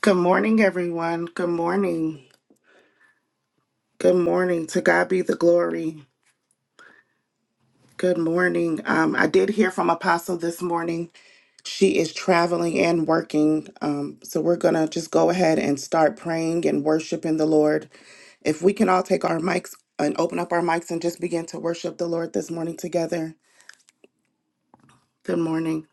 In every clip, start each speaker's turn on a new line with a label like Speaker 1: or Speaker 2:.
Speaker 1: Good morning, everyone. Good morning. Good morning. To God be the glory. Good morning. Um, I did hear from Apostle this morning. She is traveling and working. Um, so we're going to just go ahead and start praying and worshiping the Lord. If we can all take our mics and open up our mics and just begin to worship the Lord this morning together. Good morning.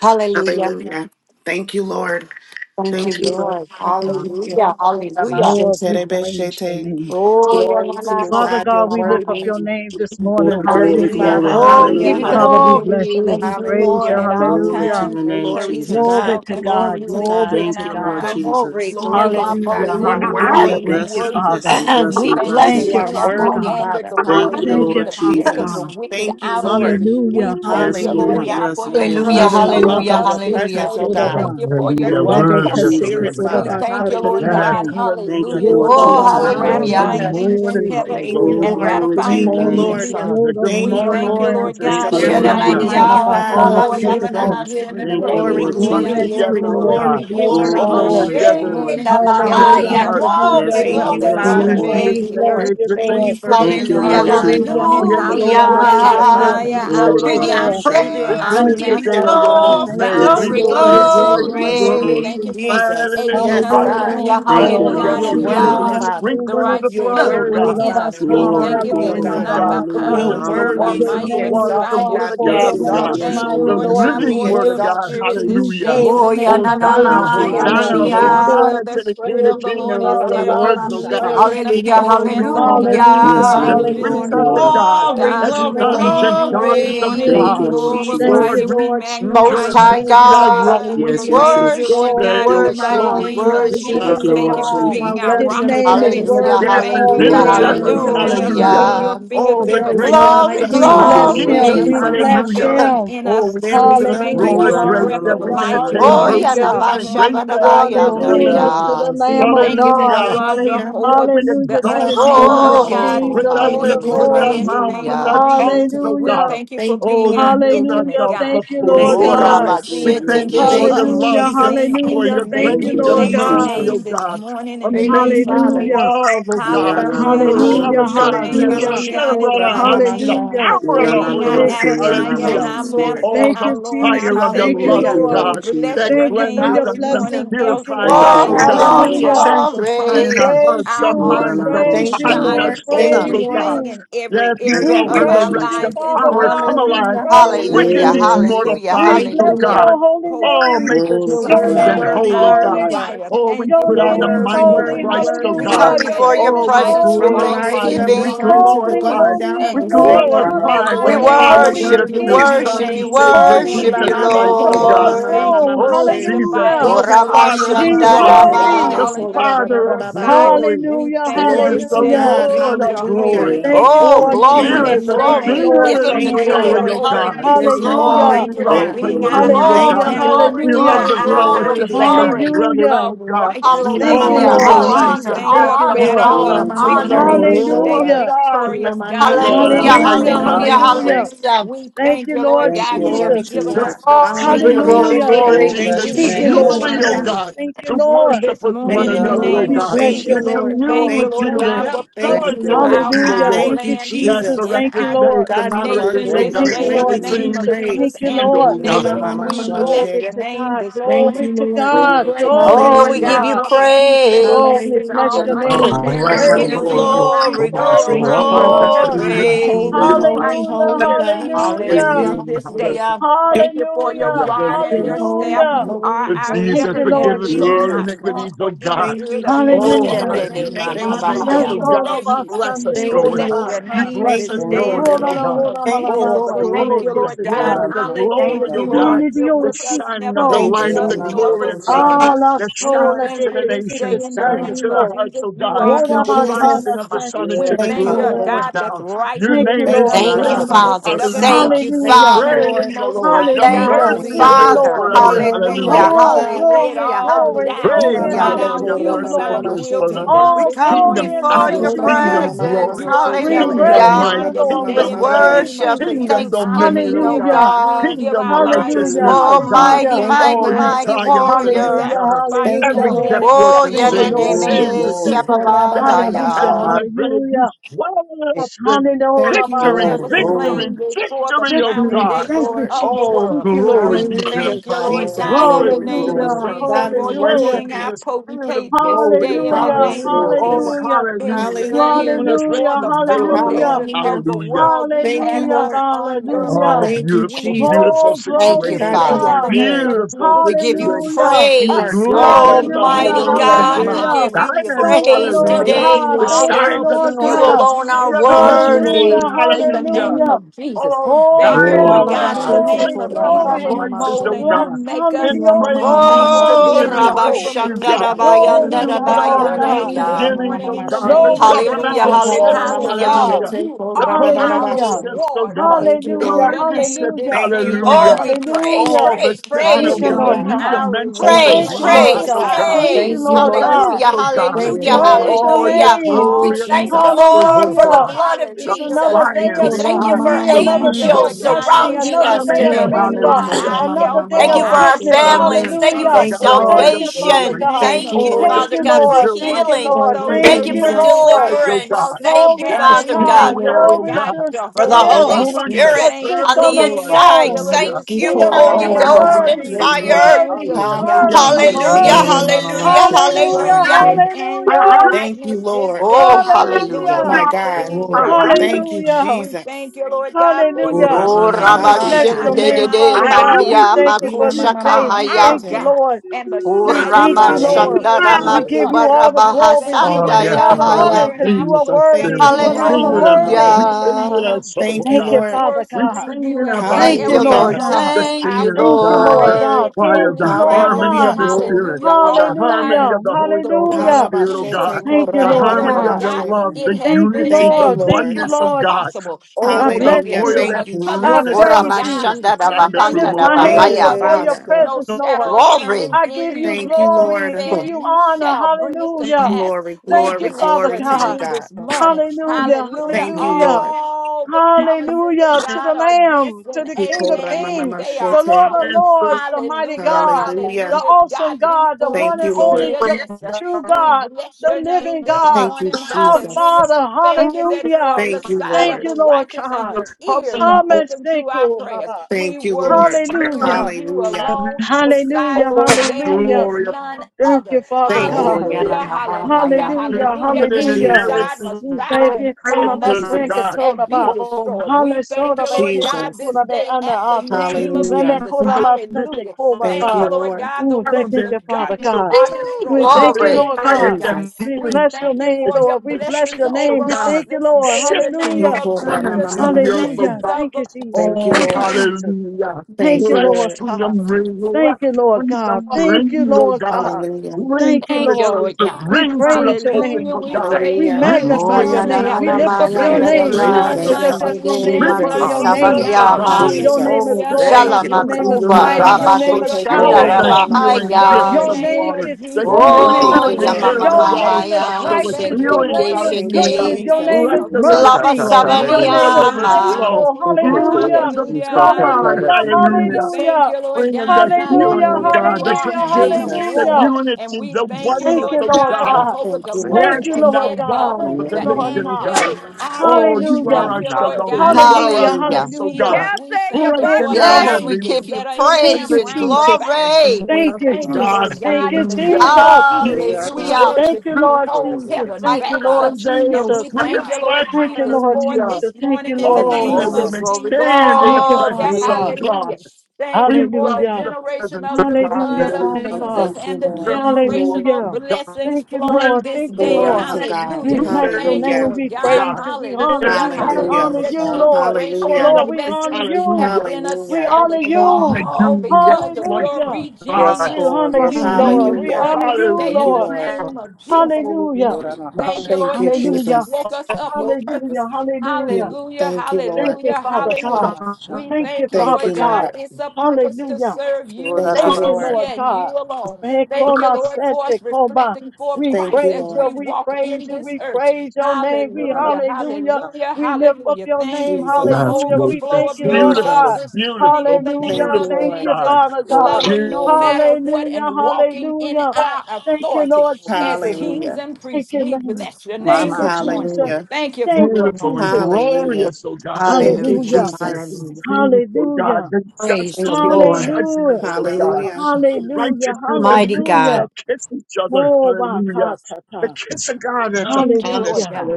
Speaker 2: Hallelujah.
Speaker 1: Hallelujah. Thank you, Lord.
Speaker 2: Thank you,
Speaker 1: Thank you, Lord.
Speaker 2: Lord.
Speaker 3: Father
Speaker 1: Hallelujah.
Speaker 3: God.
Speaker 2: Hallelujah. Hallelujah.
Speaker 3: Lord, we praise your name.
Speaker 2: Oh, yeah,
Speaker 1: Glory
Speaker 2: na,
Speaker 1: to
Speaker 2: na,
Speaker 1: you,
Speaker 2: na,
Speaker 3: Father
Speaker 1: God. You're
Speaker 3: God,
Speaker 2: na,
Speaker 3: we
Speaker 2: na,
Speaker 3: lift up
Speaker 2: na.
Speaker 3: your
Speaker 1: worthy.
Speaker 3: name this morning.
Speaker 1: You're
Speaker 4: Glory, glory,
Speaker 1: worthy,
Speaker 3: Hallelujah.
Speaker 5: Hallelujah,
Speaker 4: glory.
Speaker 1: Father.
Speaker 2: oh, we
Speaker 5: hallelujah,
Speaker 2: give you
Speaker 4: Hallelujah.
Speaker 1: Hallelujah.
Speaker 3: Father, we
Speaker 5: hallelujah. We
Speaker 3: bless you. We
Speaker 5: bless
Speaker 2: glory.
Speaker 5: you,
Speaker 3: praise you.
Speaker 5: Lord,
Speaker 1: Hallelujah.
Speaker 5: at all
Speaker 4: Glory to
Speaker 3: Hallelujah.
Speaker 5: times.
Speaker 4: your
Speaker 5: Your
Speaker 4: name,
Speaker 1: Glory to
Speaker 5: praises
Speaker 4: Jesus.
Speaker 3: Glory
Speaker 5: shall
Speaker 1: God.
Speaker 3: to God.
Speaker 1: Glory to
Speaker 5: continually be
Speaker 1: God.
Speaker 3: Glory
Speaker 5: in
Speaker 3: to
Speaker 4: Thank
Speaker 5: our
Speaker 4: you, Lord
Speaker 3: God.
Speaker 1: Good
Speaker 5: mouths.
Speaker 2: Glory,
Speaker 4: Jesus.
Speaker 5: We make
Speaker 1: glory
Speaker 2: glory.
Speaker 5: our
Speaker 1: to God.
Speaker 3: Hallelujah.
Speaker 5: boast
Speaker 1: You
Speaker 5: in
Speaker 1: are
Speaker 6: Oh,
Speaker 2: Hallelujah.
Speaker 5: you,
Speaker 2: Father,
Speaker 3: Hallelujah.
Speaker 5: Lord.
Speaker 1: worthy.
Speaker 2: we,
Speaker 5: We
Speaker 3: Thank you,
Speaker 4: Bless,
Speaker 5: worship
Speaker 3: Father.
Speaker 4: blessing,
Speaker 5: you. We
Speaker 2: we
Speaker 4: blessing,
Speaker 5: thank you
Speaker 2: bless
Speaker 4: blessing.
Speaker 3: Thank
Speaker 1: You
Speaker 5: that
Speaker 2: you
Speaker 3: you,
Speaker 1: are
Speaker 5: you
Speaker 2: this
Speaker 5: have
Speaker 3: Father
Speaker 1: worthy,
Speaker 2: morning.
Speaker 3: God.
Speaker 5: commanded
Speaker 1: Father.
Speaker 5: the
Speaker 4: Thank
Speaker 5: morning
Speaker 4: you,
Speaker 5: and
Speaker 3: Thank you,
Speaker 5: you
Speaker 1: Hallelujah,
Speaker 4: Lord
Speaker 5: have
Speaker 3: Father
Speaker 5: shaken the
Speaker 1: Jesus.
Speaker 4: Jesus.
Speaker 3: God.
Speaker 5: wicked
Speaker 1: Thank you,
Speaker 5: out of it.
Speaker 1: Lord.
Speaker 3: Hallelujah.
Speaker 5: We thank
Speaker 4: Yes,
Speaker 5: you, Lord
Speaker 3: Hallelujah.
Speaker 4: Lord.
Speaker 1: Hallelujah.
Speaker 5: God,
Speaker 4: Yes,
Speaker 5: for your
Speaker 4: Lord.
Speaker 2: Hallelujah.
Speaker 5: blood
Speaker 4: Yes,
Speaker 1: Father, we
Speaker 4: Lord.
Speaker 5: covering
Speaker 2: Hallelujah.
Speaker 1: welcome
Speaker 5: us
Speaker 1: your
Speaker 5: this
Speaker 2: Hallelujah.
Speaker 1: presence,
Speaker 5: day.
Speaker 1: oh
Speaker 5: We
Speaker 1: God.
Speaker 5: thank
Speaker 3: Hallelujah.
Speaker 5: you for your
Speaker 1: We
Speaker 6: hallelujah.
Speaker 4: Thank
Speaker 5: blood
Speaker 4: you,
Speaker 1: welcome
Speaker 4: Lord
Speaker 1: your
Speaker 6: Worthy
Speaker 3: Rebecca
Speaker 6: of
Speaker 5: covenant.
Speaker 6: the
Speaker 3: Sika
Speaker 6: Lamb
Speaker 1: spirit,
Speaker 4: Jesus.
Speaker 6: of
Speaker 5: We
Speaker 1: Father.
Speaker 6: God.
Speaker 5: thank
Speaker 3: Urabaka
Speaker 5: you,
Speaker 6: Yes,
Speaker 5: Lord
Speaker 1: Hallelujah.
Speaker 5: God.
Speaker 3: Tatake.
Speaker 4: Thank
Speaker 6: hallelujah.
Speaker 4: you,
Speaker 5: Hallelujah,
Speaker 6: Good
Speaker 4: Lord
Speaker 3: Rola
Speaker 2: Oh,
Speaker 5: Jesus,
Speaker 6: morning,
Speaker 4: Jesus.
Speaker 5: for
Speaker 6: Lord.
Speaker 3: Babahana
Speaker 6: Good
Speaker 2: hallelujah.
Speaker 5: ratifying
Speaker 1: Hallelujah.
Speaker 5: things in
Speaker 3: Sateke
Speaker 6: morning,
Speaker 5: heaven
Speaker 6: Holy
Speaker 1: Thank
Speaker 6: Ghost.
Speaker 1: you,
Speaker 4: Oh,
Speaker 5: and
Speaker 1: Lord.
Speaker 3: Sekuraba.
Speaker 4: glory
Speaker 6: Good
Speaker 4: to
Speaker 5: ratifying
Speaker 4: your
Speaker 1: Thank you,
Speaker 5: things
Speaker 6: morning,
Speaker 5: in
Speaker 4: name.
Speaker 5: the
Speaker 1: Lord.
Speaker 5: earth.
Speaker 6: Father. Good
Speaker 3: Lolo
Speaker 1: Thank
Speaker 5: We
Speaker 1: you,
Speaker 5: thank
Speaker 6: morning,
Speaker 5: you,
Speaker 1: Lord.
Speaker 3: Soramamea
Speaker 5: Lord
Speaker 6: Jesus.
Speaker 4: Thank
Speaker 5: God,
Speaker 4: you,
Speaker 5: in the
Speaker 1: There's no
Speaker 3: Sikatana
Speaker 4: Lord
Speaker 5: mighty
Speaker 1: one
Speaker 6: Hallelujah.
Speaker 5: name
Speaker 1: like
Speaker 5: of
Speaker 1: you,
Speaker 4: Jesus.
Speaker 2: Shalamadia,
Speaker 3: Kurabaka
Speaker 1: God.
Speaker 5: Jesus
Speaker 6: Oh,
Speaker 2: Baba
Speaker 5: for
Speaker 6: we
Speaker 5: this. We
Speaker 1: Hallelujah.
Speaker 6: exalt
Speaker 2: Shabadaba,
Speaker 3: Nuskate.
Speaker 6: you.
Speaker 5: give
Speaker 6: We
Speaker 5: you
Speaker 4: Thank
Speaker 6: love
Speaker 4: you,
Speaker 6: you.
Speaker 1: Glory,
Speaker 5: praise.
Speaker 6: We
Speaker 4: Lord
Speaker 5: We
Speaker 3: We
Speaker 6: come
Speaker 1: glory,
Speaker 2: Sebadabaya.
Speaker 5: give
Speaker 3: bless
Speaker 4: Jesus.
Speaker 5: you
Speaker 3: you,
Speaker 1: glory,
Speaker 6: together, oh
Speaker 5: glory.
Speaker 3: Lord. We
Speaker 6: God.
Speaker 5: We
Speaker 1: glory,
Speaker 5: give
Speaker 2: Oh,
Speaker 3: bless
Speaker 4: Oh,
Speaker 5: you
Speaker 3: you,
Speaker 6: All
Speaker 1: glory.
Speaker 5: honor
Speaker 3: Lord.
Speaker 4: glory,
Speaker 2: Ramashe,
Speaker 5: this
Speaker 6: together.
Speaker 4: glory.
Speaker 5: morning.
Speaker 6: We come into the
Speaker 3: Hallelujah,
Speaker 2: Lamahaya.
Speaker 1: Hallelujah.
Speaker 5: Elohim,
Speaker 6: heart.
Speaker 5: the
Speaker 4: Yes,
Speaker 3: hallelujah.
Speaker 2: Glory,
Speaker 5: creator
Speaker 3: We
Speaker 1: Thank
Speaker 5: of
Speaker 4: Lord.
Speaker 1: you,
Speaker 2: glory,
Speaker 5: the
Speaker 3: bless
Speaker 6: We
Speaker 4: Yes,
Speaker 3: you,
Speaker 6: enter
Speaker 5: heavens
Speaker 1: Father.
Speaker 4: Lord.
Speaker 3: Lord.
Speaker 6: your
Speaker 1: Thank
Speaker 5: and
Speaker 3: We
Speaker 2: glory.
Speaker 1: you,
Speaker 5: the
Speaker 3: bless
Speaker 5: earth.
Speaker 1: Lord.
Speaker 6: gates
Speaker 3: you,
Speaker 6: with
Speaker 1: Thank
Speaker 5: We
Speaker 3: Lord.
Speaker 1: you for who
Speaker 6: thanksgiving in
Speaker 4: Thank
Speaker 5: praise
Speaker 1: you
Speaker 4: you,
Speaker 6: our
Speaker 1: are,
Speaker 5: you
Speaker 2: Hallelujah,
Speaker 4: Lord
Speaker 6: hearts.
Speaker 5: this
Speaker 1: God.
Speaker 3: Hallelujah,
Speaker 4: Jesus.
Speaker 6: We
Speaker 5: morning.
Speaker 6: enter your
Speaker 3: hallelujah,
Speaker 1: Glory
Speaker 6: courts
Speaker 5: Hallelujah.
Speaker 1: to
Speaker 6: with
Speaker 1: your
Speaker 3: hallelujah.
Speaker 2: hallelujah.
Speaker 6: praise.
Speaker 5: Adonai,
Speaker 3: We
Speaker 1: Father.
Speaker 6: We say
Speaker 5: our
Speaker 4: Oh,
Speaker 3: bless
Speaker 4: da,
Speaker 2: We
Speaker 6: the
Speaker 3: you,
Speaker 5: Lord,
Speaker 2: give
Speaker 4: ba,
Speaker 5: our
Speaker 2: you
Speaker 3: Lord.
Speaker 6: three.
Speaker 5: Savior,
Speaker 6: This
Speaker 4: shanda.
Speaker 2: praise,
Speaker 5: our
Speaker 2: we
Speaker 3: Thank
Speaker 6: is
Speaker 2: give
Speaker 6: the
Speaker 3: you,
Speaker 2: you
Speaker 6: day
Speaker 5: Master.
Speaker 1: Hallelujah.
Speaker 6: the
Speaker 3: Father
Speaker 6: Lord has
Speaker 3: God.
Speaker 5: We
Speaker 3: Thank
Speaker 2: glory,
Speaker 3: you
Speaker 5: bow
Speaker 6: made.
Speaker 3: for
Speaker 4: Yes,
Speaker 6: We
Speaker 2: glory,
Speaker 3: your
Speaker 4: Lord.
Speaker 6: will
Speaker 5: before
Speaker 3: grace.
Speaker 5: you
Speaker 4: Yes,
Speaker 5: this
Speaker 3: Thank
Speaker 6: rejoice.
Speaker 4: Lord.
Speaker 3: you
Speaker 6: and
Speaker 3: for
Speaker 6: be
Speaker 5: morning.
Speaker 4: Yes,
Speaker 3: your
Speaker 6: glad.
Speaker 5: We
Speaker 4: Lord.
Speaker 3: mercy.
Speaker 2: glory.
Speaker 5: thank you for
Speaker 6: Pardon
Speaker 1: Jesus.
Speaker 6: it, in,
Speaker 5: creating
Speaker 6: oh
Speaker 5: in
Speaker 1: Yes,
Speaker 5: us
Speaker 6: God.
Speaker 5: a
Speaker 3: Hallelujah,
Speaker 1: God.
Speaker 2: Hallelujah,
Speaker 5: clean heart,
Speaker 4: Thank
Speaker 5: oh
Speaker 4: you,
Speaker 3: hallelujah,
Speaker 6: Oh, yes,
Speaker 4: Lord
Speaker 5: God,
Speaker 6: we
Speaker 1: You're
Speaker 5: and
Speaker 6: come
Speaker 3: hallelujah,
Speaker 4: Jesus.
Speaker 6: through
Speaker 1: worthy,
Speaker 6: the
Speaker 5: renewing
Speaker 2: hallelujah.
Speaker 1: Father.
Speaker 5: the
Speaker 6: sprinkling
Speaker 3: hallelujah.
Speaker 6: of
Speaker 5: right
Speaker 6: the
Speaker 1: You're
Speaker 6: blood, oh
Speaker 5: spirit
Speaker 1: worthy,
Speaker 6: God.
Speaker 5: within
Speaker 1: Father.
Speaker 5: us. We
Speaker 1: You're
Speaker 6: Wash
Speaker 3: Gorabasanda,
Speaker 4: Glory,
Speaker 5: thank
Speaker 6: us
Speaker 5: you
Speaker 1: worthy,
Speaker 5: that
Speaker 1: oh
Speaker 6: clean,
Speaker 5: it's
Speaker 4: glory.
Speaker 6: oh
Speaker 3: rabasanda,
Speaker 1: God.
Speaker 5: not
Speaker 6: God.
Speaker 5: by
Speaker 6: Purge
Speaker 4: Hallelujah.
Speaker 3: maka.
Speaker 1: You're
Speaker 5: power
Speaker 6: us the
Speaker 5: nor by
Speaker 1: worthy
Speaker 3: Your
Speaker 1: to
Speaker 6: washing
Speaker 4: Hallelujah.
Speaker 6: of
Speaker 5: might,
Speaker 6: the
Speaker 1: be
Speaker 5: but
Speaker 3: name
Speaker 5: it's
Speaker 3: is
Speaker 6: water of the
Speaker 5: by
Speaker 1: exalted,
Speaker 5: your
Speaker 6: Word
Speaker 1: God.
Speaker 6: of
Speaker 3: powerful.
Speaker 1: We
Speaker 4: Yes,
Speaker 6: God,
Speaker 3: Your
Speaker 5: spirit.
Speaker 6: oh
Speaker 3: name
Speaker 4: Lord.
Speaker 6: God.
Speaker 1: exalt
Speaker 3: is
Speaker 4: Yes,
Speaker 5: Thank
Speaker 1: you.
Speaker 5: you,
Speaker 3: mighty,
Speaker 6: The
Speaker 4: Lord.
Speaker 5: Lord
Speaker 4: Yes,
Speaker 3: Lord.
Speaker 5: God,
Speaker 3: We
Speaker 4: Lord.
Speaker 1: We
Speaker 6: living
Speaker 5: for
Speaker 6: Word
Speaker 5: your
Speaker 6: of
Speaker 3: praise
Speaker 1: exalt
Speaker 6: God,
Speaker 1: you,
Speaker 5: spirit
Speaker 1: King
Speaker 5: this
Speaker 3: you, We
Speaker 6: hallelujah.
Speaker 5: day in
Speaker 3: praise
Speaker 5: the
Speaker 2: Oh,
Speaker 3: you,
Speaker 2: ya
Speaker 1: Jesus.
Speaker 3: we
Speaker 5: name
Speaker 2: na
Speaker 5: of
Speaker 2: na
Speaker 3: praise
Speaker 6: Hosanna,
Speaker 4: Thank
Speaker 5: Jesus.
Speaker 2: ma
Speaker 3: you,
Speaker 4: you,
Speaker 2: ya
Speaker 4: Lord
Speaker 2: na
Speaker 3: Lord.
Speaker 5: Thank
Speaker 6: Hosanna,
Speaker 5: you,
Speaker 1: Hallelujah.
Speaker 5: Lord,
Speaker 4: Jesus.
Speaker 2: ya.
Speaker 3: Lord,
Speaker 5: for
Speaker 6: Hosanna
Speaker 5: the
Speaker 3: we
Speaker 6: to the King
Speaker 5: spirit
Speaker 6: of
Speaker 5: of
Speaker 3: praise
Speaker 5: the
Speaker 6: Kings
Speaker 3: you,
Speaker 5: Lord
Speaker 6: and
Speaker 1: Hila
Speaker 5: is
Speaker 1: ba
Speaker 6: Lord
Speaker 3: Father
Speaker 6: of
Speaker 1: ba
Speaker 5: there
Speaker 1: ba ba
Speaker 3: God.
Speaker 5: is
Speaker 6: Lords,
Speaker 1: ba
Speaker 3: We
Speaker 6: oh God.
Speaker 1: shata.
Speaker 5: liberty
Speaker 3: praise
Speaker 5: and
Speaker 3: you.
Speaker 2: Hallelujah,
Speaker 5: epan-
Speaker 1: Thank
Speaker 6: Oh,
Speaker 1: you,
Speaker 6: we come
Speaker 1: Lord.
Speaker 6: as
Speaker 5: emancipation from
Speaker 6: kings
Speaker 4: Yes,
Speaker 3: Hallelujah,
Speaker 2: hallelujah.
Speaker 6: and
Speaker 1: Thank
Speaker 4: Lord.
Speaker 1: you,
Speaker 5: bondages
Speaker 4: Yes,
Speaker 6: priests
Speaker 5: and
Speaker 1: Lord.
Speaker 3: hallelujah.
Speaker 6: unto
Speaker 5: fears.
Speaker 4: Lord.
Speaker 3: We
Speaker 6: God,
Speaker 2: Glory,
Speaker 3: praise
Speaker 1: Thank
Speaker 5: God,
Speaker 6: as
Speaker 1: you,
Speaker 3: you,
Speaker 5: we
Speaker 2: glory,
Speaker 3: Lord.
Speaker 6: sons
Speaker 1: Lord.
Speaker 3: We
Speaker 5: praise
Speaker 6: and
Speaker 5: you this
Speaker 6: daughters
Speaker 3: praise
Speaker 6: of
Speaker 5: morning.
Speaker 3: you.
Speaker 5: We
Speaker 4: Thank
Speaker 1: Thank
Speaker 2: glory.
Speaker 4: you,
Speaker 1: you,
Speaker 6: God.
Speaker 4: Lord
Speaker 3: Thank
Speaker 5: glorify
Speaker 4: Jesus.
Speaker 3: you,
Speaker 1: Jesus.
Speaker 6: Lord,
Speaker 5: you. We
Speaker 3: Lord
Speaker 5: magnify
Speaker 2: Most
Speaker 3: Jesus.
Speaker 5: you
Speaker 6: rejoice
Speaker 2: High
Speaker 5: this
Speaker 3: Thank
Speaker 6: in
Speaker 3: you,
Speaker 6: thy
Speaker 5: morning.
Speaker 3: Lord.
Speaker 6: will
Speaker 2: God,
Speaker 5: We
Speaker 2: we
Speaker 4: Yes,
Speaker 1: Hallelujah.
Speaker 4: yes,
Speaker 5: praise
Speaker 4: yes.
Speaker 5: you,
Speaker 2: worship
Speaker 5: Lord
Speaker 2: you,
Speaker 6: today,
Speaker 3: Glory
Speaker 5: God, in the
Speaker 6: O
Speaker 3: to
Speaker 2: worship
Speaker 5: mighty
Speaker 3: God.
Speaker 2: you,
Speaker 1: Glory,
Speaker 5: name of
Speaker 1: glory,
Speaker 2: worship you,
Speaker 3: Glory
Speaker 4: Thank
Speaker 6: God.
Speaker 5: Jesus.
Speaker 4: you,
Speaker 3: to
Speaker 1: glory.
Speaker 5: Thank
Speaker 4: Lord
Speaker 5: you
Speaker 2: Lord.
Speaker 5: for
Speaker 3: God.
Speaker 1: You
Speaker 4: Jesus.
Speaker 1: are
Speaker 5: being our
Speaker 6: Yes,
Speaker 1: worthy
Speaker 3: His
Speaker 1: of
Speaker 5: rock
Speaker 6: we
Speaker 1: the
Speaker 5: of
Speaker 3: name
Speaker 6: stand
Speaker 3: is
Speaker 6: in
Speaker 1: praise,
Speaker 5: defense.
Speaker 6: the
Speaker 2: Hallelujah,
Speaker 1: God.
Speaker 3: worthy
Speaker 6: gap as
Speaker 5: Thank you,
Speaker 3: all
Speaker 4: Yeah,
Speaker 2: hallelujah,
Speaker 5: Lord
Speaker 4: yeah,
Speaker 1: You're
Speaker 4: na
Speaker 3: day.
Speaker 5: God,
Speaker 4: la
Speaker 5: for
Speaker 4: la
Speaker 1: worthy,
Speaker 6: intercessors.
Speaker 3: His
Speaker 4: bo
Speaker 5: touching
Speaker 1: worthy,
Speaker 3: name
Speaker 5: us
Speaker 3: is
Speaker 6: Hallelujah.
Speaker 5: with
Speaker 4: shana.
Speaker 5: your
Speaker 1: worthy.
Speaker 3: worthy
Speaker 2: hallelujah.
Speaker 6: Oh,
Speaker 3: every
Speaker 6: the
Speaker 5: fingertip
Speaker 1: There
Speaker 5: of
Speaker 3: day.
Speaker 1: is
Speaker 6: great
Speaker 1: none
Speaker 5: love
Speaker 1: like
Speaker 2: Glory,
Speaker 5: this
Speaker 1: you,
Speaker 3: We
Speaker 6: intercession of
Speaker 4: Thank
Speaker 5: morning.
Speaker 1: God.
Speaker 4: you,
Speaker 3: bless
Speaker 4: Lord
Speaker 6: Jesus.
Speaker 3: him.
Speaker 5: Thank
Speaker 1: Ikora
Speaker 2: glory.
Speaker 5: you
Speaker 1: ma
Speaker 3: We
Speaker 5: for
Speaker 1: ma ma
Speaker 4: Jesus.
Speaker 1: ma
Speaker 3: bless
Speaker 6: Hallelujah.
Speaker 1: she.
Speaker 5: fetching
Speaker 3: him.
Speaker 5: in
Speaker 6: Oh,
Speaker 5: us.
Speaker 6: we
Speaker 1: There
Speaker 6: come
Speaker 1: is
Speaker 6: to
Speaker 5: We
Speaker 6: the
Speaker 1: none
Speaker 5: thank you,
Speaker 3: Hallelujah.
Speaker 4: Yeah,
Speaker 1: like
Speaker 6: throne of
Speaker 1: you,
Speaker 4: yeah,
Speaker 5: your
Speaker 4: na
Speaker 1: God.
Speaker 6: grace
Speaker 4: la
Speaker 5: breath
Speaker 4: la
Speaker 6: that
Speaker 5: of
Speaker 6: we
Speaker 4: bo
Speaker 6: may
Speaker 3: Hallelujah.
Speaker 5: life.
Speaker 6: attain
Speaker 5: We
Speaker 2: Oh,
Speaker 4: shana.
Speaker 5: thank
Speaker 2: yeah,
Speaker 1: Glory,
Speaker 5: you
Speaker 6: mercy,
Speaker 3: Hallelujah.
Speaker 5: this
Speaker 6: find
Speaker 5: morning
Speaker 6: grace
Speaker 5: in
Speaker 6: to
Speaker 5: the
Speaker 6: help
Speaker 5: name
Speaker 6: in
Speaker 5: of
Speaker 4: Yeah,
Speaker 6: time of
Speaker 4: yeah,
Speaker 3: Hallelujah
Speaker 1: glory,
Speaker 5: Jesus.
Speaker 4: na
Speaker 6: need.
Speaker 3: to
Speaker 4: la
Speaker 3: the
Speaker 4: ba
Speaker 2: Yanamashabadabayandaria.
Speaker 3: Lamb of
Speaker 4: shana.
Speaker 5: Thank
Speaker 1: glory.
Speaker 5: you that
Speaker 3: God.
Speaker 6: Hallelujah.
Speaker 5: you are
Speaker 1: Hallelujah.
Speaker 6: Hallelujah.
Speaker 5: Jehovah,
Speaker 6: We
Speaker 5: the
Speaker 3: Hallelujah to
Speaker 1: Hila
Speaker 6: exalt
Speaker 3: the
Speaker 6: you,
Speaker 1: mama
Speaker 6: oh
Speaker 2: Oh,
Speaker 1: mama
Speaker 3: King
Speaker 5: unchangeable
Speaker 3: of
Speaker 6: God,
Speaker 2: ho,
Speaker 5: God.
Speaker 1: shete.
Speaker 3: Kings,
Speaker 2: ho,
Speaker 5: We
Speaker 6: with
Speaker 3: the
Speaker 6: our
Speaker 5: thank
Speaker 3: Lord
Speaker 5: you
Speaker 3: of
Speaker 6: lips,
Speaker 2: hallelujah,
Speaker 5: this
Speaker 6: with
Speaker 1: Ikora
Speaker 6: our
Speaker 5: day in
Speaker 3: Lords.
Speaker 1: mama
Speaker 5: the
Speaker 1: mama
Speaker 6: mouth,
Speaker 1: mama
Speaker 6: with
Speaker 5: name
Speaker 6: our
Speaker 5: of
Speaker 2: hallelujah.
Speaker 1: mama
Speaker 5: Jesus.
Speaker 6: tongues, oh
Speaker 1: shete.
Speaker 5: We
Speaker 3: Hallelujah.
Speaker 6: God.
Speaker 5: thank you for
Speaker 1: Thank you,
Speaker 6: Oh,
Speaker 5: being
Speaker 6: we
Speaker 5: our
Speaker 1: Lord.
Speaker 6: yield
Speaker 5: intimate
Speaker 3: Hallelujah.
Speaker 6: ourselves
Speaker 5: God.
Speaker 3: Thank you,
Speaker 6: before
Speaker 5: We
Speaker 6: you,
Speaker 4: Yes,
Speaker 3: Lord
Speaker 1: Thank
Speaker 6: oh
Speaker 2: Oh,
Speaker 1: you,
Speaker 5: thank
Speaker 4: Lord.
Speaker 5: you
Speaker 6: God.
Speaker 3: God.
Speaker 5: for
Speaker 1: Lord.
Speaker 4: Yes,
Speaker 6: We
Speaker 4: Lord.
Speaker 5: seeing
Speaker 4: Yes,
Speaker 6: thank you
Speaker 5: into
Speaker 4: Lord.
Speaker 6: for
Speaker 1: Thank
Speaker 2: Rabasheteke.
Speaker 6: your
Speaker 1: you,
Speaker 5: us,
Speaker 6: love,
Speaker 3: Hallelujah.
Speaker 6: your
Speaker 1: Jesus.
Speaker 5: seeing
Speaker 6: power,
Speaker 5: into
Speaker 3: Hallelujah.
Speaker 6: your
Speaker 3: Thank
Speaker 5: me.
Speaker 1: Thank
Speaker 6: grace,
Speaker 4: Thank
Speaker 3: you,
Speaker 5: We
Speaker 1: you,
Speaker 4: you,
Speaker 6: your
Speaker 3: Lord
Speaker 4: Lord
Speaker 5: bless your
Speaker 3: God.
Speaker 6: mercy,
Speaker 1: Jesus.
Speaker 6: oh
Speaker 5: name
Speaker 4: Jesus.
Speaker 5: this
Speaker 6: God
Speaker 5: morning in the
Speaker 1: Thank you,
Speaker 5: name
Speaker 6: amazing
Speaker 5: of
Speaker 1: Father.
Speaker 3: Hallelujah.
Speaker 5: Jesus.
Speaker 6: love, oh God,
Speaker 4: Yana
Speaker 1: Mama
Speaker 5: Hallelujah,
Speaker 6: the
Speaker 4: lama
Speaker 1: mama
Speaker 4: nana
Speaker 1: she.
Speaker 6: love
Speaker 3: Hallelujah.
Speaker 6: of
Speaker 5: hallelujah.
Speaker 6: God
Speaker 4: mashana
Speaker 5: Thank
Speaker 6: that
Speaker 5: you,
Speaker 1: Hila
Speaker 4: lama.
Speaker 3: Hallelujah.
Speaker 5: Lord
Speaker 6: shed
Speaker 1: mama
Speaker 5: God, in the
Speaker 6: abroad
Speaker 1: kora
Speaker 6: our
Speaker 1: mama
Speaker 5: mighty
Speaker 6: hearts
Speaker 1: mama
Speaker 6: through
Speaker 5: name
Speaker 6: the
Speaker 5: of
Speaker 1: sha.
Speaker 3: Hallelujah.
Speaker 5: Jesus,
Speaker 6: power
Speaker 5: for
Speaker 6: of the
Speaker 1: Thank
Speaker 4: Yana
Speaker 5: being
Speaker 1: you,
Speaker 6: Holy
Speaker 5: our
Speaker 4: lama
Speaker 3: Thank
Speaker 6: Ghost.
Speaker 1: Lord.
Speaker 4: se
Speaker 3: you,
Speaker 4: yana
Speaker 5: Adonai,
Speaker 6: Hallelujah.
Speaker 3: Jesus.
Speaker 4: lama
Speaker 1: Thank
Speaker 5: our
Speaker 1: you,
Speaker 4: se.
Speaker 1: Lord.
Speaker 5: Master,
Speaker 6: Oh,
Speaker 3: Thank
Speaker 6: the
Speaker 3: you,
Speaker 5: our Lord, our
Speaker 3: Jesus.
Speaker 6: fire of your
Speaker 3: Thank
Speaker 5: Savior.
Speaker 3: you,
Speaker 6: love,
Speaker 4: Thank
Speaker 6: oh
Speaker 1: Hallelujah.
Speaker 4: you,
Speaker 3: Lord.
Speaker 5: We
Speaker 4: Lord
Speaker 6: God,
Speaker 5: bless
Speaker 6: that
Speaker 4: Jesus.
Speaker 5: your
Speaker 3: Thank you for
Speaker 5: name
Speaker 6: cleanses
Speaker 3: your
Speaker 5: this
Speaker 6: us and
Speaker 3: blessings.
Speaker 1: Hallelujah.
Speaker 5: morning,
Speaker 3: Thank
Speaker 5: El
Speaker 3: you,
Speaker 6: purifies
Speaker 4: Thank
Speaker 6: us,
Speaker 3: Lord.
Speaker 4: you,
Speaker 5: Shaddai.
Speaker 6: oh
Speaker 2: Glory,
Speaker 4: Lord
Speaker 5: You
Speaker 6: God,
Speaker 5: are
Speaker 2: glory,
Speaker 4: Jesus.
Speaker 3: Hallelujah.
Speaker 1: Hallelujah.
Speaker 5: all
Speaker 3: We
Speaker 6: sanctifying
Speaker 5: sufficient,
Speaker 6: our
Speaker 2: glory.
Speaker 3: praise
Speaker 6: hearts,
Speaker 5: our
Speaker 6: our
Speaker 3: you.
Speaker 5: all
Speaker 3: We
Speaker 6: minds,
Speaker 4: Yodana
Speaker 6: our
Speaker 4: lama
Speaker 3: praise
Speaker 1: Thank
Speaker 5: sufficient
Speaker 1: you,
Speaker 3: you.
Speaker 6: bodies,
Speaker 5: God
Speaker 6: our
Speaker 3: We
Speaker 5: in
Speaker 4: shanda.
Speaker 1: Lord. Thank
Speaker 6: souls,
Speaker 1: you,
Speaker 3: praise
Speaker 6: oh
Speaker 1: Lord.
Speaker 6: God.
Speaker 5: everything,
Speaker 3: you.
Speaker 5: in every
Speaker 6: Yes, we
Speaker 4: Thank
Speaker 5: area
Speaker 3: We
Speaker 6: call
Speaker 4: you,
Speaker 5: of
Speaker 4: Lord
Speaker 5: our
Speaker 3: praise you,
Speaker 4: Jesus.
Speaker 6: resurrection
Speaker 5: lives
Speaker 3: Father
Speaker 5: in
Speaker 6: power. Come
Speaker 3: God. We
Speaker 6: alive.
Speaker 1: Hallelujah.
Speaker 3: praise
Speaker 1: Hallelujah.
Speaker 6: Quicken
Speaker 2: Hallelujah,
Speaker 3: you.
Speaker 6: these
Speaker 4: Yes,
Speaker 6: mortal
Speaker 2: hallelujah,
Speaker 4: God.
Speaker 3: We
Speaker 6: bodies,
Speaker 1: Thank
Speaker 6: oh
Speaker 1: you,
Speaker 3: bless
Speaker 2: hallelujah.
Speaker 6: God.
Speaker 1: Lord.
Speaker 3: your holy
Speaker 5: life.
Speaker 6: Oh,
Speaker 3: name.
Speaker 6: make us
Speaker 4: Glory
Speaker 1: You're
Speaker 4: to
Speaker 5: Jehovah
Speaker 3: Your
Speaker 6: sound
Speaker 1: worthy,
Speaker 6: and
Speaker 3: name
Speaker 4: God.
Speaker 3: is
Speaker 5: Jireh,
Speaker 1: worthy,
Speaker 6: whole, oh
Speaker 5: our
Speaker 1: worthy,
Speaker 6: God.
Speaker 3: holy.
Speaker 1: God.
Speaker 5: provider.
Speaker 6: Oh, we
Speaker 5: Thank you
Speaker 3: Your
Speaker 6: put
Speaker 1: You're
Speaker 5: for
Speaker 6: on
Speaker 3: name
Speaker 5: the
Speaker 6: the
Speaker 4: Glory
Speaker 3: is
Speaker 4: to
Speaker 1: worthy,
Speaker 6: mind of
Speaker 4: God.
Speaker 3: holy.
Speaker 1: worthy,
Speaker 5: provision that
Speaker 6: Christ,
Speaker 5: you
Speaker 6: oh
Speaker 1: worthy,
Speaker 2: We come
Speaker 6: God.
Speaker 3: Hallelujah.
Speaker 1: worthy,
Speaker 3: Your
Speaker 5: already
Speaker 2: before
Speaker 1: God.
Speaker 2: your
Speaker 3: name
Speaker 6: Oh,
Speaker 3: is
Speaker 6: we
Speaker 5: provided.
Speaker 2: presence
Speaker 5: You
Speaker 1: From
Speaker 2: with
Speaker 1: the
Speaker 3: holy.
Speaker 6: glorify
Speaker 5: already
Speaker 1: rising
Speaker 6: you.
Speaker 1: of
Speaker 5: have
Speaker 1: the
Speaker 6: We
Speaker 5: gone
Speaker 1: sun
Speaker 2: thanksgiving.
Speaker 1: to the
Speaker 3: Holy,
Speaker 5: before us,
Speaker 6: glorify.
Speaker 1: going
Speaker 3: holy
Speaker 1: down
Speaker 3: is
Speaker 1: of
Speaker 6: We
Speaker 3: the
Speaker 1: the
Speaker 5: and
Speaker 4: Yana
Speaker 3: Lord
Speaker 5: you have
Speaker 1: same,
Speaker 3: God
Speaker 4: lama-
Speaker 5: made
Speaker 6: glorify
Speaker 5: a
Speaker 6: the
Speaker 2: We
Speaker 1: your
Speaker 5: way.
Speaker 3: Almighty.
Speaker 1: name is
Speaker 6: Father
Speaker 3: Holy
Speaker 5: We
Speaker 6: through
Speaker 3: is
Speaker 6: the
Speaker 2: worship you,
Speaker 1: worthy
Speaker 6: through your
Speaker 1: to
Speaker 5: bless
Speaker 3: He.
Speaker 1: be
Speaker 5: your
Speaker 6: Son
Speaker 2: worship
Speaker 6: and
Speaker 2: you,
Speaker 5: name
Speaker 1: praised.
Speaker 5: this
Speaker 6: Savior
Speaker 3: Holy is
Speaker 2: worship
Speaker 5: morning.
Speaker 6: Jesus
Speaker 2: you,
Speaker 3: He that
Speaker 1: Ilamane
Speaker 6: Christ,
Speaker 3: sits
Speaker 6: oh
Speaker 5: Hallelujah.
Speaker 1: kora
Speaker 3: upon
Speaker 6: God.
Speaker 3: the
Speaker 1: mama
Speaker 2: Lord.
Speaker 1: mama
Speaker 5: Thank you
Speaker 3: throne.
Speaker 5: for
Speaker 1: mama
Speaker 6: Oh,
Speaker 1: she.
Speaker 6: Jesus,
Speaker 3: Hallelujah.
Speaker 5: sanctifying
Speaker 2: O
Speaker 6: oh,
Speaker 5: us,
Speaker 2: Rama
Speaker 1: Ikora
Speaker 5: calling
Speaker 1: mama
Speaker 6: Father
Speaker 5: us
Speaker 1: mama
Speaker 3: He's
Speaker 5: for
Speaker 1: she.
Speaker 4: Yodana
Speaker 6: God,
Speaker 4: lama
Speaker 5: yourself,
Speaker 3: holy.
Speaker 6: the
Speaker 1: Telebele
Speaker 2: Shandaramai.
Speaker 4: shanda.
Speaker 5: calling
Speaker 1: kora
Speaker 5: us
Speaker 1: ba
Speaker 5: to
Speaker 1: ba
Speaker 6: Father
Speaker 1: ba
Speaker 5: your
Speaker 6: of
Speaker 1: ba ba
Speaker 5: side.
Speaker 1: she.
Speaker 6: glory,
Speaker 5: We
Speaker 3: Hallelujah.
Speaker 5: thank you
Speaker 1: Glory
Speaker 6: Jesus,
Speaker 5: this
Speaker 6: the
Speaker 1: to
Speaker 5: day
Speaker 3: Hallelujah.
Speaker 5: for
Speaker 1: God.
Speaker 6: Lord
Speaker 5: being
Speaker 6: of
Speaker 5: Jehovah
Speaker 1: Hallelujah.
Speaker 6: glory,
Speaker 3: Thank
Speaker 4: Yana
Speaker 3: you,
Speaker 5: Makedesh.
Speaker 2: Oh,
Speaker 4: lama
Speaker 3: Lord
Speaker 6: Holy
Speaker 5: We
Speaker 1: Thank
Speaker 2: glory,
Speaker 6: Spirit,
Speaker 3: Jesus.
Speaker 4: shanda.
Speaker 1: you,
Speaker 5: bless
Speaker 6: the
Speaker 5: your
Speaker 3: Thank
Speaker 1: Lord.
Speaker 3: you,
Speaker 2: glory.
Speaker 5: name
Speaker 3: Lord
Speaker 2: Give
Speaker 5: this
Speaker 6: Spirit
Speaker 2: him
Speaker 6: of
Speaker 2: the
Speaker 1: Thank you,
Speaker 3: Jesus.
Speaker 5: morning,
Speaker 6: glory,
Speaker 2: glory.
Speaker 6: oh
Speaker 1: Lord.
Speaker 5: Jehovah
Speaker 6: God.
Speaker 2: Hallelujah.
Speaker 1: There's
Speaker 5: Nisi.
Speaker 1: no one
Speaker 2: Glory,
Speaker 6: Oh,
Speaker 3: Hallelujah.
Speaker 1: like
Speaker 6: we
Speaker 5: Thank
Speaker 1: you,
Speaker 5: you
Speaker 6: love
Speaker 5: for
Speaker 2: Lord.
Speaker 4: Thank
Speaker 1: God.
Speaker 4: you,
Speaker 5: being our
Speaker 6: praising
Speaker 4: Lord.
Speaker 6: you, oh
Speaker 5: high
Speaker 1: Thank
Speaker 3: Hallelujah.
Speaker 2: Glory,
Speaker 6: God.
Speaker 1: you,
Speaker 5: banner
Speaker 1: Lord.
Speaker 2: glory,
Speaker 6: We love
Speaker 3: Hallelujah.
Speaker 5: high,
Speaker 2: glory,
Speaker 4: Thank
Speaker 6: the
Speaker 4: you,
Speaker 1: You're
Speaker 5: high, high
Speaker 4: Lord.
Speaker 2: glory,
Speaker 6: fellowship
Speaker 1: worthy,
Speaker 6: of the
Speaker 5: banner
Speaker 1: Father.
Speaker 2: glory.
Speaker 6: brethren,
Speaker 3: Hallelujah.
Speaker 5: of
Speaker 6: oh God.
Speaker 4: Thank you,
Speaker 1: Hila
Speaker 3: Thank
Speaker 5: righteousness
Speaker 3: you,
Speaker 1: mama
Speaker 2: Hallelujah.
Speaker 6: Oh,
Speaker 1: mama
Speaker 5: and
Speaker 4: Jesus.
Speaker 6: the
Speaker 3: Lord
Speaker 1: mama
Speaker 2: All
Speaker 5: love.
Speaker 6: length,
Speaker 5: We
Speaker 3: Jesus.
Speaker 6: the
Speaker 2: honor,
Speaker 1: shete.
Speaker 5: thank
Speaker 2: all
Speaker 3: Thank
Speaker 5: your
Speaker 6: depth,
Speaker 3: you,
Speaker 6: the
Speaker 2: honor,
Speaker 3: Lord.
Speaker 5: banner
Speaker 6: breadth,
Speaker 1: Iko
Speaker 6: the
Speaker 2: all
Speaker 5: of
Speaker 4: Glory
Speaker 1: rama
Speaker 4: to
Speaker 6: height of
Speaker 1: mama
Speaker 6: the
Speaker 1: mama
Speaker 4: your
Speaker 2: honor.
Speaker 5: victory
Speaker 1: mama
Speaker 4: name.
Speaker 5: this day,
Speaker 6: love of
Speaker 1: shalaba.
Speaker 3: Hallelujah.
Speaker 6: God.
Speaker 1: Hila
Speaker 5: victorious
Speaker 1: mane
Speaker 5: God.
Speaker 1: ko
Speaker 4: Lord,
Speaker 5: We
Speaker 4: I love
Speaker 2: Hallelujah,
Speaker 1: rama
Speaker 6: Oh,
Speaker 4: my
Speaker 6: Lord,
Speaker 1: mama
Speaker 5: worship
Speaker 3: Hallelujah.
Speaker 1: mama
Speaker 5: you
Speaker 2: hallelujah,
Speaker 6: God
Speaker 1: mama
Speaker 5: this
Speaker 1: she.
Speaker 3: Hallelujah.
Speaker 5: morning.
Speaker 2: hallelujah.
Speaker 5: We
Speaker 3: Thank
Speaker 5: thank
Speaker 3: you,
Speaker 5: you,
Speaker 3: Lord
Speaker 5: Lord
Speaker 4: Thank
Speaker 5: God.
Speaker 4: you,
Speaker 5: You
Speaker 1: Glory
Speaker 4: Lord
Speaker 5: have
Speaker 3: Jesus.
Speaker 1: to
Speaker 5: given us
Speaker 6: the
Speaker 1: God.
Speaker 4: Jesus.
Speaker 5: the
Speaker 2: Glory,
Speaker 5: victory
Speaker 6: freedom, the
Speaker 1: Hallelujah.
Speaker 2: glory,
Speaker 5: this
Speaker 3: Hallelujah.
Speaker 5: day.
Speaker 4: Oh,
Speaker 2: glory.
Speaker 6: liberty,
Speaker 1: Thank
Speaker 6: the
Speaker 1: you
Speaker 4: bless your
Speaker 5: We
Speaker 1: for
Speaker 3: Thank you,
Speaker 1: who
Speaker 4: name,
Speaker 5: bless
Speaker 1: you
Speaker 3: Lord
Speaker 4: bless
Speaker 5: your
Speaker 4: your
Speaker 6: jubilee,
Speaker 1: are,
Speaker 6: oh
Speaker 5: name
Speaker 1: God.
Speaker 3: Jesus.
Speaker 4: name.
Speaker 6: God,
Speaker 3: Thank you,
Speaker 6: to
Speaker 3: Lord.
Speaker 6: worship
Speaker 5: this
Speaker 6: with one
Speaker 5: morning
Speaker 1: Thank
Speaker 4: Yeah,
Speaker 5: in
Speaker 4: I
Speaker 1: you,
Speaker 5: the
Speaker 6: another, oh
Speaker 4: love
Speaker 1: Lord.
Speaker 5: name
Speaker 4: my
Speaker 3: We
Speaker 6: God,
Speaker 5: of
Speaker 3: bless
Speaker 1: Thank you,
Speaker 3: your
Speaker 6: to
Speaker 5: Jesus.
Speaker 1: Lord.
Speaker 3: name, Lord.
Speaker 6: commune
Speaker 5: Thank you,
Speaker 6: with
Speaker 3: We
Speaker 1: Thank you,
Speaker 5: Lord
Speaker 6: you,
Speaker 3: thank
Speaker 6: to
Speaker 5: God,
Speaker 1: Lord.
Speaker 3: you.
Speaker 6: have
Speaker 5: for
Speaker 1: Thank
Speaker 5: peace
Speaker 1: you,
Speaker 4: Thank you,
Speaker 6: fellowship
Speaker 1: Lord.
Speaker 4: Lord
Speaker 6: with
Speaker 5: throughout
Speaker 6: you, oh
Speaker 4: Jesus.
Speaker 3: Hallelujah.
Speaker 5: our
Speaker 6: Lord.
Speaker 3: Thank
Speaker 1: Thank
Speaker 3: you,
Speaker 1: you,
Speaker 5: land,
Speaker 6: Yes,
Speaker 5: peace
Speaker 3: Jesus.
Speaker 1: Jesus.
Speaker 5: in
Speaker 6: direct
Speaker 3: Thank
Speaker 6: this
Speaker 3: you,
Speaker 5: our
Speaker 6: day
Speaker 3: Lord.
Speaker 6: to
Speaker 1: God, you are
Speaker 6: moderators,
Speaker 5: nation
Speaker 6: oh
Speaker 1: great
Speaker 5: this
Speaker 4: Thank you,
Speaker 3: Thank
Speaker 6: God.
Speaker 1: and
Speaker 3: you,
Speaker 5: day in
Speaker 4: Lord
Speaker 5: the
Speaker 1: greatly
Speaker 3: Lord
Speaker 1: to
Speaker 4: Jesus.
Speaker 1: be
Speaker 5: name
Speaker 6: Everything we
Speaker 5: of
Speaker 3: Jesus.
Speaker 6: can
Speaker 5: Jesus
Speaker 3: Thank
Speaker 1: praised.
Speaker 3: you,
Speaker 5: and
Speaker 6: handle,
Speaker 3: Lord.
Speaker 6: oh
Speaker 5: in
Speaker 4: Lord, I
Speaker 6: God.
Speaker 1: Hila
Speaker 4: love
Speaker 5: nations.
Speaker 1: mama
Speaker 4: my
Speaker 5: We
Speaker 1: mama mama
Speaker 4: son.
Speaker 5: bless
Speaker 3: Glory
Speaker 1: she.
Speaker 5: your
Speaker 3: to
Speaker 5: name
Speaker 3: God.
Speaker 5: this
Speaker 1: Thank
Speaker 3: Glory
Speaker 5: morning.
Speaker 1: you,
Speaker 3: to
Speaker 1: Lord.
Speaker 5: We
Speaker 3: God.
Speaker 4: Glory to
Speaker 5: praise
Speaker 4: your
Speaker 5: the
Speaker 3: Glory
Speaker 4: name,
Speaker 2: Oh, we
Speaker 3: to
Speaker 5: Lord
Speaker 1: Hallelujah.
Speaker 2: give
Speaker 5: God
Speaker 4: Jesus.
Speaker 2: you
Speaker 3: God.
Speaker 5: for the peace that
Speaker 3: Lord,
Speaker 2: praise.
Speaker 3: we
Speaker 5: passes
Speaker 3: bless
Speaker 5: all
Speaker 3: your
Speaker 1: Hallelujah.
Speaker 4: Lord,
Speaker 3: name. We
Speaker 6: Oh,
Speaker 4: I love
Speaker 2: we
Speaker 6: bless
Speaker 5: understanding,
Speaker 6: the
Speaker 4: my
Speaker 2: give
Speaker 3: praise
Speaker 2: you
Speaker 3: you,
Speaker 5: garrison
Speaker 1: Hallelujah.
Speaker 5: and
Speaker 6: Lord,
Speaker 3: Lord. We
Speaker 6: oh
Speaker 2: glory,
Speaker 5: mountain
Speaker 6: my
Speaker 5: guard
Speaker 2: glory,
Speaker 5: over
Speaker 3: praise
Speaker 6: soul.
Speaker 1: Thank
Speaker 5: our
Speaker 1: you,
Speaker 3: you,
Speaker 6: All
Speaker 5: hearts
Speaker 6: that
Speaker 1: Lord.
Speaker 5: and our
Speaker 3: Lord.
Speaker 6: is
Speaker 5: minds.
Speaker 1: You're
Speaker 4: Hallelujah,
Speaker 6: within
Speaker 2: glory.
Speaker 6: me,
Speaker 1: holy,
Speaker 4: hallelujah.
Speaker 6: oh
Speaker 5: In
Speaker 6: God.
Speaker 1: holy,
Speaker 5: Christ
Speaker 3: Hallelujah.
Speaker 1: holy
Speaker 5: Jesus,
Speaker 1: God.
Speaker 5: we
Speaker 6: Bless
Speaker 4: Yes,
Speaker 5: bless
Speaker 3: Hallelujah.
Speaker 2: Hallelujah,
Speaker 5: you
Speaker 1: You're,
Speaker 6: me,
Speaker 5: this day.
Speaker 2: hallelujah.
Speaker 6: Hallelujah.
Speaker 5: Thank you for your
Speaker 3: Hallelujah.
Speaker 5: rod and
Speaker 1: you're
Speaker 5: your
Speaker 4: hallelujah.
Speaker 5: staff.
Speaker 1: holy,
Speaker 3: Hallelujah.
Speaker 5: You are
Speaker 1: holy,
Speaker 5: our
Speaker 3: Thank
Speaker 6: Jesus,
Speaker 3: you,
Speaker 1: holy,
Speaker 5: shepherd, and
Speaker 3: Lord
Speaker 5: we
Speaker 6: forgiveth
Speaker 1: holy.
Speaker 5: do
Speaker 6: all
Speaker 4: Yes,
Speaker 5: not
Speaker 3: Jesus.
Speaker 4: God.
Speaker 5: want
Speaker 6: iniquities,
Speaker 5: for
Speaker 6: oh
Speaker 5: any
Speaker 6: God.
Speaker 1: Thank you,
Speaker 5: good or
Speaker 4: Yes,
Speaker 6: Oh,
Speaker 1: Jesus.
Speaker 5: beneficial
Speaker 3: Hallelujah.
Speaker 4: God.
Speaker 2: Shandede
Speaker 5: thing.
Speaker 6: hallelujah.
Speaker 5: You
Speaker 6: You
Speaker 5: are
Speaker 1: Thank you,
Speaker 6: make us,
Speaker 3: Yes,
Speaker 2: makabahaya.
Speaker 6: oh
Speaker 5: Jehovah
Speaker 3: all
Speaker 6: God.
Speaker 1: Jesus.
Speaker 3: of
Speaker 6: You
Speaker 3: our
Speaker 5: Rohi.
Speaker 6: bless us
Speaker 3: Sunday,
Speaker 5: We
Speaker 1: Thank
Speaker 3: all
Speaker 6: going
Speaker 1: you,
Speaker 3: of
Speaker 6: out.
Speaker 5: bless
Speaker 3: our
Speaker 5: your
Speaker 1: Lord.
Speaker 6: You
Speaker 3: God.
Speaker 5: name
Speaker 6: bless
Speaker 1: Thank
Speaker 5: this
Speaker 6: us
Speaker 1: you,
Speaker 4: Thank
Speaker 5: day in
Speaker 6: going
Speaker 1: Lord.
Speaker 4: you,
Speaker 5: the
Speaker 3: Call
Speaker 6: in,
Speaker 4: Lord.
Speaker 6: oh
Speaker 3: on the
Speaker 5: name
Speaker 3: whole
Speaker 6: God.
Speaker 5: of
Speaker 3: of our
Speaker 1: Thank
Speaker 3: love,
Speaker 1: you,
Speaker 5: Jesus.
Speaker 3: our
Speaker 6: Oh, the
Speaker 1: Lord.
Speaker 3: soul of
Speaker 5: Thank
Speaker 3: it,
Speaker 5: you,
Speaker 6: glory, the
Speaker 3: kiss
Speaker 5: Lord
Speaker 3: it,
Speaker 4: Lord, I
Speaker 5: God.
Speaker 3: ah.
Speaker 6: glory,
Speaker 4: love
Speaker 6: the
Speaker 4: my
Speaker 5: Hallelujah.
Speaker 1: Thank
Speaker 6: glory,
Speaker 1: you,
Speaker 6: oh
Speaker 4: son.
Speaker 5: You
Speaker 3: And
Speaker 5: are
Speaker 6: God.
Speaker 1: Lord.
Speaker 3: if
Speaker 5: here
Speaker 6: The
Speaker 3: you
Speaker 5: with
Speaker 3: seek
Speaker 5: us,
Speaker 3: it,
Speaker 6: shining
Speaker 5: never
Speaker 6: of the
Speaker 3: oh,
Speaker 1: Thank you,
Speaker 5: leaving
Speaker 6: light
Speaker 4: Yeah,
Speaker 6: of
Speaker 4: I
Speaker 6: the
Speaker 5: us
Speaker 1: Lord.
Speaker 5: nor
Speaker 4: love
Speaker 6: glory
Speaker 4: my
Speaker 6: of God
Speaker 5: forsaking
Speaker 3: all
Speaker 5: us.
Speaker 3: our
Speaker 6: that
Speaker 5: We
Speaker 3: soul of
Speaker 6: shines to
Speaker 5: thank
Speaker 3: it,
Speaker 5: you
Speaker 6: the
Speaker 3: kiss,
Speaker 5: this
Speaker 3: seek
Speaker 5: day
Speaker 3: it,
Speaker 6: nations,
Speaker 5: in the
Speaker 3: seek
Speaker 6: shines
Speaker 4: son.
Speaker 3: it,
Speaker 6: to
Speaker 5: name
Speaker 6: the
Speaker 5: of
Speaker 3: oh.
Speaker 6: hearts,
Speaker 5: Jesus.
Speaker 6: oh
Speaker 5: You
Speaker 6: God.
Speaker 5: are
Speaker 1: Thank
Speaker 3: All
Speaker 1: you,
Speaker 3: of
Speaker 6: The
Speaker 3: our
Speaker 5: Jehovah
Speaker 3: God,
Speaker 1: Jesus.
Speaker 6: rising
Speaker 3: the
Speaker 6: of the
Speaker 5: Shammah.
Speaker 3: stands to
Speaker 6: sun
Speaker 5: We
Speaker 6: into
Speaker 4: Yes,
Speaker 6: the
Speaker 1: Thank
Speaker 5: thank
Speaker 1: you,
Speaker 6: glo-
Speaker 5: you,
Speaker 3: all
Speaker 5: a
Speaker 3: of
Speaker 1: Lord.
Speaker 3: it.
Speaker 6: going
Speaker 5: God, that's
Speaker 6: down.
Speaker 5: right
Speaker 6: Your
Speaker 3: Thank
Speaker 5: here
Speaker 3: you,
Speaker 6: name
Speaker 5: with
Speaker 1: Thank
Speaker 6: is
Speaker 5: us
Speaker 3: Lord
Speaker 1: you,
Speaker 2: Thank
Speaker 5: in
Speaker 2: you,
Speaker 5: the
Speaker 3: God.
Speaker 1: Lord.
Speaker 6: praised.
Speaker 2: Father.
Speaker 5: midst of it
Speaker 4: God.
Speaker 5: all.
Speaker 6: Hallelujah.
Speaker 2: Thank you,
Speaker 5: We
Speaker 1: Thank
Speaker 3: Hallelujah.
Speaker 1: you,
Speaker 2: Father.
Speaker 5: thank you,
Speaker 6: Praise
Speaker 1: Lord.
Speaker 6: you, the
Speaker 5: Most
Speaker 6: Lord.
Speaker 5: High
Speaker 6: Your
Speaker 2: Thank
Speaker 5: God.
Speaker 2: you,
Speaker 3: Hallelujah.
Speaker 5: We
Speaker 4: Thank
Speaker 6: mercy
Speaker 4: you,
Speaker 1: Worthy.
Speaker 3: Thank you,
Speaker 6: endures
Speaker 4: Lord.
Speaker 5: worship
Speaker 2: Father.
Speaker 3: Lord.
Speaker 5: you
Speaker 1: There's
Speaker 6: forever.
Speaker 1: no
Speaker 5: and
Speaker 1: one
Speaker 5: you
Speaker 6: Hallelujah.
Speaker 1: like
Speaker 2: Hallelujah,
Speaker 1: you,
Speaker 3: Oh,
Speaker 5: alone. We
Speaker 1: God.
Speaker 5: lay it
Speaker 3: glory,
Speaker 2: hallelujah,
Speaker 5: all
Speaker 3: glory,
Speaker 5: down.
Speaker 3: glory
Speaker 6: Praise
Speaker 4: Thank
Speaker 3: and
Speaker 6: you, the
Speaker 2: hallelujah.
Speaker 4: you,
Speaker 5: Not
Speaker 3: honor
Speaker 1: Hilamane
Speaker 6: Lord,
Speaker 5: our
Speaker 3: to
Speaker 4: Jesus.
Speaker 6: your
Speaker 5: will,
Speaker 1: kora
Speaker 3: you,
Speaker 5: but
Speaker 6: mercy
Speaker 1: mama
Speaker 3: Lord.
Speaker 5: thine
Speaker 1: mama
Speaker 6: endures
Speaker 5: will be
Speaker 1: shete.
Speaker 6: forever.
Speaker 5: done
Speaker 2: We
Speaker 3: All
Speaker 5: this
Speaker 2: come
Speaker 6: Kingdom
Speaker 3: glory
Speaker 5: morning
Speaker 3: and
Speaker 5: in the
Speaker 1: He
Speaker 2: before
Speaker 3: honor
Speaker 6: power,
Speaker 2: your
Speaker 5: name of
Speaker 3: to
Speaker 1: korra ma
Speaker 6: kingdom
Speaker 1: ma
Speaker 5: Jesus.
Speaker 3: you.
Speaker 1: ma ma ma
Speaker 2: presence,
Speaker 1: ma
Speaker 6: glory,
Speaker 5: You
Speaker 1: she
Speaker 5: are
Speaker 3: We
Speaker 5: El
Speaker 1: terebele
Speaker 6: kingdom
Speaker 3: praise
Speaker 2: hallelujah,
Speaker 6: might,
Speaker 1: korra
Speaker 3: you,
Speaker 5: Elyon
Speaker 1: ma
Speaker 5: this
Speaker 1: ma
Speaker 3: Lord.
Speaker 1: ma ma
Speaker 3: We
Speaker 2: with
Speaker 5: day
Speaker 6: kingdom
Speaker 1: ma
Speaker 5: in the
Speaker 1: she.
Speaker 6: reign,
Speaker 3: praise
Speaker 4: Thank
Speaker 5: name
Speaker 4: you,
Speaker 5: of
Speaker 2: worship
Speaker 3: you.
Speaker 2: and
Speaker 4: Jesus.
Speaker 5: Jesus.
Speaker 6: kingdom dominion,
Speaker 2: thanksgiving,
Speaker 6: oh
Speaker 2: oh
Speaker 5: Hallelujah.
Speaker 6: God,
Speaker 3: Hallelujah.
Speaker 5: We
Speaker 2: God.
Speaker 5: give
Speaker 6: kingdom
Speaker 5: our lives to
Speaker 3: Hallelujah.
Speaker 6: righteousness,
Speaker 4: Hallelujah.
Speaker 5: you.
Speaker 2: Oh,
Speaker 6: oh
Speaker 5: We
Speaker 6: God.
Speaker 2: mighty,
Speaker 3: Hallelujah.
Speaker 5: present
Speaker 1: Thank
Speaker 5: our
Speaker 1: you,
Speaker 6: Oh,
Speaker 2: mighty,
Speaker 6: you
Speaker 1: Lord.
Speaker 5: bodies a
Speaker 2: mighty
Speaker 6: triumphant,
Speaker 5: living
Speaker 6: oh
Speaker 2: warrior.
Speaker 3: Hallelujah.
Speaker 6: God.
Speaker 5: sacrifice,
Speaker 1: Thank you,
Speaker 6: Every
Speaker 3: Hallelujah.
Speaker 5: holy and
Speaker 6: death
Speaker 1: Lord.
Speaker 2: Oh,
Speaker 6: working
Speaker 2: yeah,
Speaker 3: Thank
Speaker 5: acceptable
Speaker 4: Oh,
Speaker 3: you,
Speaker 2: na-
Speaker 6: thing,
Speaker 2: na-
Speaker 3: Lord
Speaker 5: unto
Speaker 4: glory,
Speaker 5: you.
Speaker 6: sin,
Speaker 2: na-
Speaker 3: Jesus.
Speaker 1: He
Speaker 4: glory.
Speaker 6: sickness,
Speaker 1: korra ba ba
Speaker 6: death,
Speaker 1: ba ba
Speaker 3: Hallelujah.
Speaker 6: hell,
Speaker 2: shababandaya.
Speaker 1: sha.
Speaker 6: and
Speaker 4: Hallelujah.
Speaker 6: the grave, you
Speaker 3: Hallelujah.
Speaker 6: swallow up in
Speaker 3: Hallelujah
Speaker 1: Thank you,
Speaker 3: about
Speaker 6: victory,
Speaker 5: that
Speaker 1: Lord.
Speaker 3: such
Speaker 4: Glory,
Speaker 5: was
Speaker 3: a
Speaker 4: glory,
Speaker 5: slain
Speaker 6: victory,
Speaker 5: before the
Speaker 6: victory, oh
Speaker 1: Thank
Speaker 3: victory.
Speaker 1: you,
Speaker 6: God.
Speaker 3: Thank
Speaker 5: foundation
Speaker 3: you,
Speaker 1: Lord.
Speaker 5: of the
Speaker 3: Jesus.
Speaker 6: Oh,
Speaker 3: Thank
Speaker 5: world.
Speaker 3: you, Lord
Speaker 6: glory
Speaker 5: We
Speaker 6: be to
Speaker 3: Jesus.
Speaker 6: the
Speaker 1: Hallelujah,
Speaker 5: thank you,
Speaker 6: Father,
Speaker 5: Lord
Speaker 4: glory,
Speaker 5: God,
Speaker 1: Jesus.
Speaker 5: in
Speaker 6: glory
Speaker 5: the
Speaker 4: glory,
Speaker 6: be to
Speaker 5: name
Speaker 6: the
Speaker 5: of
Speaker 4: glory.
Speaker 3: Hallelujah.
Speaker 6: Son.
Speaker 5: Jesus,
Speaker 1: God, we
Speaker 5: for you
Speaker 6: Glory
Speaker 3: Hallelujah.
Speaker 5: being
Speaker 1: worship
Speaker 6: be
Speaker 1: you.
Speaker 5: our
Speaker 6: the spirit
Speaker 5: potentate
Speaker 6: of
Speaker 5: this
Speaker 6: glory of
Speaker 5: day in the
Speaker 6: God.
Speaker 3: Hallelujah.
Speaker 4: Yes,
Speaker 5: name of
Speaker 1: Hallelujah.
Speaker 4: Lord.
Speaker 6: Oh,
Speaker 4: Yes,
Speaker 5: Jesus.
Speaker 3: Hallelujah.
Speaker 5: Being
Speaker 6: hallelujah.
Speaker 5: slain
Speaker 1: Hallelujah.
Speaker 6: Keeping us right
Speaker 3: Hallelujah.
Speaker 5: before
Speaker 6: in the
Speaker 5: the
Speaker 6: middle of it
Speaker 3: Hallelujah.
Speaker 6: all.
Speaker 5: foundation
Speaker 1: Hallelujah.
Speaker 5: of the
Speaker 6: Hallelujah.
Speaker 5: world, you
Speaker 1: Thank
Speaker 5: had
Speaker 1: you,
Speaker 3: Hallelujah.
Speaker 5: us
Speaker 1: Lord.
Speaker 5: on your
Speaker 4: yes,
Speaker 3: Hallelujah.
Speaker 6: Oh,
Speaker 5: mind.
Speaker 1: Thank you,
Speaker 5: We
Speaker 6: beautiful,
Speaker 1: Jesus.
Speaker 6: beautiful
Speaker 3: Oh,
Speaker 5: worship you
Speaker 2: Thank you,
Speaker 3: glory
Speaker 5: this
Speaker 3: to
Speaker 6: situation.
Speaker 1: God,
Speaker 4: Lord.
Speaker 1: you
Speaker 5: day
Speaker 2: Father.
Speaker 1: are
Speaker 5: in the
Speaker 3: God.
Speaker 5: name
Speaker 1: good.
Speaker 5: of
Speaker 6: Beautiful
Speaker 5: Jesus.
Speaker 2: We give you
Speaker 5: You
Speaker 6: situation.
Speaker 3: Hallelujah.
Speaker 5: chose
Speaker 1: You
Speaker 6: The
Speaker 1: are
Speaker 5: us,
Speaker 2: praise.
Speaker 1: good,
Speaker 5: and
Speaker 6: glory of
Speaker 5: we
Speaker 1: Lord.
Speaker 6: the
Speaker 5: thank
Speaker 4: My
Speaker 6: whole
Speaker 3: Hallelujah.
Speaker 5: you,
Speaker 2: Almighty
Speaker 6: earth
Speaker 1: You
Speaker 5: Lord
Speaker 1: are
Speaker 4: God.
Speaker 6: is
Speaker 5: God.
Speaker 2: God, we
Speaker 1: good.
Speaker 6: Mount
Speaker 3: Hallelujah.
Speaker 2: give you
Speaker 5: Hallelujah.
Speaker 6: Zion.
Speaker 3: Thank
Speaker 5: Before
Speaker 3: you,
Speaker 5: the
Speaker 2: praise
Speaker 4: Yes.
Speaker 3: Lord
Speaker 6: Hallelujah.
Speaker 1: Thank you,
Speaker 2: today,
Speaker 3: God.
Speaker 5: foundation
Speaker 6: The
Speaker 5: of
Speaker 1: Lord.
Speaker 5: the
Speaker 3: Thank you,
Speaker 2: Father.
Speaker 6: sides
Speaker 5: world,
Speaker 6: of
Speaker 5: we
Speaker 6: the
Speaker 3: Lord
Speaker 6: north,
Speaker 2: You
Speaker 6: the
Speaker 3: God.
Speaker 5: praise
Speaker 2: alone
Speaker 5: you
Speaker 6: city
Speaker 2: are
Speaker 5: this
Speaker 6: of the
Speaker 1: Thank
Speaker 6: great
Speaker 5: morning
Speaker 1: you,
Speaker 6: king.
Speaker 1: Lord.
Speaker 3: Hallelujah.
Speaker 2: worthy.
Speaker 5: in the
Speaker 6: Hallelujah.
Speaker 5: name
Speaker 3: Hallelujah.
Speaker 5: of Jesus.
Speaker 6: Oh,
Speaker 3: Oh,
Speaker 5: Thank you,
Speaker 6: Zion,
Speaker 4: Oh,
Speaker 5: Lord
Speaker 6: oh
Speaker 3: glory,
Speaker 5: God, in
Speaker 6: God,
Speaker 5: the
Speaker 4: my.
Speaker 1: Halabashete
Speaker 3: glory,
Speaker 5: name
Speaker 6: lift
Speaker 5: of
Speaker 1: kora
Speaker 6: up
Speaker 1: mama
Speaker 6: our
Speaker 5: Jesus.
Speaker 3: glory.
Speaker 1: mama
Speaker 5: You
Speaker 6: voices,
Speaker 4: Rama,
Speaker 5: mold
Speaker 6: oh
Speaker 3: You
Speaker 1: mashe.
Speaker 5: and
Speaker 3: are
Speaker 5: you
Speaker 6: God,
Speaker 5: make
Speaker 3: Sunday,
Speaker 5: us.
Speaker 6: in
Speaker 3: the
Speaker 1: Hila
Speaker 3: old
Speaker 1: mama
Speaker 5: We
Speaker 6: praise
Speaker 1: mama
Speaker 3: summer
Speaker 6: and
Speaker 5: thank
Speaker 1: mama
Speaker 5: you for
Speaker 6: singing
Speaker 2: Oh,
Speaker 5: being
Speaker 1: shete
Speaker 6: and
Speaker 3: Sunday.
Speaker 1: ka.
Speaker 3: Oh,
Speaker 5: Jehovah
Speaker 6: worship you,
Speaker 5: Makia.
Speaker 6: God.
Speaker 4: Shira,
Speaker 6: The
Speaker 5: We
Speaker 3: glory
Speaker 4: Rama,
Speaker 6: new
Speaker 3: God
Speaker 4: Shira,
Speaker 5: bless
Speaker 1: Hila
Speaker 3: to
Speaker 6: song,
Speaker 5: your
Speaker 6: the
Speaker 1: mane
Speaker 6: new
Speaker 3: God.
Speaker 5: name this
Speaker 1: kora
Speaker 2: rabashandarabayandarabayandariya.
Speaker 1: mama
Speaker 6: beginnings,
Speaker 5: morning
Speaker 6: oh
Speaker 1: mama
Speaker 5: in the
Speaker 6: God,
Speaker 1: mashe.
Speaker 6: the
Speaker 5: name
Speaker 3: Glory
Speaker 5: of
Speaker 3: to
Speaker 2: Hallelujah,
Speaker 6: governmental
Speaker 3: God.
Speaker 5: Jesus.
Speaker 1: Hikara
Speaker 3: Glory
Speaker 6: shifts,
Speaker 1: mama
Speaker 3: to
Speaker 1: mama
Speaker 2: hallelujah.
Speaker 3: God.
Speaker 5: Hallelujah.
Speaker 6: hallelujah.
Speaker 1: shete
Speaker 5: You
Speaker 6: The
Speaker 1: kora
Speaker 5: are
Speaker 1: baba
Speaker 5: our
Speaker 1: baba
Speaker 6: political
Speaker 1: she.
Speaker 3: Hallelujah.
Speaker 6: shifts, oh
Speaker 5: reward.
Speaker 6: God,
Speaker 5: We
Speaker 1: Thank you,
Speaker 6: the
Speaker 5: bless
Speaker 3: Hallelujah.
Speaker 1: Lord.
Speaker 5: your
Speaker 6: religious
Speaker 5: name
Speaker 6: shifts,
Speaker 5: this
Speaker 3: Hallelujah.
Speaker 1: Thank
Speaker 5: day
Speaker 1: you,
Speaker 5: in the
Speaker 2: Oh,
Speaker 1: Lord.
Speaker 6: hallelujah.
Speaker 2: we
Speaker 5: name of
Speaker 2: praise,
Speaker 3: Hallelujah.
Speaker 5: Jesus.
Speaker 6: Oh, the
Speaker 2: praise,
Speaker 6: shifting,
Speaker 5: Thank
Speaker 2: praise
Speaker 5: you
Speaker 6: oh
Speaker 3: Thank you,
Speaker 5: for
Speaker 2: you.
Speaker 6: God,
Speaker 3: Lord
Speaker 5: being
Speaker 1: Hallelujah.
Speaker 6: new
Speaker 3: God.
Speaker 5: our
Speaker 6: dimensions
Speaker 5: reward.
Speaker 1: Thank you,
Speaker 6: and
Speaker 2: Praise,
Speaker 3: Thank
Speaker 5: You
Speaker 3: you,
Speaker 5: are
Speaker 3: Lord
Speaker 2: praise,
Speaker 5: a
Speaker 6: glories,
Speaker 1: Jesus.
Speaker 6: oh
Speaker 3: God.
Speaker 5: God
Speaker 6: God,
Speaker 3: Thank
Speaker 5: who
Speaker 3: you,
Speaker 1: Thank
Speaker 2: praise.
Speaker 6: the
Speaker 1: you,
Speaker 3: Lord
Speaker 5: rewards.
Speaker 6: triumphs,
Speaker 1: Lord.
Speaker 3: God.
Speaker 2: Hallelujah,
Speaker 5: We
Speaker 6: oh
Speaker 5: thank
Speaker 6: God.
Speaker 5: you
Speaker 1: Thank
Speaker 2: hallelujah,
Speaker 1: you,
Speaker 4: Shira,
Speaker 5: for
Speaker 4: Rama.
Speaker 3: Praise
Speaker 5: this
Speaker 1: Lord.
Speaker 3: your
Speaker 6: Oh, in
Speaker 5: day.
Speaker 6: your
Speaker 2: hallelujah.
Speaker 3: name.
Speaker 1: Thank you,
Speaker 2: We
Speaker 5: All
Speaker 6: glorious
Speaker 2: thank
Speaker 5: things
Speaker 2: you,
Speaker 5: are
Speaker 1: Jesus.
Speaker 6: gospels,
Speaker 2: Lord,
Speaker 6: oh
Speaker 2: for the
Speaker 5: possible.
Speaker 3: Hallelujah.
Speaker 6: God,
Speaker 2: blood of
Speaker 6: the
Speaker 3: It's
Speaker 5: Hallelujah.
Speaker 3: another
Speaker 2: Jesus.
Speaker 5: Through
Speaker 3: day
Speaker 6: lion,
Speaker 2: We
Speaker 3: of
Speaker 6: the
Speaker 5: you.
Speaker 1: Hikora
Speaker 2: thank you
Speaker 6: ox,
Speaker 1: mama
Speaker 2: for
Speaker 3: jubilee,
Speaker 5: We
Speaker 1: mama
Speaker 6: the
Speaker 1: mama
Speaker 3: another
Speaker 5: thank you,
Speaker 3: day
Speaker 6: eagle,
Speaker 3: of
Speaker 2: angels
Speaker 5: Lord
Speaker 1: shete.
Speaker 6: the
Speaker 5: God, in the
Speaker 3: blessing,
Speaker 2: surrounding
Speaker 5: name
Speaker 6: Son
Speaker 3: another
Speaker 6: of
Speaker 2: us
Speaker 5: of
Speaker 3: day of
Speaker 1: Hila
Speaker 6: Man,
Speaker 2: today.
Speaker 5: Jesus. You
Speaker 1: mane
Speaker 3: favor,
Speaker 5: are
Speaker 6: hallelujah.
Speaker 1: kora
Speaker 5: our
Speaker 1: mama
Speaker 3: another
Speaker 1: mama
Speaker 5: help,
Speaker 3: day
Speaker 2: Thank
Speaker 1: mama
Speaker 2: you
Speaker 3: of
Speaker 2: for
Speaker 6: Oh,
Speaker 1: mama
Speaker 5: our
Speaker 2: our
Speaker 3: goodness.
Speaker 6: Son of
Speaker 1: shete.
Speaker 5: healer.
Speaker 2: families.
Speaker 6: Man,
Speaker 5: We
Speaker 2: Thank
Speaker 6: Son
Speaker 2: you
Speaker 5: thank
Speaker 3: Hallelujah.
Speaker 2: for
Speaker 6: of
Speaker 5: you
Speaker 1: Thank
Speaker 6: God,
Speaker 1: you,
Speaker 5: for
Speaker 6: all
Speaker 3: Thank
Speaker 5: this
Speaker 1: Lord.
Speaker 6: your
Speaker 3: you,
Speaker 5: day in the
Speaker 3: Father
Speaker 6: glory,
Speaker 2: salvation.
Speaker 3: God.
Speaker 5: name
Speaker 1: Thank
Speaker 2: Thank
Speaker 1: you,
Speaker 5: of
Speaker 2: you,
Speaker 6: all your
Speaker 3: Thank
Speaker 1: Lord.
Speaker 5: Jesus.
Speaker 2: Father
Speaker 3: you,
Speaker 2: God,
Speaker 6: image,
Speaker 2: for
Speaker 5: We
Speaker 3: Lord.
Speaker 6: your
Speaker 3: Thank
Speaker 5: thank you
Speaker 3: you,
Speaker 6: likeness
Speaker 2: healing.
Speaker 5: for
Speaker 3: Lord.
Speaker 1: Thank you,
Speaker 5: those
Speaker 6: created
Speaker 2: Thank
Speaker 3: Thank
Speaker 2: you
Speaker 6: in
Speaker 3: you,
Speaker 2: for
Speaker 5: 39
Speaker 1: Jesus.
Speaker 6: your
Speaker 3: Lord.
Speaker 6: image,
Speaker 5: stripes
Speaker 6: oh
Speaker 2: deliverance.
Speaker 5: across
Speaker 6: God.
Speaker 5: your
Speaker 2: Thank you,
Speaker 3: Glory
Speaker 5: back.
Speaker 6: Yes,
Speaker 3: to
Speaker 2: Father
Speaker 5: We
Speaker 6: here
Speaker 1: Thank you,
Speaker 2: God,
Speaker 5: thank
Speaker 3: God.
Speaker 6: we
Speaker 5: you,
Speaker 6: are,
Speaker 1: Lord.
Speaker 5: Lord
Speaker 6: oh
Speaker 3: Glory
Speaker 5: God,
Speaker 6: God.
Speaker 3: to
Speaker 2: for the
Speaker 6: We're
Speaker 5: Jehovah
Speaker 3: Him
Speaker 1: Thank
Speaker 2: Holy
Speaker 1: you,
Speaker 5: Rapha.
Speaker 6: born to
Speaker 1: Jesus.
Speaker 3: that
Speaker 2: Spirit
Speaker 5: Thank you
Speaker 6: serve
Speaker 3: sits
Speaker 2: on
Speaker 5: for
Speaker 6: the
Speaker 3: on
Speaker 2: the
Speaker 3: the
Speaker 5: being
Speaker 6: Lord.
Speaker 5: our
Speaker 2: inside.
Speaker 3: throne.
Speaker 5: healer
Speaker 6: Hallelujah.
Speaker 5: this
Speaker 2: Thank
Speaker 1: We
Speaker 3: He
Speaker 2: you,
Speaker 5: day
Speaker 1: call
Speaker 5: in the
Speaker 2: Holy
Speaker 3: alone is
Speaker 6: All
Speaker 5: name
Speaker 6: the
Speaker 5: of
Speaker 2: Ghost and
Speaker 3: worthy.
Speaker 6: likeness
Speaker 5: Jesus.
Speaker 3: He's
Speaker 6: and
Speaker 1: Ramamamamamamamamamamamam.
Speaker 6: the
Speaker 2: fire.
Speaker 5: Thank
Speaker 3: worthy.
Speaker 5: you,
Speaker 3: He's
Speaker 5: Lord God
Speaker 3: worthy.
Speaker 6: hallelujah,
Speaker 3: He's
Speaker 1: Hallelujah,
Speaker 5: molding
Speaker 2: Hallelujah,
Speaker 4: Oh,
Speaker 6: hallelujah.
Speaker 4: no,
Speaker 3: worthy.
Speaker 5: and
Speaker 4: no,
Speaker 1: Jesus.
Speaker 4: no,
Speaker 5: making
Speaker 4: my
Speaker 2: hallelujah,
Speaker 5: us
Speaker 4: son, no,
Speaker 5: in
Speaker 4: no,
Speaker 5: your
Speaker 4: my
Speaker 3: Hallelujah.
Speaker 2: hallelujah.
Speaker 5: image
Speaker 4: son.
Speaker 5: and your
Speaker 3: Hallelujah.
Speaker 1: Thank you,
Speaker 5: likeness this
Speaker 1: Lord.
Speaker 5: day.
Speaker 2: Oh,
Speaker 5: Hallelujah.
Speaker 2: hallelujah.
Speaker 3: Hallelujah.
Speaker 1: My
Speaker 5: We
Speaker 1: God.
Speaker 5: praise
Speaker 4: Oh,
Speaker 6: Uh-huh.
Speaker 5: you this
Speaker 4: Ramana.
Speaker 1: Thank
Speaker 5: morning.
Speaker 1: you,
Speaker 3: Hallelujah.
Speaker 5: We thank
Speaker 1: Jesus.
Speaker 5: you, Lord God, for
Speaker 4: Oh,
Speaker 5: you.
Speaker 3: Hallelujah.
Speaker 5: We
Speaker 2: Oh,
Speaker 4: Ramana,
Speaker 5: thank
Speaker 4: my
Speaker 5: you,
Speaker 3: We
Speaker 5: Lord
Speaker 3: bless
Speaker 5: God,
Speaker 4: shitty.
Speaker 3: your
Speaker 5: in
Speaker 2: Rabashende
Speaker 5: the
Speaker 2: de
Speaker 3: name,
Speaker 1: Hallelujah.
Speaker 5: mighty
Speaker 6: Uh-huh.
Speaker 2: de
Speaker 3: Father
Speaker 5: name
Speaker 3: God.
Speaker 5: of
Speaker 3: We
Speaker 2: mandia
Speaker 6: Uh-huh.
Speaker 3: thank you
Speaker 5: Jesus.
Speaker 3: for this
Speaker 2: makusha
Speaker 5: You
Speaker 3: day.
Speaker 5: are
Speaker 3: We
Speaker 5: our
Speaker 2: kahaya.
Speaker 3: thank you,
Speaker 1: Ilamamamamamashete.
Speaker 5: God,
Speaker 3: Lord.
Speaker 5: and
Speaker 2: Oh,
Speaker 3: We
Speaker 1: Thank
Speaker 5: besides
Speaker 1: you,
Speaker 3: thank
Speaker 5: you,
Speaker 3: you,
Speaker 1: Father.
Speaker 5: there
Speaker 3: Lord.
Speaker 4: Glory,
Speaker 2: Ramashanda
Speaker 5: is
Speaker 3: We
Speaker 5: no
Speaker 4: glory.
Speaker 3: give
Speaker 2: ramakuba
Speaker 5: other.
Speaker 3: you all the
Speaker 5: We
Speaker 3: glory.
Speaker 5: thank
Speaker 3: We
Speaker 5: you,
Speaker 6: Oh,
Speaker 3: give
Speaker 2: rabahasanda
Speaker 5: Lord
Speaker 3: you
Speaker 6: yes,
Speaker 1: Thank
Speaker 3: all
Speaker 6: oh
Speaker 5: God,
Speaker 3: the
Speaker 1: you,
Speaker 5: for
Speaker 6: God, we
Speaker 3: honor
Speaker 1: Lord.
Speaker 2: yahaya.
Speaker 5: ordering
Speaker 3: because
Speaker 5: our
Speaker 6: sing
Speaker 3: you are
Speaker 6: with our
Speaker 3: worthy.
Speaker 1: Thank
Speaker 5: footsteps
Speaker 6: spirit.
Speaker 1: you,
Speaker 3: You
Speaker 6: We
Speaker 1: Lord.
Speaker 5: aright
Speaker 3: alone
Speaker 6: sing
Speaker 3: are
Speaker 6: with
Speaker 4: Nina,
Speaker 6: our
Speaker 5: this
Speaker 6: mind.
Speaker 3: worthy.
Speaker 6: We
Speaker 5: morning in the
Speaker 6: sing with
Speaker 5: name
Speaker 2: Hallelujah.
Speaker 6: our
Speaker 5: of
Speaker 6: soul, oh
Speaker 1: Thank
Speaker 5: Jesus,
Speaker 1: you,
Speaker 3: Thank you,
Speaker 6: God.
Speaker 1: Lord.
Speaker 3: Father
Speaker 6: We
Speaker 3: God.
Speaker 5: worshiping
Speaker 6: sing
Speaker 5: you
Speaker 6: in
Speaker 5: and
Speaker 6: our
Speaker 5: wherever
Speaker 6: bodies,
Speaker 3: Thank
Speaker 2: Thank
Speaker 3: you,
Speaker 6: oh
Speaker 2: you,
Speaker 5: the
Speaker 3: Lord
Speaker 1: Hallelujah.
Speaker 6: God.
Speaker 2: Lord.
Speaker 3: God.
Speaker 5: soles
Speaker 6: The
Speaker 5: of
Speaker 2: Thank
Speaker 5: our
Speaker 6: singing
Speaker 2: you,
Speaker 6: of
Speaker 3: Thank
Speaker 5: feet
Speaker 3: you,
Speaker 6: God,
Speaker 3: Lord
Speaker 6: the
Speaker 5: tread
Speaker 2: Lord.
Speaker 3: God.
Speaker 5: its
Speaker 6: choir,
Speaker 3: Thank
Speaker 5: holy
Speaker 3: you,
Speaker 6: the
Speaker 3: Lord
Speaker 5: ground.
Speaker 6: harmony
Speaker 3: God.
Speaker 6: of
Speaker 1: Hallelujah.
Speaker 6: the
Speaker 4: Glory,
Speaker 6: spirit,
Speaker 5: Hallelujah.
Speaker 4: glory.
Speaker 6: the
Speaker 5: All by
Speaker 6: harmony
Speaker 5: and
Speaker 3: Hallelujah.
Speaker 6: of the
Speaker 5: through
Speaker 6: Holy
Speaker 5: the
Speaker 6: Ghost and
Speaker 5: blood
Speaker 3: Hallelujah.
Speaker 5: of
Speaker 6: spirit, oh
Speaker 5: Jesus.
Speaker 6: God.
Speaker 1: Halabashete
Speaker 5: We
Speaker 3: Thank you,
Speaker 6: The
Speaker 5: thank
Speaker 3: Lord
Speaker 5: you,
Speaker 6: harmony
Speaker 4: Oh,
Speaker 6: of
Speaker 5: Lord
Speaker 3: God.
Speaker 6: your
Speaker 4: bless
Speaker 5: God.
Speaker 1: korabamamamashe.
Speaker 4: the
Speaker 6: love,
Speaker 5: It
Speaker 6: the
Speaker 4: name.
Speaker 5: has
Speaker 3: Thank you,
Speaker 5: been
Speaker 6: unity,
Speaker 1: Thank
Speaker 6: the
Speaker 1: you,
Speaker 3: Lord.
Speaker 5: made
Speaker 3: Thank you,
Speaker 1: Lord.
Speaker 5: po-
Speaker 6: oneness
Speaker 5: uh,
Speaker 6: of
Speaker 3: Lord.
Speaker 6: God.
Speaker 5: possible. We
Speaker 3: I
Speaker 6: Oh, the
Speaker 5: thank
Speaker 3: bless
Speaker 5: you.
Speaker 1: Hallelujah.
Speaker 6: oil
Speaker 5: You're
Speaker 3: you.
Speaker 1: Thank
Speaker 6: that's
Speaker 5: a
Speaker 1: you,
Speaker 3: I
Speaker 5: covenant
Speaker 6: running
Speaker 2: Oh,
Speaker 6: down
Speaker 1: Jesus.
Speaker 5: keeping
Speaker 3: praise
Speaker 6: upon
Speaker 5: God.
Speaker 3: you.
Speaker 6: this
Speaker 2: Ramashanda
Speaker 5: We
Speaker 6: assignment
Speaker 3: I
Speaker 5: thank
Speaker 2: rabahanda
Speaker 5: you
Speaker 6: room,
Speaker 3: lift
Speaker 6: oh
Speaker 3: my
Speaker 5: for your
Speaker 1: Thank
Speaker 3: hands
Speaker 1: you,
Speaker 2: rabahaya.
Speaker 3: before
Speaker 5: covenant.
Speaker 3: your
Speaker 4: Yes,
Speaker 1: Father.
Speaker 4: God.
Speaker 5: No
Speaker 3: presence, Lord.
Speaker 5: shadow of
Speaker 2: Glory.
Speaker 5: turning
Speaker 3: I
Speaker 5: in
Speaker 3: give you
Speaker 5: you.
Speaker 1: Thank you,
Speaker 5: If you
Speaker 3: glory,
Speaker 1: Lord.
Speaker 5: said
Speaker 3: give
Speaker 5: it,
Speaker 3: you
Speaker 5: you
Speaker 3: honor.
Speaker 5: shall bring it to
Speaker 3: Hallelujah.
Speaker 5: pass.
Speaker 1: Glory,
Speaker 5: We
Speaker 3: Thank you,
Speaker 1: glory,
Speaker 5: bless
Speaker 3: Father
Speaker 1: glory
Speaker 5: your
Speaker 1: to you,
Speaker 3: God.
Speaker 5: name
Speaker 1: God.
Speaker 5: this morning.
Speaker 3: Hallelujah.
Speaker 4: Thank
Speaker 5: Hallelujah.
Speaker 1: Thank
Speaker 4: you.
Speaker 1: you,
Speaker 3: Hallelujah.
Speaker 1: Lord.
Speaker 5: All the promises of
Speaker 3: Hallelujah to the
Speaker 5: God are yes
Speaker 3: Lamb, to
Speaker 5: and
Speaker 3: the King of
Speaker 1: Ikora
Speaker 5: amen,
Speaker 3: Kings,
Speaker 5: and
Speaker 1: mamama
Speaker 5: they are
Speaker 3: the Lord of
Speaker 5: ours.
Speaker 3: Lords, the mighty
Speaker 5: Hallelujah.
Speaker 3: God,
Speaker 6: God.
Speaker 3: the
Speaker 1: Hallelujah.
Speaker 5: Hallelujah. If
Speaker 3: awesome
Speaker 5: God be
Speaker 3: God, the
Speaker 5: for us,
Speaker 3: one
Speaker 1: Thank
Speaker 3: and
Speaker 5: who
Speaker 1: you,
Speaker 5: can
Speaker 1: Lord.
Speaker 3: only
Speaker 5: be
Speaker 6: see
Speaker 3: ju-
Speaker 6: when
Speaker 5: against us?
Speaker 6: the
Speaker 3: true
Speaker 5: We
Speaker 3: God,
Speaker 5: bless
Speaker 3: the
Speaker 5: your
Speaker 3: living
Speaker 5: name this
Speaker 3: God,
Speaker 1: Thank you,
Speaker 5: morning.
Speaker 3: our
Speaker 6: church
Speaker 1: Jesus.
Speaker 5: Hallelujah.
Speaker 3: Father.
Speaker 5: Thank you that you're
Speaker 3: Hallelujah.
Speaker 5: on the
Speaker 1: Thank you,
Speaker 5: side
Speaker 3: Thank
Speaker 5: of
Speaker 1: Lord.
Speaker 3: you,
Speaker 5: the
Speaker 3: Lord
Speaker 5: righteous and
Speaker 3: God.
Speaker 5: your
Speaker 6: was
Speaker 5: ears
Speaker 6: probably
Speaker 5: are
Speaker 3: Thomas
Speaker 5: open to our
Speaker 3: Nickel,
Speaker 5: prayers. We
Speaker 1: Thank you, Lord.
Speaker 5: worship
Speaker 6: inspired
Speaker 5: you and
Speaker 3: Hallelujah.
Speaker 6: on
Speaker 5: you
Speaker 1: Hallelujah.
Speaker 5: alone.
Speaker 3: Hallelujah.
Speaker 5: Besides
Speaker 6: all
Speaker 5: you,
Speaker 6: the
Speaker 5: there
Speaker 3: Hallelujah.
Speaker 5: is
Speaker 6: glory of
Speaker 5: none
Speaker 3: Thank you,
Speaker 5: other.
Speaker 3: Father
Speaker 1: Thank
Speaker 2: Oh,
Speaker 3: God.
Speaker 1: you,
Speaker 2: yana
Speaker 1: Lord.
Speaker 5: Hallelujah,
Speaker 6: your
Speaker 5: hallelujah,
Speaker 2: rabahaya.
Speaker 3: Hallelujah,
Speaker 5: hallelujah.
Speaker 6: covenant
Speaker 5: Every
Speaker 3: hallelujah.
Speaker 5: God
Speaker 6: inheritance,
Speaker 1: Jesus,
Speaker 5: must
Speaker 3: Ooh,
Speaker 5: bow
Speaker 3: thank
Speaker 6: your
Speaker 3: you,
Speaker 5: and
Speaker 3: Kona
Speaker 6: brand
Speaker 5: fall and
Speaker 6: now,
Speaker 5: break
Speaker 3: Masenka
Speaker 1: Jesus,
Speaker 6: God.
Speaker 5: and be
Speaker 3: Toraba.
Speaker 6: All the
Speaker 5: destroyed.
Speaker 3: Hallelujah,
Speaker 5: We thank
Speaker 3: Sora
Speaker 5: you, Lord
Speaker 3: Bakese
Speaker 5: God,
Speaker 1: Jesus.
Speaker 5: this
Speaker 3: Kona Me
Speaker 5: day
Speaker 3: Ana
Speaker 5: at the
Speaker 3: Ato.
Speaker 5: name of
Speaker 6: truth
Speaker 3: Reme
Speaker 1: Hallelujah.
Speaker 6: of
Speaker 5: Jesus.
Speaker 3: Kona
Speaker 6: the
Speaker 3: Masenka
Speaker 5: Hallelujah.
Speaker 3: Koma
Speaker 1: Thank
Speaker 5: Thank
Speaker 3: Ba.
Speaker 1: you,
Speaker 5: you,
Speaker 6: God,
Speaker 5: Lord
Speaker 1: Lord.
Speaker 5: God. The
Speaker 3: Ooh, thank
Speaker 6: found
Speaker 5: works
Speaker 3: you,
Speaker 5: of
Speaker 6: their
Speaker 3: Father
Speaker 5: darkness
Speaker 3: God.
Speaker 6: kingdom,
Speaker 5: are
Speaker 3: We
Speaker 5: destroyed. We
Speaker 6: what
Speaker 3: thank
Speaker 4: Lord.
Speaker 3: you,
Speaker 2: Glory.
Speaker 3: Lord
Speaker 5: thank you,
Speaker 3: God.
Speaker 5: Lord
Speaker 6: inspired
Speaker 5: God.
Speaker 6: them,
Speaker 1: Jesus.
Speaker 3: We
Speaker 5: We
Speaker 6: moving
Speaker 3: bless
Speaker 6: the
Speaker 3: your
Speaker 5: thank you
Speaker 3: name,
Speaker 5: for your
Speaker 3: Lord. We
Speaker 6: the
Speaker 3: bless
Speaker 5: blessings
Speaker 3: your
Speaker 6: church
Speaker 5: over
Speaker 3: name.
Speaker 6: of
Speaker 3: We
Speaker 5: us
Speaker 6: God,
Speaker 3: thank you,
Speaker 5: this
Speaker 3: Lord.
Speaker 5: day in the
Speaker 6: shifting
Speaker 5: name
Speaker 6: of
Speaker 3: Hallelujah.
Speaker 5: of
Speaker 1: Ikora
Speaker 5: Jesus.
Speaker 6: governments
Speaker 5: The
Speaker 6: in
Speaker 1: mamama
Speaker 6: the earth
Speaker 1: she.
Speaker 3: Hallelujah.
Speaker 6: of
Speaker 5: blessings
Speaker 6: God.
Speaker 5: of
Speaker 3: Thank you,
Speaker 5: the
Speaker 3: Jesus.
Speaker 1: Thank you,
Speaker 6: Oh,
Speaker 3: Thank you,
Speaker 1: Lord.
Speaker 3: Jesus.
Speaker 6: hallelujah.
Speaker 3: Thank
Speaker 1: Thank
Speaker 3: you,
Speaker 1: you,
Speaker 6: Let
Speaker 3: Lord
Speaker 1: Lord.
Speaker 3: God.
Speaker 6: freedom ring.
Speaker 3: Thank
Speaker 6: Let
Speaker 3: you, Lord God.
Speaker 6: freedom
Speaker 3: Thank you,
Speaker 6: ring, oh
Speaker 3: Lord
Speaker 6: God.
Speaker 3: God.
Speaker 1: Hallelujah.
Speaker 3: Thank
Speaker 6: Ring
Speaker 3: you,
Speaker 6: to
Speaker 5: Thank
Speaker 6: the
Speaker 5: you,
Speaker 3: Lord.
Speaker 5: Lord
Speaker 6: churches.
Speaker 5: God.
Speaker 3: We
Speaker 6: Ring to the
Speaker 3: praise your
Speaker 6: pulpits,
Speaker 5: Hallelujah.
Speaker 3: name.
Speaker 6: oh
Speaker 5: We
Speaker 6: God.
Speaker 7: Thank you,
Speaker 3: We
Speaker 5: praise you
Speaker 1: Hallelujah.
Speaker 7: Father.
Speaker 6: Ring
Speaker 5: this
Speaker 6: to
Speaker 2: Oh
Speaker 3: magnify
Speaker 6: the
Speaker 3: your
Speaker 2: ya
Speaker 5: morning,
Speaker 2: na
Speaker 3: name.
Speaker 2: na
Speaker 5: God.
Speaker 3: We
Speaker 2: na
Speaker 7: Thank
Speaker 3: lift
Speaker 6: technology.
Speaker 7: you
Speaker 2: ma
Speaker 3: up
Speaker 7: for
Speaker 3: your
Speaker 6: Ring
Speaker 2: mayanda
Speaker 6: to
Speaker 7: every
Speaker 5: There
Speaker 2: da da
Speaker 5: is
Speaker 6: the
Speaker 3: name
Speaker 7: great
Speaker 2: ya
Speaker 7: I
Speaker 6: cities,
Speaker 5: none
Speaker 6: oh
Speaker 7: am.
Speaker 3: because
Speaker 5: like
Speaker 1: Jesus.
Speaker 6: God.
Speaker 2: shende
Speaker 3: there's
Speaker 5: you,
Speaker 3: no
Speaker 2: de
Speaker 3: name
Speaker 6: Ring
Speaker 5: none
Speaker 6: to
Speaker 2: matu
Speaker 3: above
Speaker 5: like
Speaker 3: your
Speaker 1: Jesus.
Speaker 6: all
Speaker 5: you,
Speaker 6: the
Speaker 7: Hallelujah.
Speaker 6: earth,
Speaker 3: name.
Speaker 6: oh
Speaker 5: God.
Speaker 2: sabariyama
Speaker 6: God.
Speaker 7: Hallelujah.
Speaker 3: Your name is
Speaker 1: Jesus.
Speaker 6: Oh,
Speaker 5: Hallelujah.
Speaker 6: the
Speaker 7: Thank
Speaker 3: glorious.
Speaker 2: shala
Speaker 6: shout
Speaker 3: Your
Speaker 7: you,
Speaker 6: of
Speaker 7: Lord.
Speaker 5: Hallelujah.
Speaker 3: name is
Speaker 6: freedom,
Speaker 2: matuba
Speaker 6: oh
Speaker 5: Thank
Speaker 6: God.
Speaker 3: mighty.
Speaker 5: you
Speaker 3: Your
Speaker 5: for
Speaker 3: name
Speaker 2: rabatu
Speaker 3: is
Speaker 5: your
Speaker 1: Halabashete
Speaker 7: Your
Speaker 2: shanda
Speaker 6: Oh,
Speaker 7: name.
Speaker 1: korama
Speaker 6: that
Speaker 3: powerful.
Speaker 5: intimacy this
Speaker 6: healing
Speaker 5: day in
Speaker 2: rabahaya
Speaker 6: rivers
Speaker 5: the
Speaker 3: Your
Speaker 6: of
Speaker 5: name
Speaker 3: name
Speaker 6: water,
Speaker 5: of
Speaker 3: is
Speaker 6: the
Speaker 5: Jesus. You
Speaker 6: healing
Speaker 3: holy.
Speaker 1: Thank
Speaker 2: oh
Speaker 1: you,
Speaker 7: Hallelujah.
Speaker 5: sing
Speaker 2: Oya
Speaker 1: Lord.
Speaker 6: everywhere
Speaker 2: mama
Speaker 6: the
Speaker 5: into
Speaker 3: Your
Speaker 6: waters
Speaker 5: us.
Speaker 3: name is
Speaker 6: touch
Speaker 2: mahaya
Speaker 6: the
Speaker 5: We
Speaker 6: with
Speaker 3: righteous.
Speaker 5: thank you
Speaker 3: Your
Speaker 2: shende
Speaker 6: healing,
Speaker 5: for
Speaker 2: ke
Speaker 3: name
Speaker 5: it
Speaker 3: is
Speaker 5: this
Speaker 1: Thank you,
Speaker 5: day in
Speaker 6: hallelujah.
Speaker 3: goodness.
Speaker 5: the
Speaker 2: sheke
Speaker 3: Your name
Speaker 1: Jesus.
Speaker 5: name
Speaker 6: Let
Speaker 3: is
Speaker 5: of
Speaker 6: the rivers
Speaker 5: Jesus.
Speaker 2: laba
Speaker 3: mercy.
Speaker 6: flow,
Speaker 5: Thank
Speaker 3: Your
Speaker 6: let
Speaker 5: you,
Speaker 6: the
Speaker 3: name
Speaker 5: Lord
Speaker 3: is
Speaker 6: rivers
Speaker 5: God.
Speaker 2: sabariyama
Speaker 6: flow.
Speaker 3: faithful.
Speaker 5: Hallelujah.
Speaker 6: Rivers
Speaker 3: Hallelujah.
Speaker 6: of
Speaker 5: Hallelujah.
Speaker 6: God,
Speaker 5: Hallelujah.
Speaker 3: Hallelujah.
Speaker 5: We
Speaker 6: hallelujah.
Speaker 5: thank
Speaker 3: Hallelujah.
Speaker 5: you, Lord
Speaker 6: Bring them
Speaker 5: God.
Speaker 6: the healing,
Speaker 3: Hallelujah.
Speaker 6: oh
Speaker 5: Hallelujah.
Speaker 6: God,
Speaker 5: You
Speaker 6: the
Speaker 5: are a
Speaker 3: Hallelujah.
Speaker 5: man
Speaker 4: Yes,
Speaker 5: of
Speaker 6: forgiveness,
Speaker 1: Jesus.
Speaker 6: the
Speaker 5: war.
Speaker 3: Hallelujah.
Speaker 5: And
Speaker 6: unity,
Speaker 5: we
Speaker 6: the
Speaker 5: thank you,
Speaker 6: oneness,
Speaker 3: Thank
Speaker 5: Lord
Speaker 3: you,
Speaker 6: oh
Speaker 3: Lord
Speaker 5: God,
Speaker 6: God.
Speaker 3: God.
Speaker 5: Jehovah
Speaker 1: Thank you,
Speaker 3: Thank
Speaker 5: Gamoleth,
Speaker 1: Lord.
Speaker 3: you,
Speaker 5: the
Speaker 6: Slashing
Speaker 3: Lord
Speaker 5: head
Speaker 6: down
Speaker 3: God.
Speaker 5: of
Speaker 6: walls
Speaker 3: Thank
Speaker 6: of
Speaker 3: you,
Speaker 5: the
Speaker 6: division,
Speaker 3: Lord
Speaker 6: oh
Speaker 3: God.
Speaker 6: God.
Speaker 5: angelic army.
Speaker 6: Oh,
Speaker 5: We
Speaker 6: you are
Speaker 3: Hallelujah.
Speaker 5: thank
Speaker 6: our
Speaker 5: you, Lord
Speaker 6: shalom.
Speaker 5: God,
Speaker 6: You
Speaker 5: in the
Speaker 6: are our
Speaker 3: Hallelujah.
Speaker 5: name
Speaker 2: Hallelujah.
Speaker 5: of
Speaker 6: peace, oh
Speaker 3: Hallelujah.
Speaker 6: God.
Speaker 5: Jesus.
Speaker 7: Pastor,
Speaker 5: We
Speaker 7: your
Speaker 5: thank you
Speaker 3: Thank
Speaker 7: bus
Speaker 6: Breaking
Speaker 5: for
Speaker 3: you,
Speaker 7: is
Speaker 5: the
Speaker 6: down
Speaker 2: Yes,
Speaker 7: here.
Speaker 3: Lord.
Speaker 2: we
Speaker 6: every
Speaker 5: angels
Speaker 2: give you
Speaker 5: that are
Speaker 3: Thank
Speaker 2: praise
Speaker 5: encamped
Speaker 3: you,
Speaker 2: and
Speaker 5: round
Speaker 6: division
Speaker 3: Jesus.
Speaker 5: about us.
Speaker 2: glory.
Speaker 6: between
Speaker 5: We
Speaker 3: Thank
Speaker 6: us
Speaker 3: you,
Speaker 6: and
Speaker 5: thank you,
Speaker 3: Jesus.
Speaker 6: God.
Speaker 5: Lord
Speaker 7: Hallelujah.
Speaker 3: Thank
Speaker 5: God,
Speaker 3: you,
Speaker 5: in the
Speaker 6: Hallelujah.
Speaker 5: name of
Speaker 3: Jesus.
Speaker 4: we
Speaker 6: You
Speaker 5: Jesus.
Speaker 4: are not
Speaker 5: We
Speaker 4: about
Speaker 2: Hallelujah.
Speaker 6: break
Speaker 4: to
Speaker 3: Thank
Speaker 5: worship
Speaker 3: you,
Speaker 4: go
Speaker 5: you,
Speaker 3: Lord
Speaker 5: whole
Speaker 3: Jesus.
Speaker 7: Hallelujah.
Speaker 5: heaven
Speaker 7: Hallelujah.
Speaker 3: Thank
Speaker 2: Mighty
Speaker 3: you,
Speaker 5: backs
Speaker 2: God.
Speaker 6: the
Speaker 3: Lord
Speaker 5: us. And
Speaker 3: Jesus.
Speaker 6: veils
Speaker 5: we
Speaker 6: through your
Speaker 5: thank you,
Speaker 6: flesh.
Speaker 5: Lord
Speaker 3: Thank you,
Speaker 5: Jesus,
Speaker 3: Lord
Speaker 5: for it
Speaker 6: Hallelujah.
Speaker 5: this
Speaker 3: Jesus. Thank
Speaker 5: morning
Speaker 3: you,
Speaker 4: to
Speaker 5: in
Speaker 4: the
Speaker 5: the
Speaker 3: Lord
Speaker 4: man.
Speaker 6: Oh, that
Speaker 5: name
Speaker 6: we
Speaker 3: Jesus.
Speaker 2: Always,
Speaker 5: of
Speaker 6: may
Speaker 1: Jesus.
Speaker 2: glory,
Speaker 5: Jesus.
Speaker 6: stand in the
Speaker 3: Thank you,
Speaker 5: Hallelujah.
Speaker 3: Father
Speaker 6: presence of
Speaker 2: glory.
Speaker 3: God.
Speaker 6: God.
Speaker 5: Hallelujah. Thank
Speaker 6: We
Speaker 5: you for the
Speaker 6: welcome
Speaker 3: Hallelujah.
Speaker 6: the
Speaker 5: generation
Speaker 6: presence
Speaker 5: of
Speaker 6: of
Speaker 5: the
Speaker 6: God
Speaker 4: We are
Speaker 3: Hallelujah,
Speaker 5: blood
Speaker 6: today.
Speaker 5: of
Speaker 4: not
Speaker 6: We
Speaker 3: Father
Speaker 4: about to go.
Speaker 3: God.
Speaker 5: Jesus
Speaker 1: Thank you,
Speaker 5: and the
Speaker 1: Lord.
Speaker 6: welcome you,
Speaker 5: generational
Speaker 6: oh
Speaker 3: Hallelujah.
Speaker 6: God.
Speaker 5: blessings
Speaker 3: Thank you,
Speaker 5: flowing
Speaker 3: Lord.
Speaker 5: this
Speaker 3: Thank
Speaker 6: Praise
Speaker 4: We
Speaker 3: you,
Speaker 4: are not about to go. We
Speaker 5: day.
Speaker 4: are not
Speaker 1: Glory
Speaker 3: Lord.
Speaker 4: about to go. We are not about
Speaker 1: to God.
Speaker 4: to
Speaker 3: We
Speaker 4: go.
Speaker 5: Hallelujah.
Speaker 3: bless
Speaker 6: you,
Speaker 3: your
Speaker 5: Thank you,
Speaker 3: name.
Speaker 1: Hallelujah.
Speaker 6: oh
Speaker 5: Lord
Speaker 3: We
Speaker 5: God.
Speaker 3: praise
Speaker 6: God.
Speaker 3: you. We honor
Speaker 6: Yes,
Speaker 5: Hallelujah.
Speaker 3: you. We
Speaker 4: Glory
Speaker 1: Hallelujah.
Speaker 3: honor
Speaker 4: to
Speaker 5: Hallelujah.
Speaker 3: you,
Speaker 4: God.
Speaker 3: Lord.
Speaker 5: Generational
Speaker 1: Hallelujah.
Speaker 6: Hallelujah,
Speaker 3: Lord, we
Speaker 6: my
Speaker 3: honor
Speaker 5: blessings
Speaker 3: you.
Speaker 5: have
Speaker 6: hallelujah.
Speaker 5: been
Speaker 3: We
Speaker 1: Hallelujah.
Speaker 3: honor
Speaker 5: established
Speaker 6: Oh, that
Speaker 3: you.
Speaker 6: make
Speaker 5: all
Speaker 6: you the
Speaker 5: because of
Speaker 6: exploit
Speaker 5: your
Speaker 6: of
Speaker 3: Hallelujah.
Speaker 4: Yes,
Speaker 5: regening
Speaker 6: God.
Speaker 3: We
Speaker 5: us.
Speaker 4: Lord.
Speaker 3: honor
Speaker 5: We
Speaker 4: Yes,
Speaker 3: you,
Speaker 5: thank
Speaker 4: Lord.
Speaker 3: Lord.
Speaker 5: you
Speaker 3: We
Speaker 6: Hallelujah,
Speaker 5: for
Speaker 1: Hallelujah.
Speaker 5: it
Speaker 3: honor
Speaker 5: this
Speaker 3: you,
Speaker 5: day
Speaker 1: Thank
Speaker 5: in
Speaker 1: you,
Speaker 5: the
Speaker 3: Lord.
Speaker 1: Lord.
Speaker 6: hallelujah.
Speaker 5: name of Jesus.
Speaker 6: Oh,
Speaker 3: Hallelujah.
Speaker 4: Lord, I'm a
Speaker 5: Thank you,
Speaker 6: God.
Speaker 4: mashallah.
Speaker 1: Thank
Speaker 5: Lord
Speaker 1: you,
Speaker 5: Jesus.
Speaker 3: Hallelujah.
Speaker 5: You
Speaker 1: Jesus.
Speaker 5: woke us up with
Speaker 6: oh,
Speaker 3: Hallelujah.
Speaker 5: purpose.
Speaker 3: Hallelujah.
Speaker 1: He-
Speaker 5: Hallelujah,
Speaker 1: Thank you, Lord.
Speaker 3: Thank you,
Speaker 5: hallelujah,
Speaker 3: Father
Speaker 4: Lord, I'm a
Speaker 3: God.
Speaker 5: hallelujah.
Speaker 6: God.
Speaker 5: We
Speaker 3: Thank
Speaker 4: mashallah.
Speaker 3: you,
Speaker 5: thank you,
Speaker 1: Thank
Speaker 3: Father
Speaker 5: Lord
Speaker 1: you,
Speaker 5: God.
Speaker 3: God.
Speaker 1: Lord.
Speaker 5: It's a purpose to
Speaker 3: Hallelujah.
Speaker 5: serve
Speaker 4: Lord,
Speaker 5: you.
Speaker 4: I'm
Speaker 1: Thank
Speaker 4: a
Speaker 1: you,
Speaker 3: Thank you,
Speaker 1: Lord.
Speaker 5: Hallelujah,
Speaker 3: Lord
Speaker 4: mashallah.
Speaker 5: and you
Speaker 3: God.
Speaker 5: alone. Thank you,
Speaker 3: Mekona
Speaker 5: Lord, for
Speaker 3: sete
Speaker 5: us
Speaker 3: koba.
Speaker 5: reflecting forth
Speaker 3: We
Speaker 1: Thank
Speaker 5: Christ
Speaker 1: you,
Speaker 5: as
Speaker 3: praise you,
Speaker 1: Lord.
Speaker 5: we
Speaker 3: we
Speaker 5: walk
Speaker 3: praise
Speaker 5: in
Speaker 3: you,
Speaker 5: this
Speaker 3: we
Speaker 5: earth.
Speaker 3: praise your name.
Speaker 4: Lord,
Speaker 3: We
Speaker 4: I'm a
Speaker 5: Hallelujah,
Speaker 3: hallelujah.
Speaker 4: mashallah.
Speaker 5: hallelujah,
Speaker 3: We lift up
Speaker 5: hallelujah.
Speaker 3: your
Speaker 5: Thank
Speaker 3: name.
Speaker 5: you for the
Speaker 6: Yes,
Speaker 1: Jesus.
Speaker 3: Hallelujah.
Speaker 6: Lord.
Speaker 3: We
Speaker 5: overflow
Speaker 3: thank
Speaker 5: of
Speaker 3: you,
Speaker 5: your
Speaker 3: Lord
Speaker 5: love
Speaker 6: Beautiful,
Speaker 3: God.
Speaker 1: Jesus.
Speaker 5: this morning
Speaker 6: beautiful,
Speaker 5: in the
Speaker 1: Thank
Speaker 5: name
Speaker 3: Hallelujah.
Speaker 6: beautiful
Speaker 1: you,
Speaker 5: of
Speaker 3: Thank
Speaker 1: Lord.
Speaker 3: you,
Speaker 5: Jesus.
Speaker 6: God.
Speaker 3: Father God.
Speaker 4: Glory,
Speaker 5: Loving no
Speaker 4: glory.
Speaker 6: Beautiful.
Speaker 5: matter what and
Speaker 3: Hallelujah.
Speaker 5: walking in
Speaker 3: Hallelujah.
Speaker 5: our
Speaker 3: Thank you,
Speaker 5: authority
Speaker 3: Lord
Speaker 4: Glory,
Speaker 5: as
Speaker 3: Jesus.
Speaker 4: glory.
Speaker 5: kings
Speaker 1: Hallelujah.
Speaker 5: and
Speaker 3: Thank
Speaker 5: priests.
Speaker 3: you,
Speaker 5: We
Speaker 3: man.
Speaker 5: bless your
Speaker 3: Thank
Speaker 5: name
Speaker 3: you,
Speaker 5: this
Speaker 4: Mamash.
Speaker 5: morning.
Speaker 6: beautiful.
Speaker 3: Jesus.
Speaker 1: Hallelujah.
Speaker 5: Thank you for
Speaker 3: Thank you,
Speaker 5: your
Speaker 6: beautiful and
Speaker 5: anointing.
Speaker 3: Jesus.
Speaker 1: Hallelujah.
Speaker 6: glorious, O God, of
Speaker 1: Thank you,
Speaker 2: Hallelujah.
Speaker 3: Hallelujah.
Speaker 6: righteousness
Speaker 1: Jesus.
Speaker 6: and
Speaker 2: Hallelujah.
Speaker 6: peace, O God,
Speaker 3: Hallelujah.
Speaker 6: and
Speaker 2: Praise the
Speaker 6: justice
Speaker 1: Thank you,
Speaker 6: and
Speaker 1: Lord.
Speaker 2: Lord.
Speaker 3: Hallelujah.
Speaker 6: judgments,
Speaker 4: Lord,
Speaker 6: O
Speaker 4: I'm a
Speaker 6: God,
Speaker 1: Hallelujah.
Speaker 4: mashallah.
Speaker 6: of
Speaker 3: Hallelujah.
Speaker 6: righteousness and
Speaker 2: Mighty
Speaker 6: peace
Speaker 3: Hallelujah.
Speaker 2: God.
Speaker 6: that kiss each other,
Speaker 3: Oh, my
Speaker 6: hallelujah.
Speaker 3: God. ta,
Speaker 6: The
Speaker 3: ta.
Speaker 6: kiss of God that's
Speaker 5: Thank you,
Speaker 6: upon us,
Speaker 5: Lord
Speaker 3: Hallelujah.
Speaker 5: God.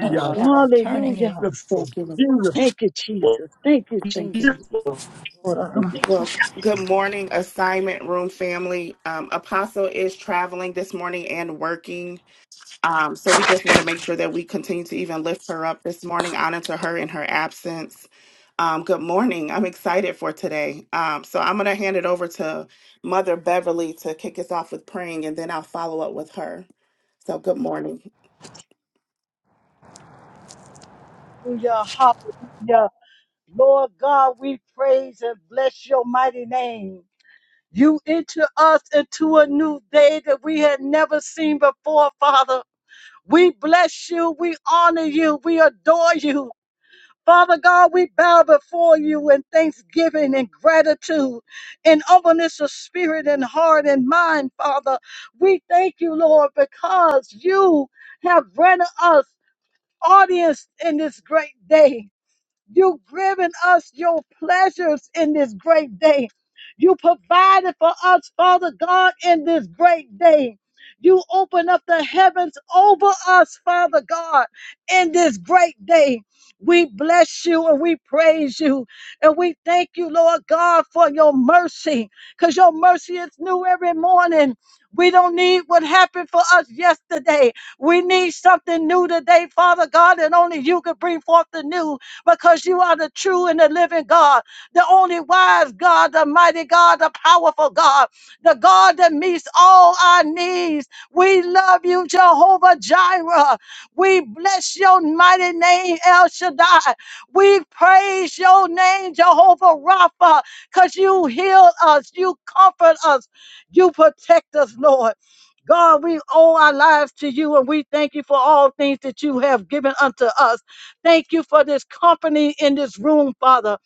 Speaker 5: No shadow turning in.
Speaker 3: Hallelujah.
Speaker 6: Beautiful,
Speaker 1: Thank you, Lord.
Speaker 3: Thank you,
Speaker 6: beautiful,
Speaker 3: Jesus. Thank you,
Speaker 1: Thank
Speaker 3: Jesus.
Speaker 1: you.
Speaker 6: beautiful.
Speaker 3: Thank you.
Speaker 1: Well, good morning, assignment room family. Um, Apostle is traveling this morning and working. Um, so we just want to make sure that we continue to even lift her up this morning, honor to her in her absence. Um, good morning. I'm excited for today. Um, so I'm going to hand it over to Mother Beverly to kick us off with praying, and then I'll follow up with her. So good morning.
Speaker 3: Hallelujah. Hallelujah. Lord God, we praise and bless your mighty name. You enter us into a new day that we had never seen before, Father. We bless you. We honor you. We adore you. Father God, we bow before you in thanksgiving and gratitude and openness of spirit and heart and mind, Father. We thank you, Lord, because you have granted us audience in this great day. You've given us your pleasures in this great day. You provided for us, Father God, in this great day. You open up the heavens over us, Father God, in this great day. We bless you and we praise you. And we thank you, Lord God, for your mercy, because your mercy is new every morning. We don't need what happened for us yesterday. We need something new today, Father God, and only you can bring forth the new because you are the true and the living God, the only wise God, the mighty God, the powerful God, the God that meets all our needs. We love you, Jehovah Jireh. We bless your mighty name, El Shaddai. We praise your name, Jehovah Rapha, because you heal us, you comfort us, you protect us, Lord. God, we owe our lives to you and we thank you for all things that you have given unto us. Thank you for this company in this room, Father.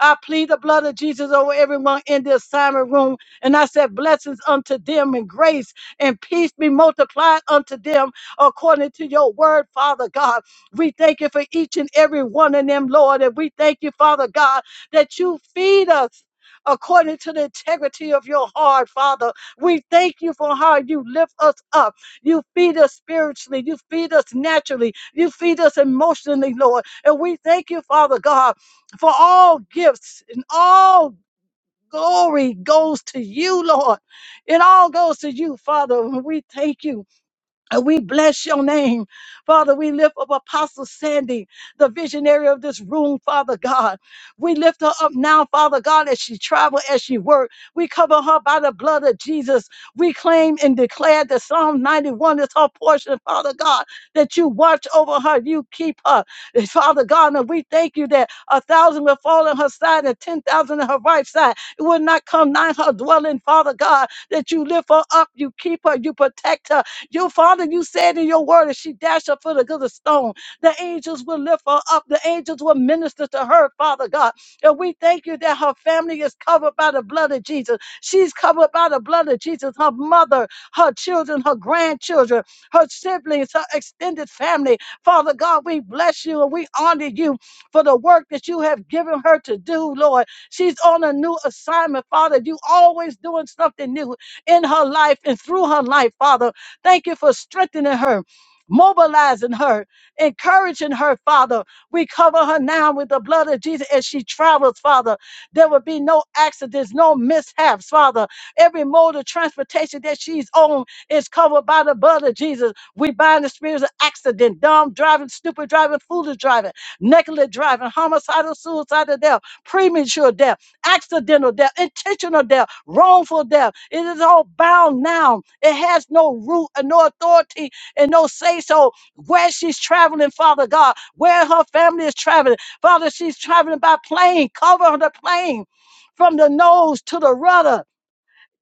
Speaker 3: I plead the blood of Jesus over everyone in the assignment room. And I said, Blessings unto them, and grace and peace be multiplied unto them according to your word, Father God. We thank you for each and every one of them, Lord. And we thank you, Father God, that you feed us. According to the integrity of your heart, Father, we thank you for how you lift us up. You feed us spiritually. You feed us naturally. You feed us emotionally, Lord. And we thank you, Father God, for all gifts and all glory goes to you, Lord. It all goes to you, Father. We thank you. And we bless your name. Father, we lift up Apostle Sandy, the visionary of this room, Father God. We lift her up now, Father God, as she travel, as she work. We cover her by the blood of Jesus. We claim and declare that Psalm 91 is her portion, Father God, that you watch over her, you keep her. Father God, and we thank you that a thousand will fall on her side and 10,000 on her right side. It will not come nigh her dwelling, Father God, that you lift her up, you keep her, you protect her, your father, you said in your word, if she dash her foot against a stone, the angels will lift her up. The angels will minister to her, Father God. And we thank you that her family is covered by the blood of Jesus. She's covered by the blood of Jesus. Her mother, her children, her grandchildren, her siblings, her extended family. Father God, we bless you and we honor you for the work that you have given her to do, Lord. She's on a new assignment, Father. You always doing something new in her life and through her life, Father. Thank you for strengthening her, mobilizing her, encouraging her, Father. We cover her now with the blood of Jesus as she travels, Father. There will be no accidents, no mishaps, Father. Every mode of transportation that she's on is covered by the blood of Jesus. We bind the spirits of accident, dumb driving, stupid driving, foolish driving, negligent driving, homicidal, suicidal death, premature death accidental death, intentional death, wrongful death. It is all bound now. It has no root and no authority and no say so where she's traveling, Father God, where her family is traveling. Father, she's traveling by plane. Cover the plane from the nose to the rudder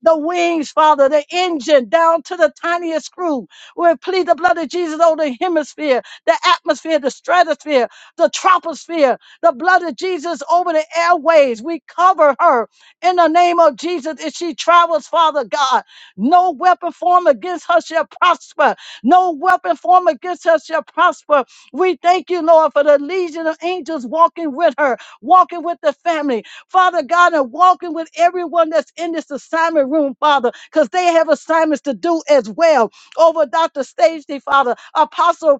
Speaker 3: the wings, Father, the engine down to the tiniest screw. We plead the blood of Jesus over the hemisphere, the atmosphere, the stratosphere, the troposphere, the blood of Jesus over the airways. We cover her in the name of Jesus as she travels, Father God. No weapon formed against her shall prosper. No weapon formed against her shall prosper. We thank you, Lord, for the legion of angels walking with her, walking with the family. Father God, and walking with everyone that's in this assignment room, Father, because they have assignments to do as well. Over Dr. Stacey, Father, Apostle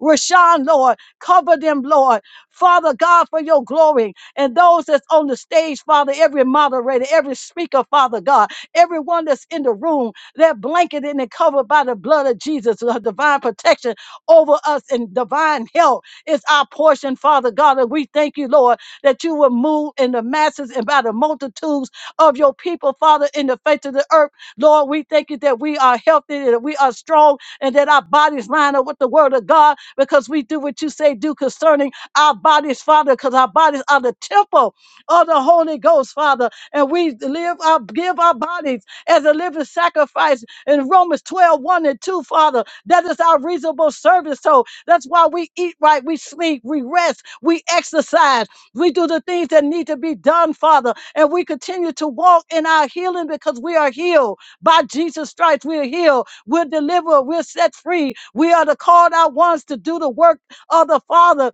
Speaker 3: Rashawn, Lord. Cover them, Lord. Father God, for your glory. And those that's on the stage, Father, every moderator, every speaker, Father God, everyone that's in the room, they're blanketed and covered by the blood of Jesus, uh, divine protection over us and divine health is our portion, Father God. And we thank you, Lord, that you will move in the masses and by the multitudes of your people, Father, in the face of the earth. Lord, we thank you that we are healthy, that we are strong, and that our bodies line up with the word of God because we do what you say do concerning our bodies, Father, because our bodies are the temple of the Holy Ghost, Father. And we live our give our bodies as a living sacrifice in Romans twelve one and 2, Father. That is our reasonable service. So that's why we eat right, we sleep, we rest, we exercise, we do the things that need to be done, Father. And we continue to walk in our healing because we are healed by Jesus Christ. We are healed, we're delivered, we're set free, we are the called out ones to do the work of the Father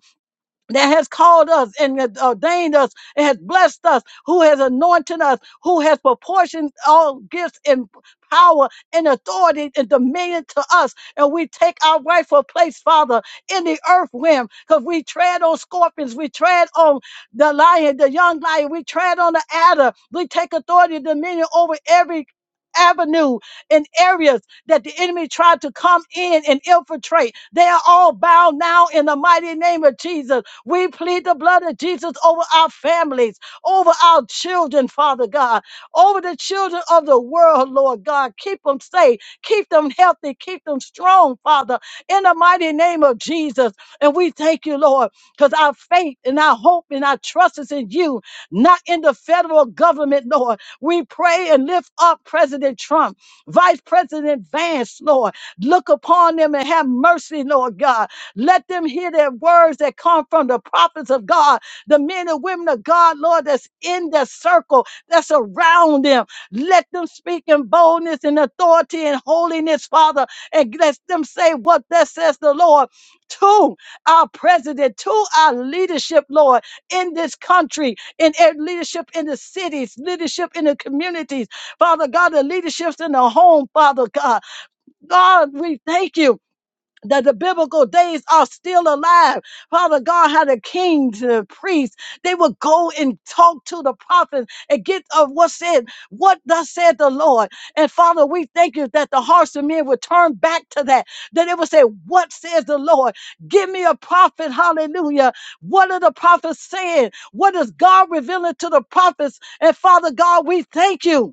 Speaker 3: that has called us and has ordained us and has blessed us, who has anointed us, who has proportioned all gifts and power and authority and dominion to us. And we take our rightful place, Father, in the earth realm, because we tread on scorpions, we tread on the lion, the young lion, we tread on the adder. We take authority and dominion over every avenue and areas that the enemy tried to come in and infiltrate. They are all bound now in the mighty name of Jesus. We plead the blood of Jesus over our families, over our children, Father God, over the children of the world, Lord God. Keep them safe, keep them healthy, keep them strong, Father, in the mighty name of Jesus. And we thank you, Lord, because our faith and our hope and our trust is in you, not in the federal government, Lord. We pray and lift up President Trump, Vice President Vance, Lord. Look upon them and have mercy, Lord God. Let them hear their words that come from the prophets of God, the men and women of God, Lord, that's in their circle, that's around them. Let them speak in boldness and authority and holiness, Father, and let them say what that says the Lord to our president, to our leadership, Lord, in this country, in e- leadership in the cities, leadership in the communities, Father God, the leaderships in the home, Father God. God, we thank you that the biblical days are still alive. Father God, how the kings and the priests, they would go and talk to the prophets and get of what said, what thus said the Lord. And Father, we thank you that the hearts of men would turn back to that, that it would say, what says the Lord? Give me a prophet, hallelujah. What are the prophets saying? What is God revealing to the prophets? And Father God, we thank you.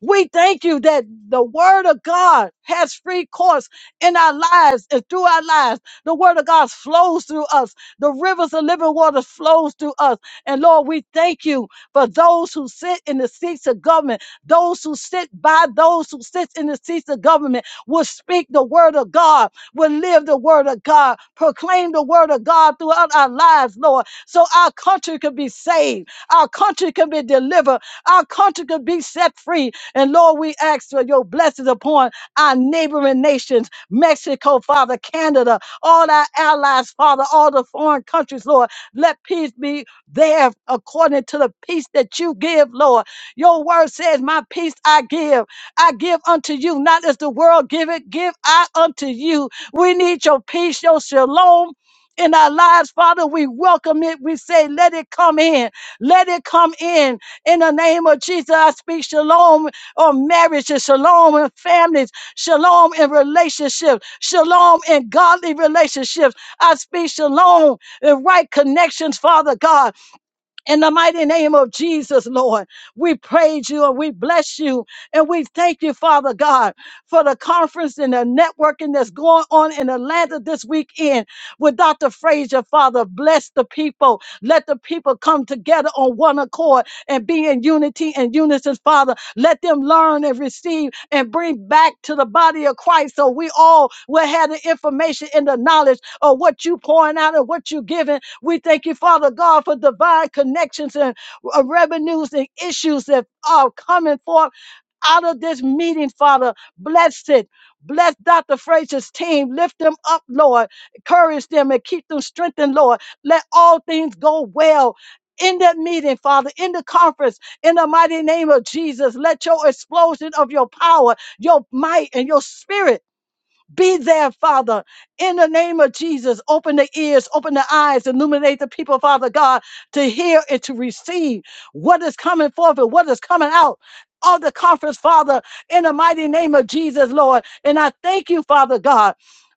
Speaker 3: We thank you that the word of God has free course in our lives and through our lives. The word of God flows through us. The rivers of living water flows through us. And Lord, we thank you for those who sit in the seats of government, those who sit by those who sit in the seats of government will speak the word of God, will live the word of God, proclaim the word of God throughout our lives, Lord, so our country can be saved, our country can be delivered, our country can be set free, and Lord, we ask for your blessings upon our neighboring nations, Mexico, Father, Canada, all our allies, Father, all the foreign countries, Lord. Let peace be there according to the peace that you give, Lord. Your word says, My peace I give. I give unto you, not as the world give it, give I unto you. We need your peace, your shalom. In our lives, Father, we welcome it. We say, let it come in. Let it come in. In the name of Jesus, I speak shalom on marriages, shalom in families, shalom in relationships, shalom in godly relationships. I speak shalom in right connections, Father God. In the mighty name of Jesus, Lord, we praise you and we bless you and we thank you, Father God, for the conference and the networking that's going on in Atlanta this weekend with Dr. Frazier, Father. Bless the people. Let the people come together on one accord and be in unity and unison, Father. Let them learn and receive and bring back to the body of Christ so we all will have the information and the knowledge of what you pouring out and what you giving we thank you, Father God, for divine connections and uh, revenues and issues that are coming forth out of this meeting, Father. Bless it. Bless Dr. Frazier's team. Lift them up, Lord. Encourage them and keep them strengthened, Lord. Let all things go well. In that meeting, Father, in the conference, in the mighty name of Jesus, let your explosion of your power, your might, and your spirit be there, Father, in the name of Jesus. Open the ears, open the eyes, illuminate the people, Father God, to hear and to receive what is coming forth and what is coming out. Of the conference, Father, in the mighty name of Jesus, Lord. And I thank you, Father God,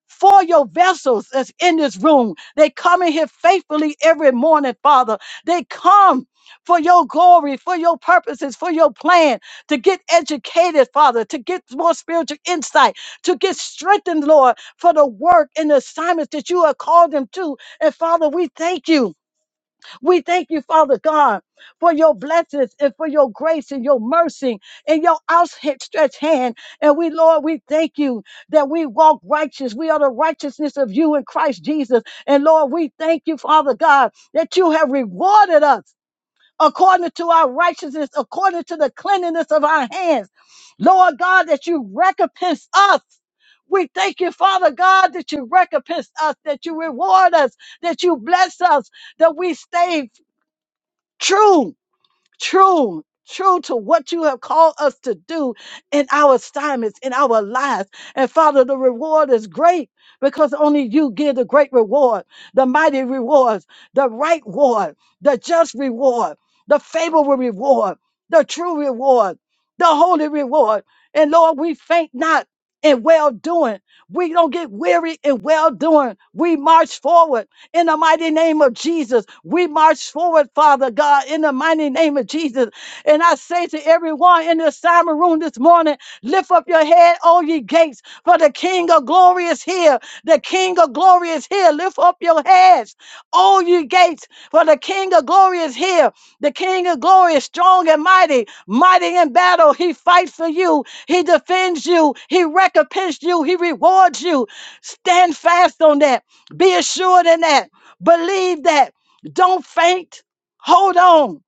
Speaker 3: for your vessels that's in this room. They come in here faithfully every morning, Father. They come for your glory, for your purposes, for your plan, to get educated, Father, to get more spiritual insight to get strengthened, Lord, for the work and the assignments that you have called them to. And Father, we thank you. We thank you, Father God, for your blessings and for your grace and your mercy and your outstretched hand. And we, Lord, we thank you that we walk righteous. We are the righteousness of you in Christ Jesus. And Lord, we thank you, Father God, that you have rewarded us according to our righteousness, according to the cleanliness of our hands. Lord God, that you recompense us. We thank you, Father God, that you recompense us, that you reward us, that you bless us, that we stay true true, true to what you have called us to do in our assignments, in our lives. And Father, the reward is great because only you give the great reward, the mighty rewards, the right reward, the just reward, the favorable reward, the true reward, the holy reward. And Lord, we faint not in well doing. We don't get weary in well doing. We march forward in the mighty name of Jesus. We march forward, Father God, in the mighty name of Jesus. And I say to everyone in the assignment room this morning, lift up your head, all ye gates, for the King of glory is here. The King of glory is here. Lift up your heads, all ye gates, for the King of glory is here. The King of glory is strong and mighty, mighty in battle. He fights for you. He defends you. He recompenses you. He rewards you. Stand fast on that. Be assured in that. Believe that. Don't faint. Hold on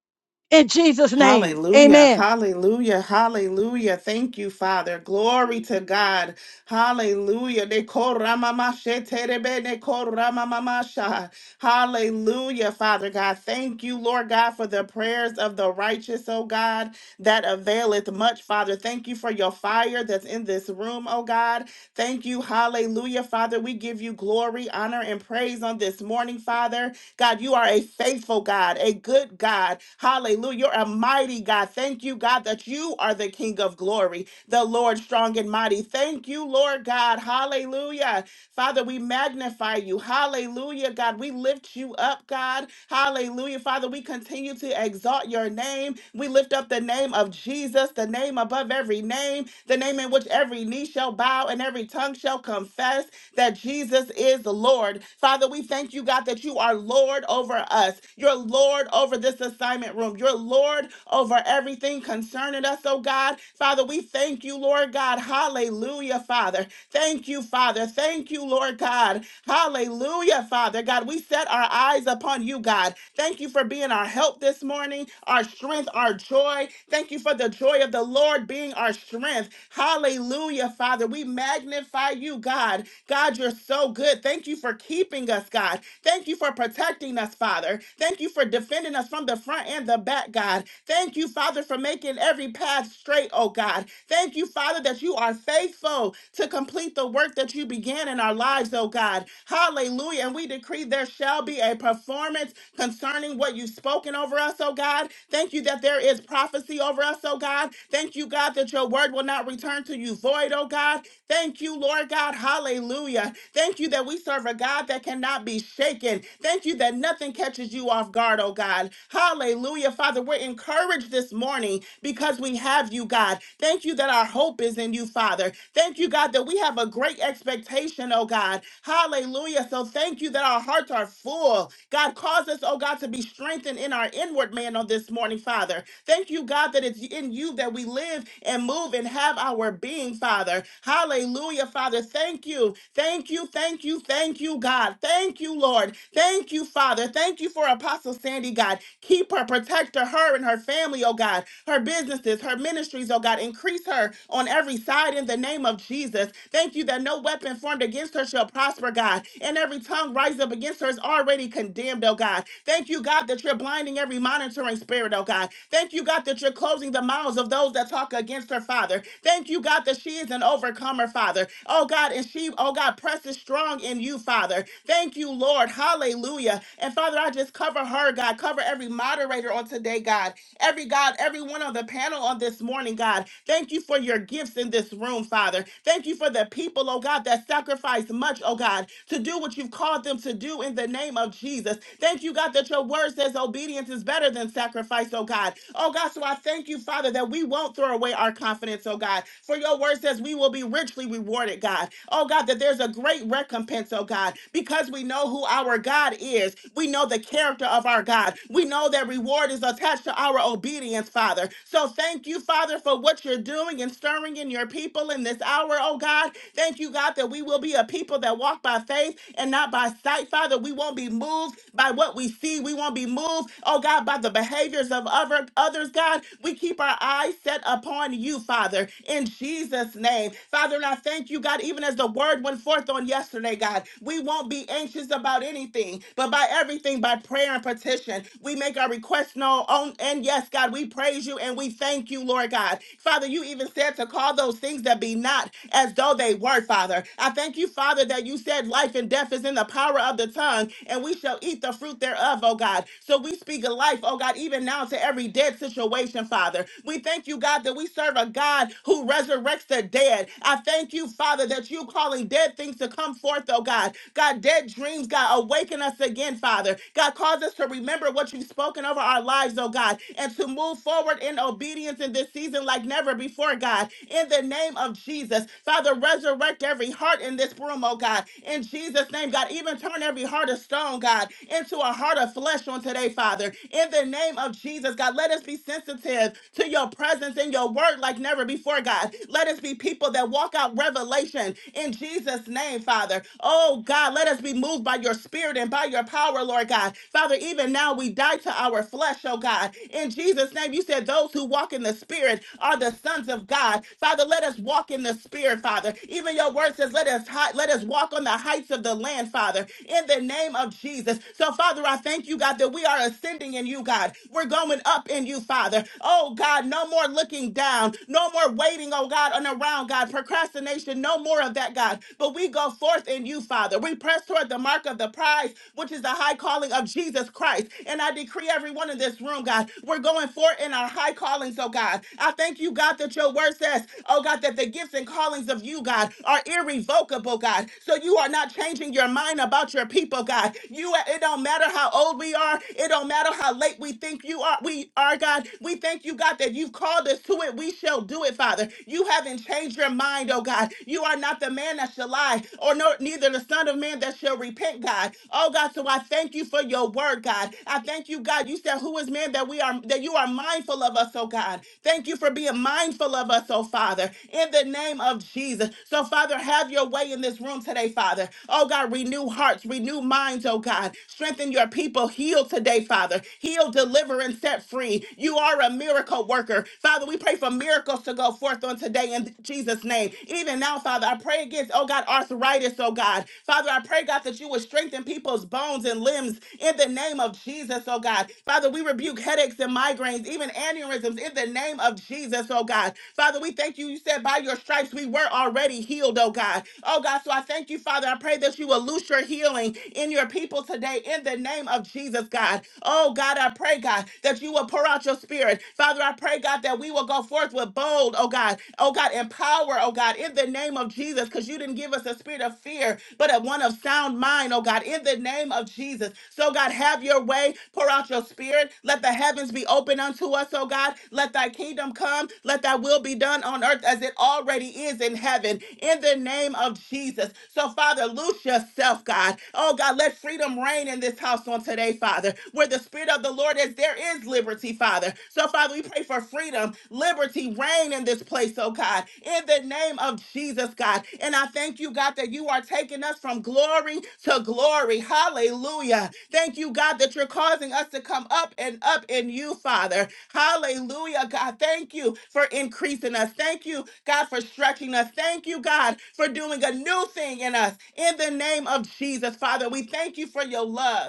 Speaker 3: in Jesus' name.
Speaker 1: Hallelujah,
Speaker 3: Amen.
Speaker 1: hallelujah, hallelujah. Thank you, Father. Glory to God. Hallelujah. De koramamashete rebe ne koramamasha. Hallelujah, Father God. Thank you, Lord God, for the prayers of the righteous, oh God, that availeth much, Father. Thank you for your fire that's in this room, oh God. Thank you, hallelujah, Father. We give you glory, honor, and praise on this morning, Father. God, you are a faithful God, a good God. Hallelujah. You're a mighty God. Thank you, God, that you are the King of glory, the Lord strong and mighty. Thank you, Lord God. Hallelujah. Father, we magnify you. Hallelujah, God. We lift you up, God. Hallelujah. Father, we continue to exalt your name. We lift up the name of Jesus, the name above every name, the name in which every knee shall bow and every tongue shall confess that Jesus is the Lord. Father, we thank you, God, that you are Lord over us. You're Lord over this assignment room. You're Lord over everything concerning us, oh God. Father, we thank you, Lord God. Hallelujah, Father. Thank you, Father. Thank you, Lord God. Hallelujah, Father. God, we set our eyes upon you, God. Thank you for being our help this morning, our strength, our joy. Thank you for the joy of the Lord being our strength. Hallelujah, Father. We magnify you, God. God, you're so good. Thank you for keeping us, God. Thank you for protecting us, Father. Thank you for defending us from the front and the back, God. Thank you, Father, for making every path straight, oh God. Thank you, Father, that you are faithful to complete the work that you began in our lives, oh God. Hallelujah. And we decree there shall be a performance concerning what you've spoken over us, oh God. Thank you that there is prophecy over us, oh God. Thank you, God, that your word will not return to you void, oh God. Thank you, Lord God. Hallelujah. Thank you that we serve a God that cannot be shaken. Thank you that nothing catches you off guard, oh God. Hallelujah. Father, we're encouraged this morning because we have you, God. Thank you that our hope is in you, Father. Thank you, God, that we have a great expectation, oh God. Hallelujah. So thank you that our hearts are full. God, cause us, oh God, to be strengthened in our inward man on this morning, Father. Thank you, God, that it's in you that we live and move and have our being, Father. Hallelujah, Father. Thank you. Thank you. Thank you. Thank you, God. Thank you, Lord. Thank you, Father. Thank you for Apostle Sandy, God. Keep her, protect her, her and her family, oh God. Her businesses, her ministries, oh God. Increase her on every side in the name of Jesus. Thank you that no weapon formed against her against her shall prosper, God, and every tongue rise up against her is already condemned, oh God. Thank you, God, that you're blinding every monitoring spirit, oh God. Thank you, God, that you're closing the mouths of those that talk against her, Father. Thank you, God, that she is an overcomer, Father. Oh God, and she, oh God, presses strong in you, Father. Thank you, Lord. Hallelujah. And Father, I just cover her, God. Cover every moderator on today, God. Every God, everyone on the panel on this morning, God, thank you for your gifts in this room, Father. Thank you for the people, oh God, that sacrifice much, oh God, to do what you've called them to do in the name of Jesus. Thank you, God, that your word says obedience is better than sacrifice, oh God. Oh God, so I thank you, Father, that we won't throw away our confidence, oh God. For your word says we will be richly rewarded, God. Oh God, that there's a great recompense, oh God, because we know who our God is. We know the character of our God. we. We know that reward is attached to our obedience, Father. So thank you, Father, for what you're doing and stirring in your people in this hour, oh God. Thank you, God, that we will be a people that walk by faith and not by sight, Father. We won't be moved by what we see. We won't be moved, oh God, by the behaviors of other others, God. We keep our eyes set upon you, Father, in Jesus' name. Father, and I thank you, God, even as the word went forth on yesterday, God, we won't be anxious about anything, but by every everything by prayer and petition. We make our requests known. On, and yes, God, we praise you and we thank you, Lord God. Father, you even said to call those things that be not as though they were, Father. I thank you, Father, that you said life and death is in the power of the tongue, and we shall eat the fruit thereof, oh God. So we speak of life, oh God, even now to every dead situation, Father. We thank you, God, that we serve a God who resurrects the dead. I thank you, Father, that you calling dead things to come forth, oh God. God, dead dreams, God. Awaken us again, Father. God, cause us to remember what you've spoken over our lives, oh God, and to move forward in obedience in this season like never before, God. In the name of Jesus, Father, resurrect every heart in this room, oh God. In Jesus' name, God, even turn every heart of stone, God, into a heart of flesh on today, Father. In the name of Jesus, God, let us be sensitive to your presence and your word like never before, God. Let us be people that walk out revelation in Jesus' name name, Father. Oh God, let us be moved by your spirit and by your power, Lord God. Father, even now we die to our flesh, oh God. In Jesus' name, you said those who walk in the spirit are the sons of God. Father, let us walk in the spirit, Father. Even your word says, let us hi- let us walk on the heights of the land, Father, in the name of Jesus. So, Father, I thank you, God, that we are ascending in you, God. We're going up in you, Father. Oh God, no more looking down, no more waiting, oh God, on around, God. Procrastination salvation, no more of that, God. But we go forth in you, Father. We press toward the mark of the prize, which is the high calling of Jesus Christ. And I decree everyone in this room, God, we're going forth in our high callings, oh God. I thank you, God, that your word says, oh God, that the gifts and callings of you, God, are irrevocable, God. So you are not changing your mind about your people, God. You it don't matter how old we are, it don't matter how late we think you are, we are, God. We thank you, God, that you've called us to it. We shall do it, Father. You haven't changed your mind, oh God. You are not the man that shall lie, or nor neither the son of man that shall repent, God. Oh God, so I thank you for your word, God. I thank you, God. You said, Who is man that we are that you are mindful of us, oh God. Thank you for being mindful of us, oh Father, in the name of Jesus. So, Father, have your way in this room today, Father. Oh God, renew hearts, renew minds, oh God. Strengthen your people. Heal today, Father. Heal, deliver, and set free. You are a miracle worker. Father, Father, we pray for miracles to go forth on today in Jesus' name. Even now, Father, I pray against, oh God, arthritis, oh God. Father, I pray, God, that you would strengthen people's bones and limbs in the name of Jesus, oh God. Father, we rebuke headaches and migraines, even aneurysms in the name of Jesus, oh God. Father, we thank you. You said by your stripes we were already healed, oh God. Oh God, so I thank you, Father. I pray that you will loose your healing in your people today in the name of Jesus, God. Oh God, I pray, God, that you will pour out out your spirit. Father, I pray, God, that we will go forth with bold, oh God, oh God, empower, oh God, in the name of Jesus, because you didn't give us a spirit of fear, but a one of sound mind, oh God, in the name of Jesus. So, God, have your way, pour out your spirit, let the heavens be open unto us, oh God, let thy kingdom come, let thy will be done on earth as it already is in heaven, in the name of Jesus. So, Father, loose yourself, God, oh God, let freedom reign in this house on today, Father, where the spirit of Spirit of the Lord is, there is liberty, Father. So, Father, we pray for freedom, liberty, reign in this place, oh God, in the name of Jesus, God. And I thank you, God, that you are taking us from glory to glory. Hallelujah. Thank you, God, that you're causing us to come up and up in you, Father. Hallelujah, God. Thank you for increasing us. Thank you, God, for stretching us. Thank you, God, for doing a new thing in us. In the name of Jesus, Father, we thank you for your love.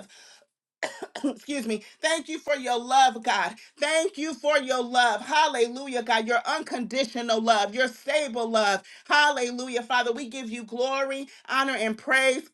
Speaker 1: excuse me. Thank you for your love, God. Thank you for your love. Hallelujah, God. Your unconditional love, your stable love. Hallelujah, Father. We give you glory, honor, and praise.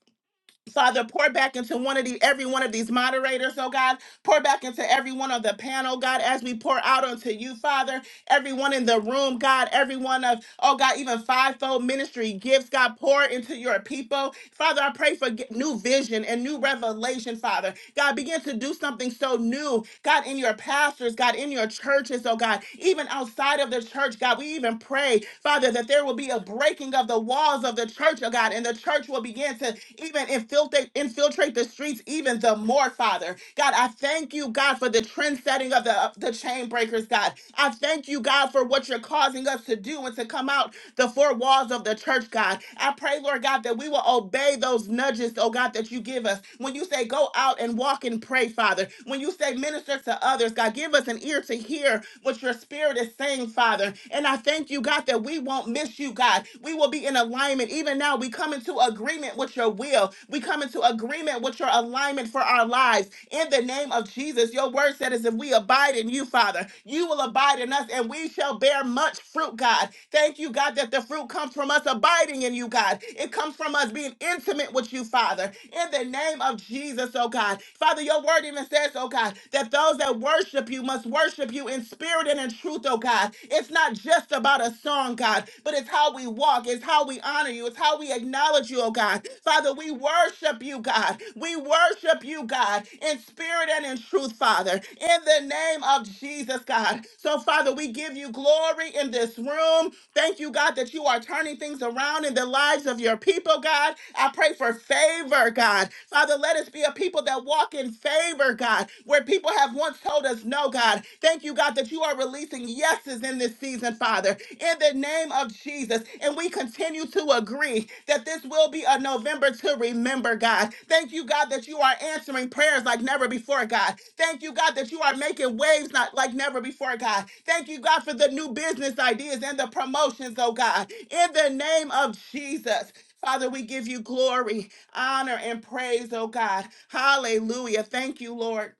Speaker 1: Father, pour back into one of the every one of these moderators, oh God. Pour back into every one of the panel, God, as we pour out unto you, Father. Everyone in the room, God, everyone of, oh God, even fivefold ministry gifts, God, pour into your people. Father, I pray for get- new vision and new revelation, Father. God, begin to do something so new, God, in your pastors, God, in your churches, oh God, even outside of the church, God. We we even pray, Father, that there will be a breaking of the walls of the church, oh God, and the church will begin to even infiltrate, infiltrate the streets even the more, Father. God, I thank you, God, for the trend setting of the, of the chain breakers, God. I thank you, God, for what you're causing us to do and to come out the four walls of the church, God. I pray, Lord God, that we will obey those nudges, oh God, that you give us. When you say go out and walk and pray, Father. When you say minister to others, God, give us an ear to hear what your spirit is saying, Father. And I thank you, God, that we won't miss you, God. We will be in alignment. Even now, we come into agreement with your will. We come into agreement with your alignment for our lives. In the name name of Jesus. Your word said is if we abide in you, Father, you will abide in us and we shall bear much fruit, God. Thank you, God, that the fruit comes from us abiding in you, God. It comes from us being intimate with you, Father. In the name of Jesus, oh God. Father, your word even says, oh God, that those that worship you must worship you in spirit and in truth, oh God. It's not just about a song, God, but it's how we walk, it's how how we honor you. It's how we acknowledge you, oh God. Father, we worship you, God. We worship you, God, in spirit and in truth, Father, in the name of Jesus, God. So, Father, we give you glory in this room. Thank you, God, that you are turning things around in the lives of your people, God. I pray for favor, God. Father, let us be a people that walk in favor, God, where people have one once told us no, God. Thank you, God, that you are releasing yeses in this season, Father, in the name of Jesus. And we continue to agree that this will be a November to remember, God. Thank you, God, that you are answering prayers like never before, God. Thank you, God, that you are making waves not like never before, God. Thank you, God, for the new business ideas and the promotions, oh God, in the name of Jesus. Father, we give you glory, honor, and praise, oh God. Hallelujah. Thank you, Lord.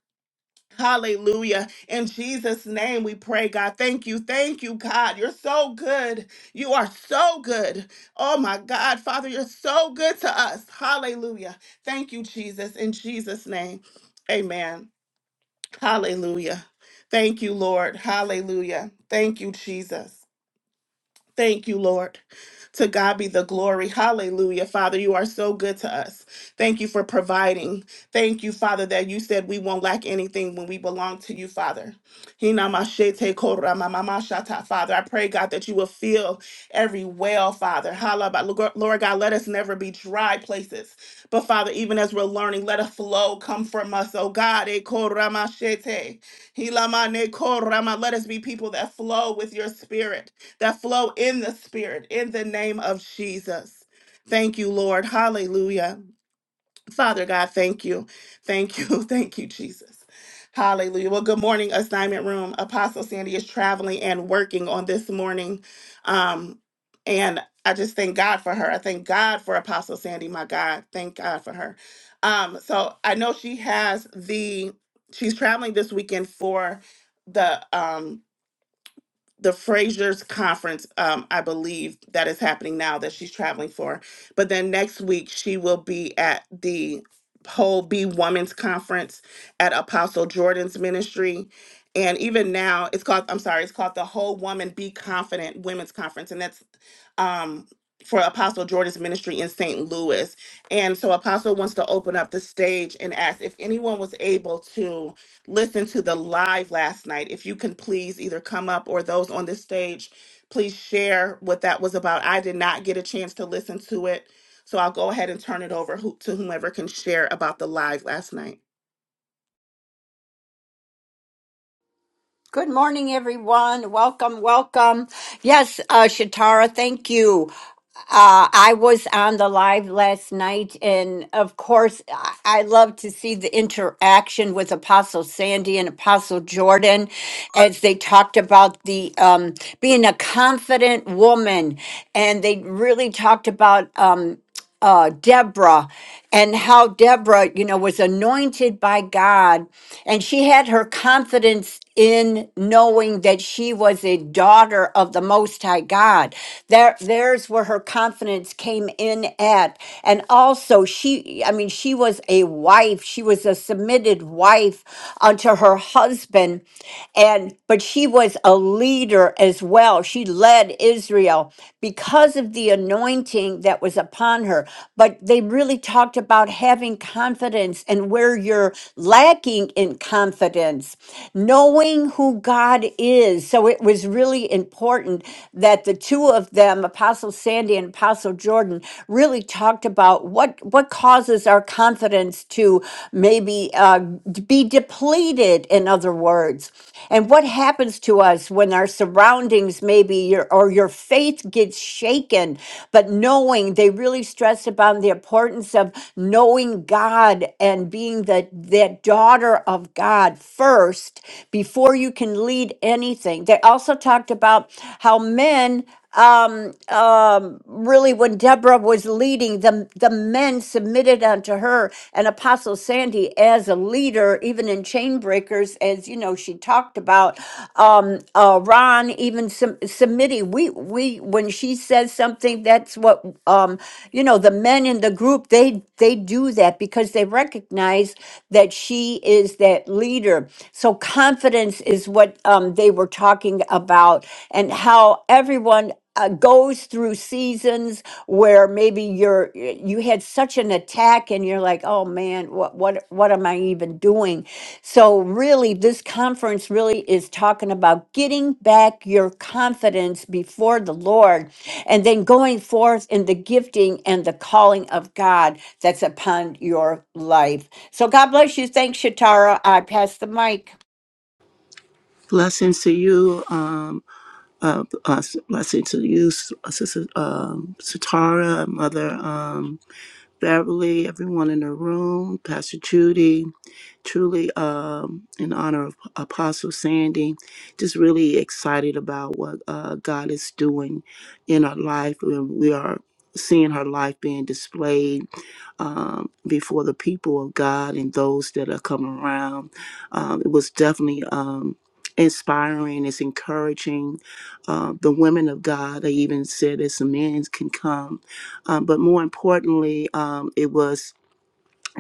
Speaker 1: Hallelujah. In Jesus' name we pray, God. Thank you. Thank you, God. You're so good. You are so good. Oh, my God. Father, you're so good to us. Hallelujah. Thank you, Jesus. In Jesus' name, amen. Hallelujah. Thank you, Lord. Hallelujah. Thank you, Jesus. Thank you, Lord. To God be the glory. Hallelujah. Father, you are so good to us. Thank you for providing. Thank you, Father, that you said we won't lack anything when we belong to you, Father. Hinamashete koramamamashata. Father, I pray, God, that you will fill every well, Father. Halaba- Lord God, let us never be dry places. But Father, even as we're learning, let a flow come from us, oh God. E koramashete. Hilamane korama. Let us be people that flow with your spirit that flow in the Spirit in the name of Jesus. Thank you, Lord. Hallelujah. Father God, thank you. Thank you. Thank you, Jesus. Hallelujah. Well, good morning, assignment room. Apostle Sandy is traveling and working on this morning. Um, and I just thank God for her. I thank God for Apostle Sandy, my God. Thank God for her. Um, so I know she has the she's traveling this weekend for the um the Fraser's conference, um, I believe that is happening now that she's traveling for. But then next week she will be at the whole Be Women's Conference at Apostle Jordan's ministry. And even now it's called I'm sorry, it's called the Whole Woman Be Confident Women's Conference. And that's um for Apostle Jordan's ministry in St. Louis. And so Apostle wants to open up the stage and ask if anyone was able to Listen to the live last night, if you can please either come up or those on this stage, please share what that was about. I did not get a chance to listen to it. So I'll go ahead and turn it over who- to whomever can share about the live last night.
Speaker 2: Good morning, everyone. Welcome, welcome. Yes, uh, Shatara, thank you. Uh, I was on the live last night, and of course, I I love to see the interaction with Apostle Sandy and Apostle Jordan as they talked about the um, being a confident woman, and they really talked about. Um, uh, Deborah and how Deborah, you know, was anointed by God. And she had her confidence in knowing that she was a daughter of the Most High God. There, there's where her confidence came in at. And also, she, I mean, she was a wife. She was a submitted wife unto her husband. And, but she was a leader as well. She led Israel because of the anointing that was upon her. But they really talked about having confidence and where you're lacking in confidence, knowing who God is. So it was really important that the two of them, Apostle Sandy and Apostle Jordan, really talked about what, what causes our confidence to maybe uh, d- be depleted, in other words. And what happens to us when our surroundings maybe your or your faith gets shaken, but knowing they really stress upon the importance of knowing God and being the that daughter of God first before you can lead anything. They also talked about how men um, really when Deborah was leading, the, the men submitted unto her and Apostle Sandy as a leader, even in chain breakers, as you know, she talked about um, uh, Ron, even some submitting. We, we, when she says something, that's what, um, you know, the men in the group, they, they do that because they recognize that she is that leader. So confidence is what um, they were talking about and how everyone uh, goes through seasons where maybe you're you had such an attack and you're like oh man what what what am i even doing so really this conference really is talking about getting back your confidence before the lord and then going forth in the gifting and the calling of god that's upon your life so god bless you thanks shatara i pass the mic
Speaker 4: Blessings to you, um, uh, uh, blessings to you, S- uh, Sister um, Satara, Mother um, Beverly, everyone in the room, Pastor Judy, truly um, in honor of Apostle Sandy. Just really excited about what uh, God is doing in our life. We we are seeing her life being displayed um, before the people of God and those that are coming around. Um, it was definitely um, inspiring. It's encouraging. Uh, the women of God, they even said that some men can come. Um, but more importantly, um, it was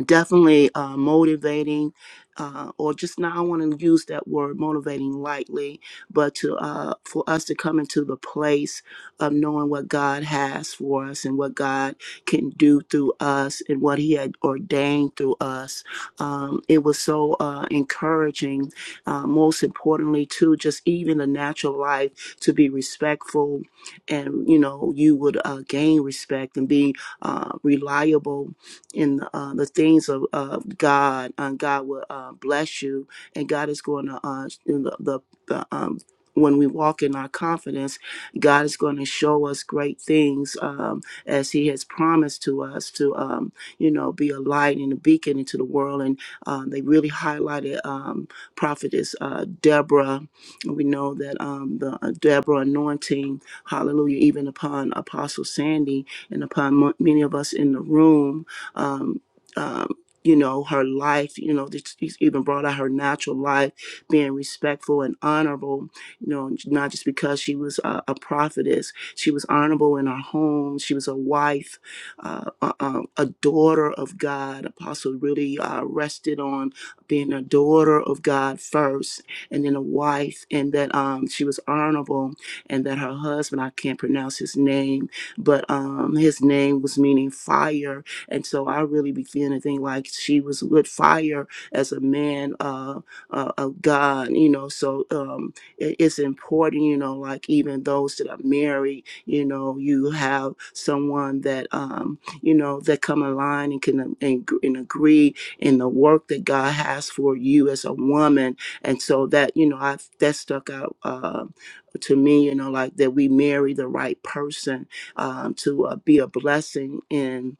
Speaker 4: definitely uh, motivating uh, or just now i want to use that word motivating lightly but to uh, for us to come into the place of knowing what god has for us and what god can do through us and what he had ordained through us um, it was so uh, encouraging uh, most importantly too just even the natural life to be respectful and you know you would uh, gain respect and be uh, reliable in uh, the things of, of God, and God will uh, bless you. And God is going to, uh, in the, the, the um, when we walk in our confidence, God is going to show us great things um, as He has promised to us to, um, you know, be a light and a beacon into the world. And um, they really highlighted um, prophetess uh, Deborah. We know that um, the uh, Deborah anointing, hallelujah, even upon Apostle Sandy and upon mo- many of us in the room um, um, you know, her life, you know, this- he's even brought out her natural life, being respectful and honorable, you know, not just because she was a, a prophetess. She was honorable in her home. She was a wife, uh, a, a a daughter of God. Apostle really uh, rested on being a daughter of God first and then a wife, and that um, she was honorable and that her husband, I can't pronounce his name, but um, his name was meaning fire and so I really began to think like she was with fire as a man uh, uh, of God, you know. So um, it, it's important, you know, like even those that are married, you know, you have someone that, um, you know, that come in line and can um, and, and agree in the work that God has for you as a woman. And so that, you know, I that stuck out. Uh, to me, you know, like that we marry the right person um, to uh, be a blessing in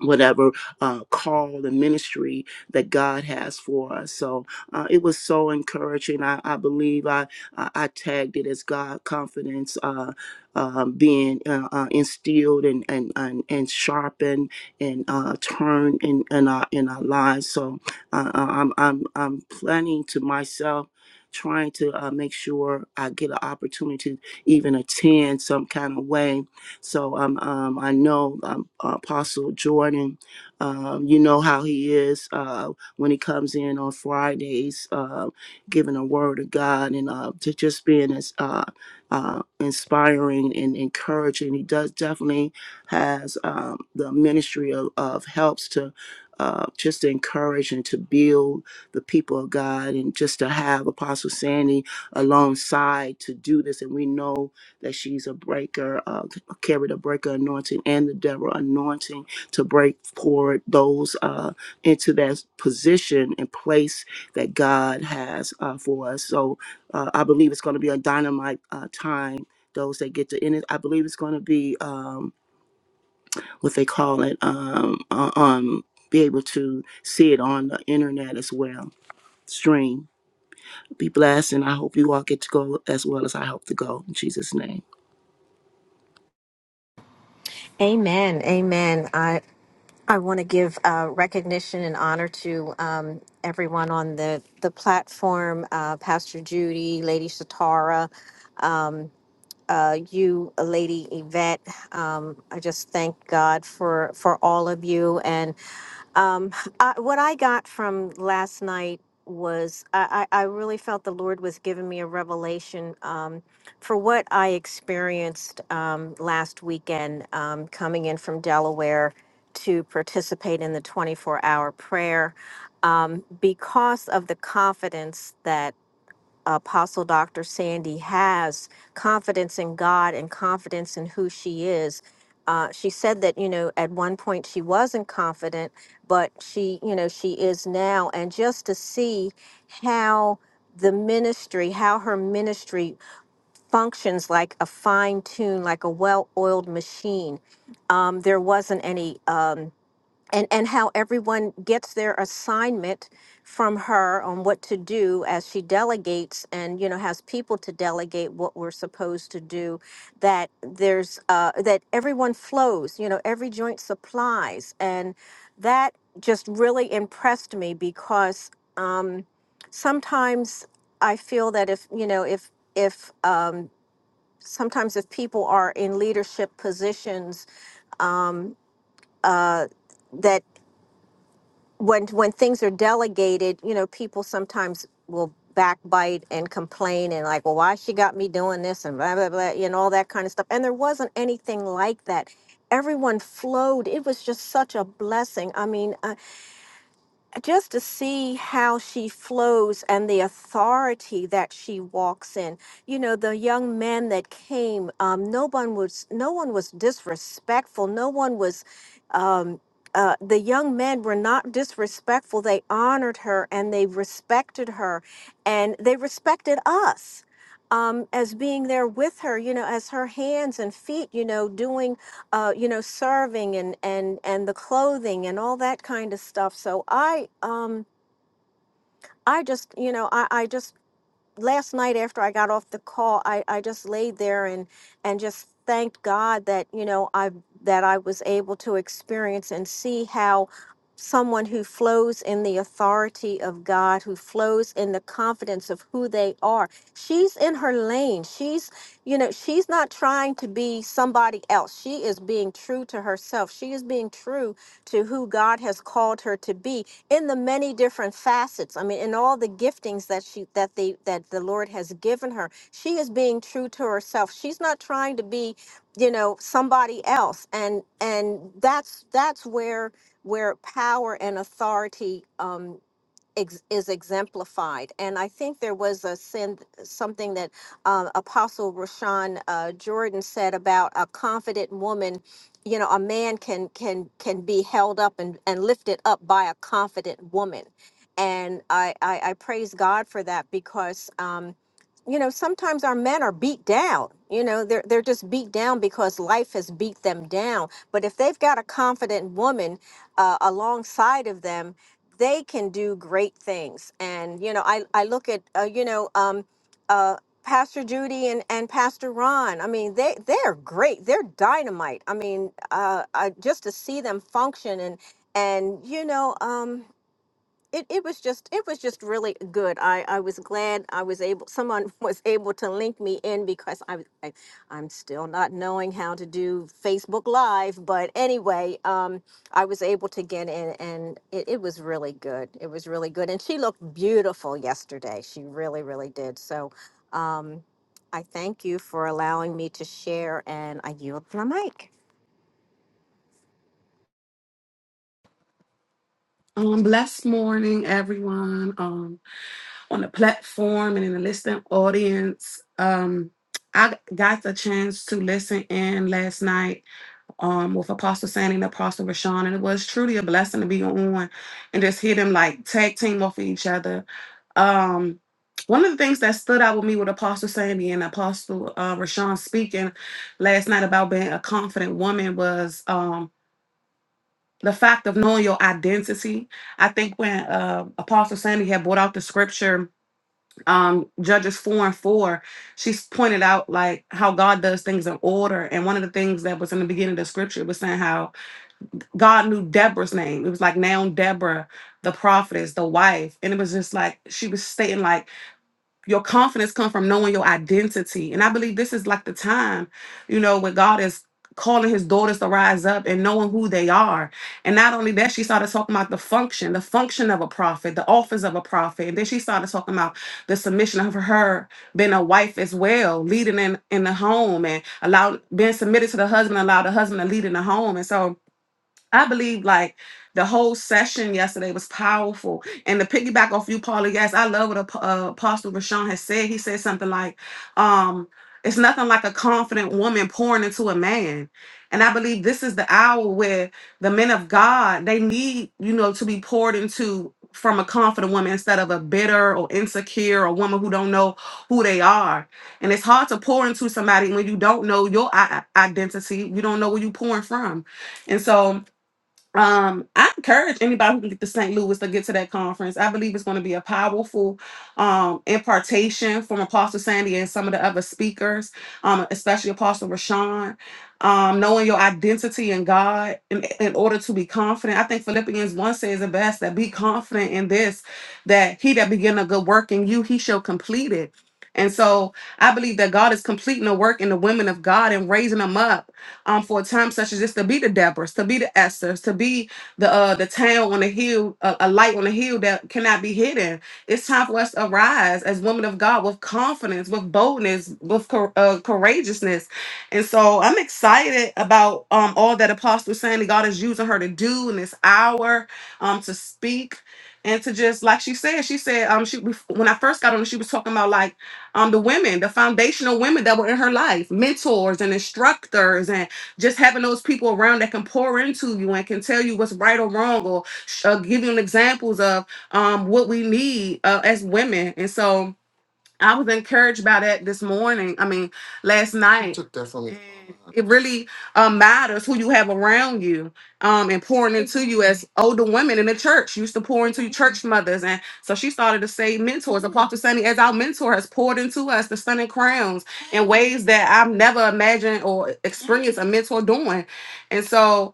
Speaker 4: whatever uh, call and ministry that God has for us. So uh, it was so encouraging. I, I believe I, I I tagged it as God confidence uh, um, being uh, uh, instilled and and and, and sharpened and uh, turned in, in our in our lives. So uh, uh, I'm I'm I'm planning to myself. Trying to uh, make sure I get an opportunity to even attend some kind of way so um, um, I know um, Apostle Jordan, um, you know how he is uh, when he comes in on Fridays, uh, giving a word of God and uh, to just being as uh, uh, inspiring and encouraging. He does definitely has um, the ministry of, of helps to uh, just to encourage and to build the people of God and just to have Apostle Sandy alongside to do this. And we know that she's a breaker, uh, carried a breaker anointing and the Deborah anointing to break forward those uh, into that position and place that God has uh, for us. So uh, I believe it's going to be a dynamite uh, time. Those that get to in it, I believe it's going to be um, what they call it. Um, uh, um, be able to see it on the internet as well. Stream. Be blessed, and I hope you all get to go as well as I hope to go. In Jesus' name.
Speaker 8: Amen. Amen. I I want to give uh, recognition and honor to um, everyone on the the platform, uh, Pastor Judy, Lady Satara, um, uh, you, Lady Yvette. Um, I just thank God for for all of you, and um, I, what I got from last night was I, I, I really felt the Lord was giving me a revelation um, for what I experienced um, last weekend um, coming in from Delaware to participate in the 24 hour prayer um, because of the confidence that Apostle Dr. Sandy has confidence in God and confidence in who she is. Uh, she said that, you know, at one point she wasn't confident, but she, you know, she is now. And just to see how the ministry, how her ministry functions like a fine tune, like a well oiled machine. Um, there wasn't any. Um, and and how everyone gets their assignment from her on what to do as she delegates and you know has people to delegate what we're supposed to do that there's uh that everyone flows you know every joint supplies and that just really impressed me because um sometimes i feel that if you know if if um sometimes if people are in leadership positions um uh that when when things are delegated, you know, people sometimes will backbite and complain and like, well, why she got me doing this and blah blah blah, you know, all that kind of stuff. And there wasn't anything like that. Everyone flowed. It was just such a blessing. I mean, uh, just to see how she flows and the authority that she walks in. You know, the young man that came, um, no one was no one was disrespectful. No one was. Um, uh, the young men were not disrespectful. They honored her and they respected her, and they respected us um, as being there with her. You know, as her hands and feet. You know, doing uh, you know, serving and and and the clothing and all that kind of stuff. So I um I just you know I I just last night after I got off the call, I, I just laid there and and just thanked God that you know I that I was able to experience and see how someone who flows in the authority of God, who flows in the confidence of who they are. She's in her lane. She's you know, she's not trying to be somebody else. She is being true to herself. She is being true to who God has called her to be in the many different facets. I mean, in all the giftings that she that the that the Lord has given her. She is being true to herself. She's not trying to be, you know, somebody else. And and that's that's where where power and authority um, ex- is exemplified. And I think there was a send something that um, Apostle Rashawn uh, Jordan said about a confident woman. You know, a man can can can be held up and, and lifted up by a confident woman, and I I, I praise God for that because. Um, you know, sometimes our men are beat down. You know, they're they're just beat down because life has beat them down. But if they've got a confident woman uh, alongside of them, they can do great things. And you know, I I look at uh, you know um, uh, Pastor Judy and and Pastor Ron. I mean, they they're great. They're dynamite. I mean, uh, I, just to see them function and and you know. Um, it, it was just it was just really good. I, I was glad I was able someone was able to link me in because I, was- I I'm still not knowing how to do Facebook Live, but anyway, um, I was able to get in and it, it was really good. It was really good, and she looked beautiful yesterday. She really really did. So, um, I thank you for allowing me to share, and I yield my mic.
Speaker 9: Um, blessed morning, everyone. Um, on the platform and in the listening audience. Um, I got the chance to listen in last night um with Apostle Sandy and Apostle Rashawn, and it was truly a blessing to be on and just hear them like tag team off of each other. Um one of the things that stood out with me with Apostle Sandy and Apostle uh, Rashawn speaking last night about being a confident woman was um the fact of knowing your identity. I think when uh, Apostle Sandy had brought out the scripture, um, Judges 4 and 4, she s- pointed out like how God does things in order. And one of the things that was in the beginning of the scripture was saying how God knew Deborah's name. It was like now Deborah, the prophetess, the wife. And it was just like she was stating like your confidence comes from knowing your identity and i believe this is like the time you know when god is calling his daughters to rise up and knowing who they are and not only that she started talking about the function the function of a prophet the office of a prophet and then she started talking about the submission of her being a wife as well leading in in the home and allow being submitted to the husband allow the husband to lead in the home and so I believe like the whole session yesterday was powerful. And to piggyback off you, Paula, yes, I love what Ap- uh, Apostle Rashawn has said. He said something like, um, it's nothing like a confident woman pouring into a man. And I believe this is the hour where the men of God, they need, you know, to be poured into from a confident woman instead of a bitter or insecure or woman who don't know who they are. And it's hard to pour into somebody when you don't know your i- identity. You don't know where you pouring from. And so um, I encourage anybody who can get to St. Louis to get to that conference. I believe it's going to be a powerful um, impartation from Apostle Sandy and some of the other speakers, um, especially Apostle Rashawn. Um, knowing your identity in God in, in order to be confident. I think Philippians 1 says it best that be confident in this, that he that began a good work in you, he shall complete it. And so I believe that God is completing the work in the women of God and raising them up um, for a time such as this to be the Deborahs, to be the Esthers, to be the uh, the town on the hill, a, a light on the hill that cannot be hidden. It's time for us to arise as women of God with confidence, with boldness, with cour- uh, courageousness. And so I'm excited about um, all that Apostle Sandy God is using her to do in this hour um, to speak and to just like she said, she said um she when I first got on, she was talking about like um the women, the foundational women that were in her life, mentors and instructors just having those people around that can pour into you and can tell you what's right or wrong or uh, give you examples of um, what we need uh, as women. And so, I was encouraged by that this morning. I mean, last night. Took that from me. It really um, matters who you have around you um, and pouring into you as older women in the church used to pour into church mothers. And so she started to say mentors. Apostle Sunny, as our mentor, has poured into us the Sun and Crowns in ways that I've never imagined or experienced a mentor doing. And so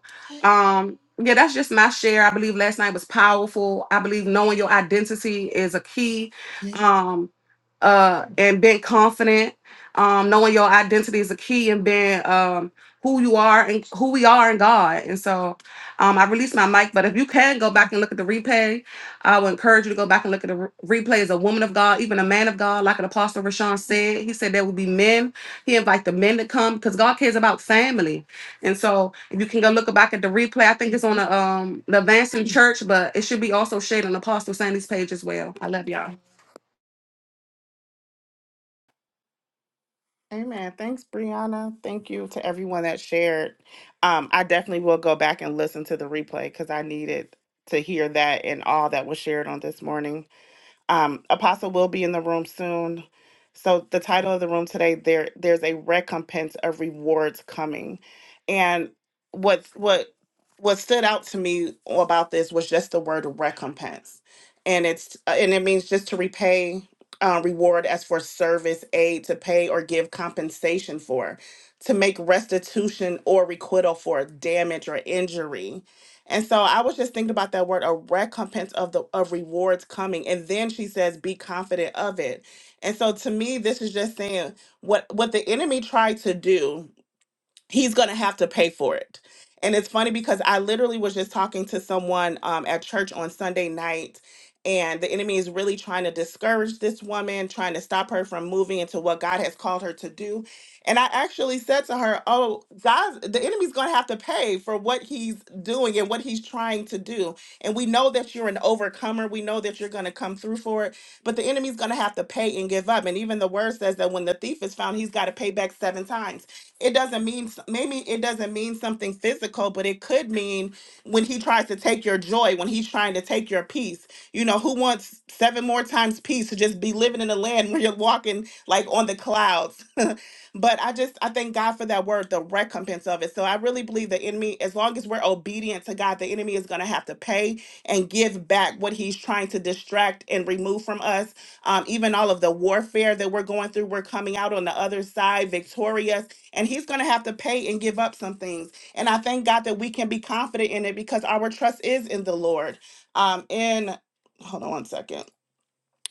Speaker 9: Um, yeah, that's just my share. I believe last night was powerful. I believe knowing your identity is a key. Um, uh, and being confident. Um, knowing your identity is a key and being um who you are and who we are in God. And so um I released my mic, but if you can go back and look at the replay, I would encourage you to go back and look at the re- replay as a woman of God, even a man of God, like an apostle Rashawn said. He said there will be men. He invite the men to come because God cares about family. And so if you can go look back at the replay, I think it's on the um the Advancing Church, but it should be also shared on Apostle Sandy's page as well. I love y'all.
Speaker 1: Amen. Thanks, Brianna. Thank you to everyone that shared. Um, I definitely will go back and listen to the replay because I needed to hear that and all that was shared on this morning. Um, Apostle will be in the room soon. So the title of the room today there there's a recompense of rewards coming, and what's what what stood out to me about this was just the word recompense, and it's uh, and it means just to repay. Uh, reward as for service, aid to pay or give compensation for, to make restitution or requital for damage or injury, and so I was just thinking about that word, a recompense of the of rewards coming. And then she says, be confident of it. And so to me, this is just saying what what the enemy tried to do he's going to have to pay for it. And it's funny because I literally was just talking to someone um, at church on Sunday night, and the enemy is really trying to discourage this woman, trying to stop her from moving into what God has called her to do. And I actually said to her, Oh, God, the enemy's going to have to pay for what he's doing and what he's trying to do. And we know that you're an overcomer. We know that you're going to come through for it, but the enemy's going to have to pay and give up. And even the word says that when the thief is found, he's got to pay back seven times it doesn't mean s- maybe it doesn't mean something physical but it could mean when he tries to take your joy when he's trying to take your peace you know who wants seven more times peace to just be living in a land where you're walking like on the clouds but i just i thank god for that word the recompense of it so i really believe the enemy as long as we're obedient to god the enemy is going to have to pay and give back what he's trying to distract and remove from us um, even all of the warfare that we're going through we're coming out on the other side victorious and he's going to have to pay and give up some things. And I thank God that we can be confident in it because our trust is in the Lord. Um, in hold on one second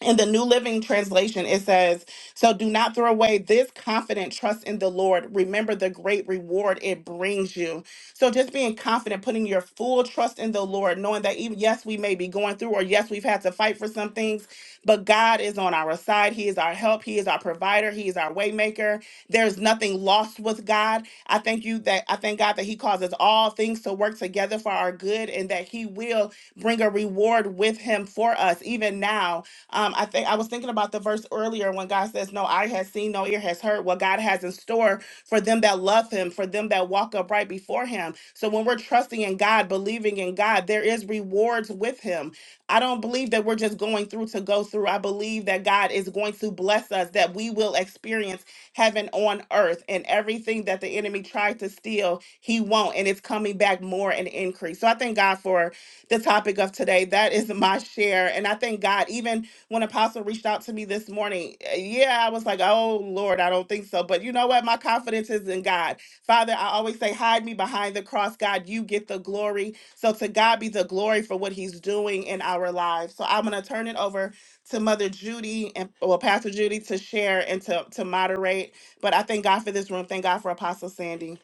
Speaker 1: in the New Living Translation, it says, So do not throw away this confident trust in the Lord. Remember the great reward it brings you. So just being confident, putting your full trust in the Lord, knowing that even, yes, we may be going through, or yes, we've had to fight for some things, but God is on our side. He is our help. He is our provider. He is our waymaker. There's nothing lost with God. I thank you that I thank God that He causes all things to work together for our good and that He will bring a reward with Him for us, even now um, I think I was thinking about the verse earlier when God says, No eye has seen, no ear has heard what God has in store for them that love him, for them that walk upright before him. So when we're trusting in God, believing in God, there is rewards with him. I don't believe that we're just going through to go through. I believe that God is going to bless us, that we will experience heaven on earth and everything that the enemy tried to steal, he won't. And it's coming back more and increase. So I thank God for the topic of today. That is my share. And I thank God, even when Apostle reached out to me this morning, uh, yeah, I was like, oh Lord, I don't think so. But you know what? My confidence is in God. Father, I always say, hide me behind the cross. God, you get the glory. So to God be the glory for what he's doing in our lives. So I'm going to turn it over to Mother Judy and well, Pastor Judy to share and to, to moderate. But I thank God for this room. Thank God for Apostle Sandy.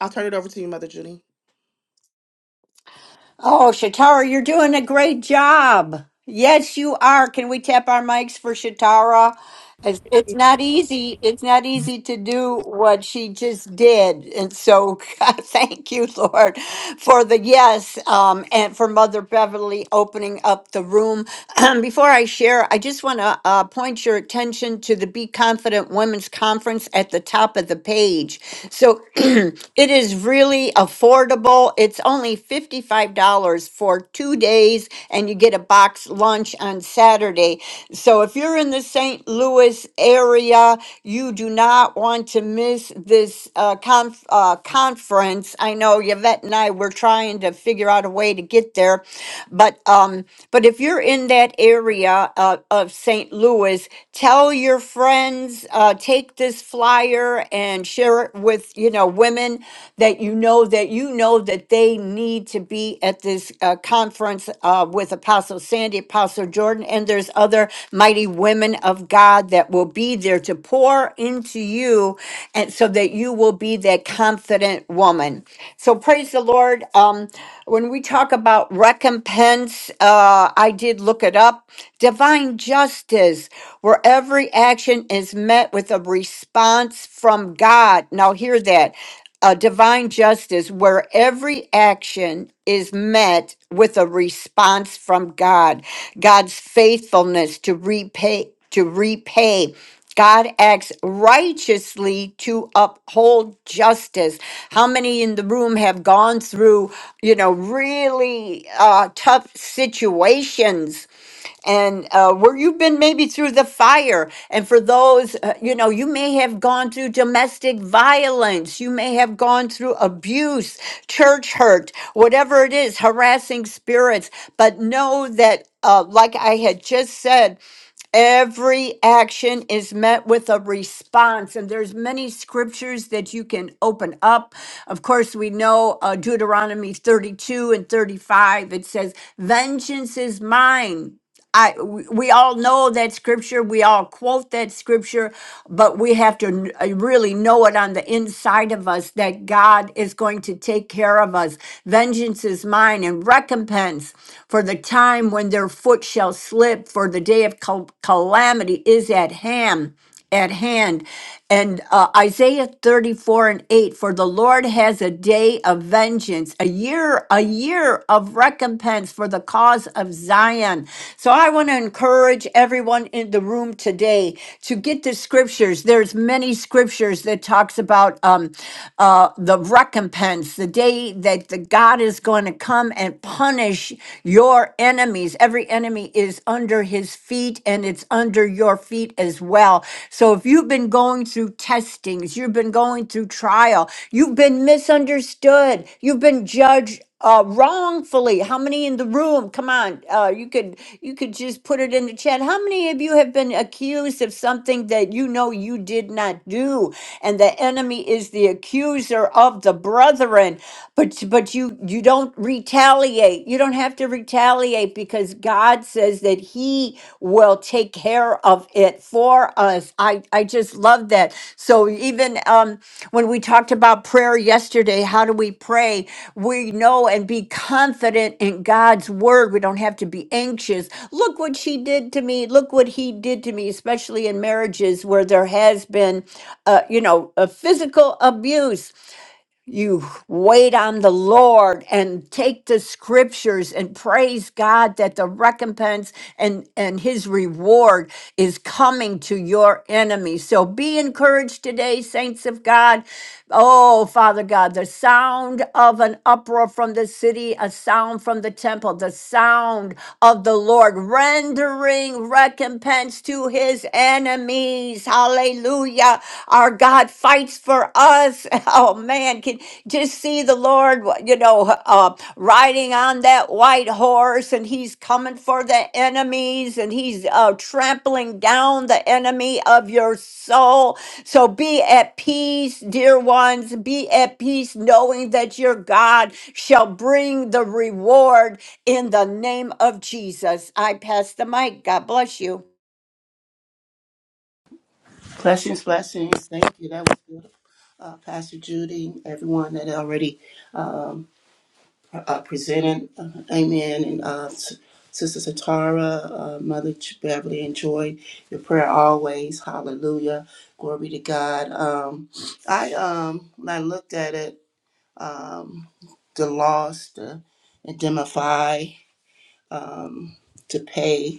Speaker 1: I'll turn it over to you, Mother Judy.
Speaker 2: Oh, Shatara, you're doing a great job. Yes, you are. Can we tap our mics for Shatara? It's, it's not easy. It's not easy to do what she just did. And so God, thank you, Lord, for the yes um, and for Mother Beverly opening up the room. Before I share, I just want to uh, point your attention to the Be Confident Women's Conference at the top of the page. So it is really affordable. It's only $55 for two days, and you get a box lunch on Saturday. So if you're in the St. Louis area, you do not want to miss this uh, conf- uh, conference. I know Yvette and I were trying to figure out a way to get there, but um, but if you're in that area uh, of St. Louis, tell your friends, uh, take this flyer share and share it with, you know, women that you know that you know that they need to be at this uh, conference uh, with Apostle Sandy, Apostle Jordan, and there's other mighty women of God that will be there to pour into you, and so that you will be that confident woman. So praise the Lord. Um, when we talk about recompense, uh, I did look it up. Divine justice, wherever every action is met with a response from God. Now, hear that. A divine justice where every action is met with a response from God. God's faithfulness to repay, to repay. God acts righteously to uphold justice. How many in the room have gone through, you know, really uh, tough situations? and uh, where you've been maybe through the fire. And for those, uh, you know, you may have gone through domestic violence, you may have gone through abuse, church hurt, whatever it is, harassing spirits. But know that, uh, like I had just said, Every action is met with a response, and there's many scriptures that you can open up. Of course, we know uh, Deuteronomy 32 and 35. It says, "Vengeance is mine." I we, we all know that scripture. We all quote that scripture, but we have to kn- uh, really know it on the inside of us that God is going to take care of us. Vengeance is mine, and recompense for the time when they're foot shall slip, for the day of cal- calamity is at hand. At hand, and uh, Isaiah thirty-four and eight: For the Lord has a day of vengeance, a year, a year of recompense for the cause of Zion. So I want to encourage everyone in the room today to get the scriptures. There's many scriptures that talks about um, uh, the recompense, the day that the God is going to come and punish punish your enemies. Every enemy is under his feet and it's under your feet as well. So if you've been going through testings, you've been going through trial, you've been misunderstood, you've been judged uh, wrongfully. How many in the room? Come on, uh, you could you could just put it in the chat. How many of you have been accused of something that you know you did not do, and the enemy is the accuser of the brethren? but words, but you you don't retaliate. You don't have to retaliate because God says that he will take care of it for us. I I just love that. So even um when we talked about prayer yesterday, how do we pray? We know and be confident in God's word. We don't have to be anxious. Look what she did to me. Look what he did to me, especially in marriages where there has been uh, you know, a physical abuse you wait on the Lord and take the scriptures and praise God that the recompense and, and his reward is coming to your enemies. So be encouraged today, saints of God. Oh, Father God, the sound of an uproar from the city, a sound from the temple, the sound of the Lord, rendering recompense to his enemies. Hallelujah. Our God fights for us. Oh man, can just see the Lord, you know, uh, riding on that white horse and he's coming for the enemies and he's uh, trampling down the enemy of your soul. So be at peace, dear ones. Be at peace knowing that your God shall bring the reward in the name of Jesus, I pass the mic. God bless you.
Speaker 4: Blessings, blessings. Thank you. That was good. Uh, Pastor Judy, everyone that already uh, presented. Uh, amen. And uh, S- Sister Satara, uh, Mother Ch- Beverly, enjoy your prayer always. Hallelujah. Glory to God. Um, I um, when I looked at it, um, the loss, the indemnify, um, to pay.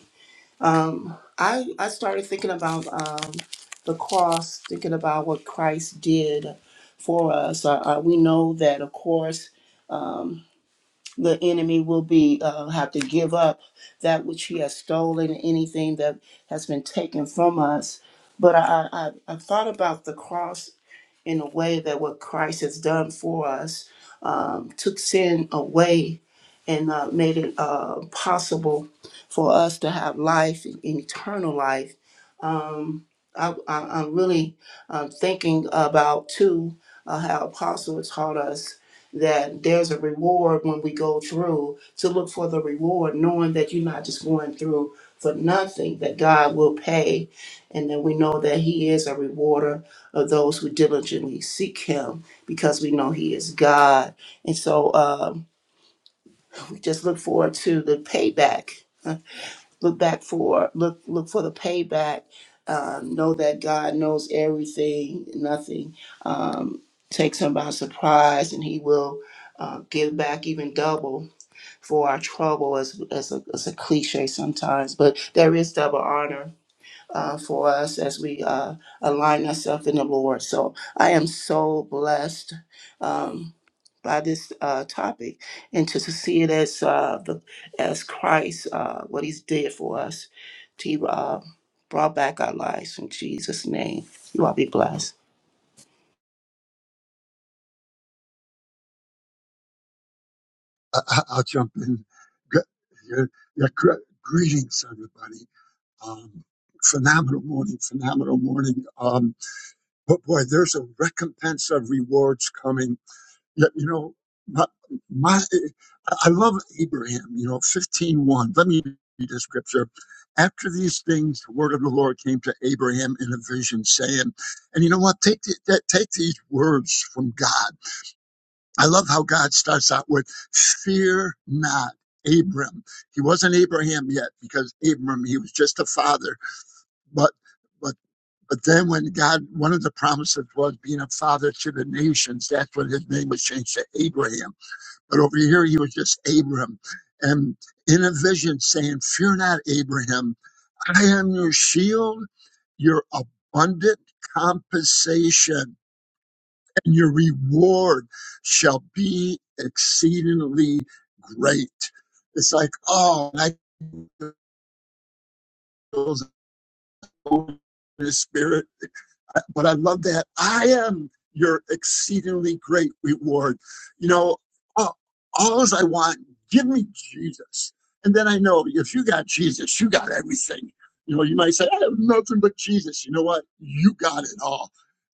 Speaker 4: Um, I I started thinking about um, the cross, thinking about what Christ did for us. Uh, uh, we know that, of course, the enemy will be uh, have to give up that which he has stolen, anything that has been taken from us. But I I, I I thought about the cross in a way that what Christ has done for us um, took sin away and uh, made it uh, possible for us to have life and eternal life. Um, I, I, I'm really um, thinking about too uh, how Apostle taught us that there's a reward when we go through to look for the reward, knowing that you're not just going through for nothing, that God will pay, and that we know that He is a rewarder of those who diligently seek him because we know he is God. And so um, we just look forward to the payback. uh, Look back for look look for the payback. Uh, know that God knows everything. Nothing um, takes him by surprise, and he will uh, give back even double for our trouble, as as a, as a cliche sometimes. But there is double honor uh, for us as we uh, align ourselves in the Lord. So I am so blessed um, by this uh, topic and to, to see it as uh, the, as Christ, uh, what He's did for us. He uh, brought back our lives in Jesus' name. You all be blessed.
Speaker 6: I, I- I'll jump in. Good, yeah, yeah, gre- greetings, everybody. Um, phenomenal morning, phenomenal morning. Um, but boy, there's a recompense of rewards coming You you know, my, my, I love Abraham, you know, fifteen one. Let me read the scripture. After these things, the word of the Lord came to Abraham in a vision saying, and you know what? Take, the, that, take these words from God. I love how God starts out with, fear not. Abram. He wasn't Abraham yet because Abram just a father. But but but then when God one of the promises was being a father to when his name was changed to Abraham. But over here, he was just Abram. And in a vision saying, Fear not, Abraham. I am your shield, your abundant compensation, and your reward shall be exceedingly great. It's like, oh, and I goes over but I love that I am your exceedingly great reward. You know, all, all is I want, give me Jesus. And then I know if you got Jesus, you got everything. You know, you might say, I have nothing but Jesus. You know what? You got it all.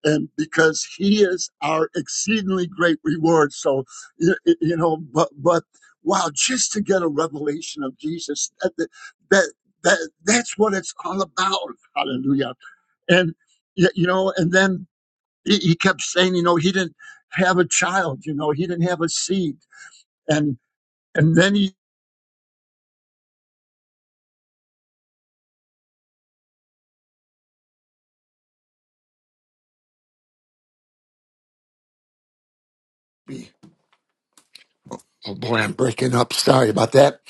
Speaker 6: And because he is our exceedingly great reward. So, you, you know, but, but wow, just to get a revelation of Jesus, that, that, that that's what it's all about. Hallelujah and y- you know and then he, he kept saying you know he didn't have a child you know he didn't have a seed and and then he
Speaker 2: Oh boy, I'm breaking up. Sorry about that.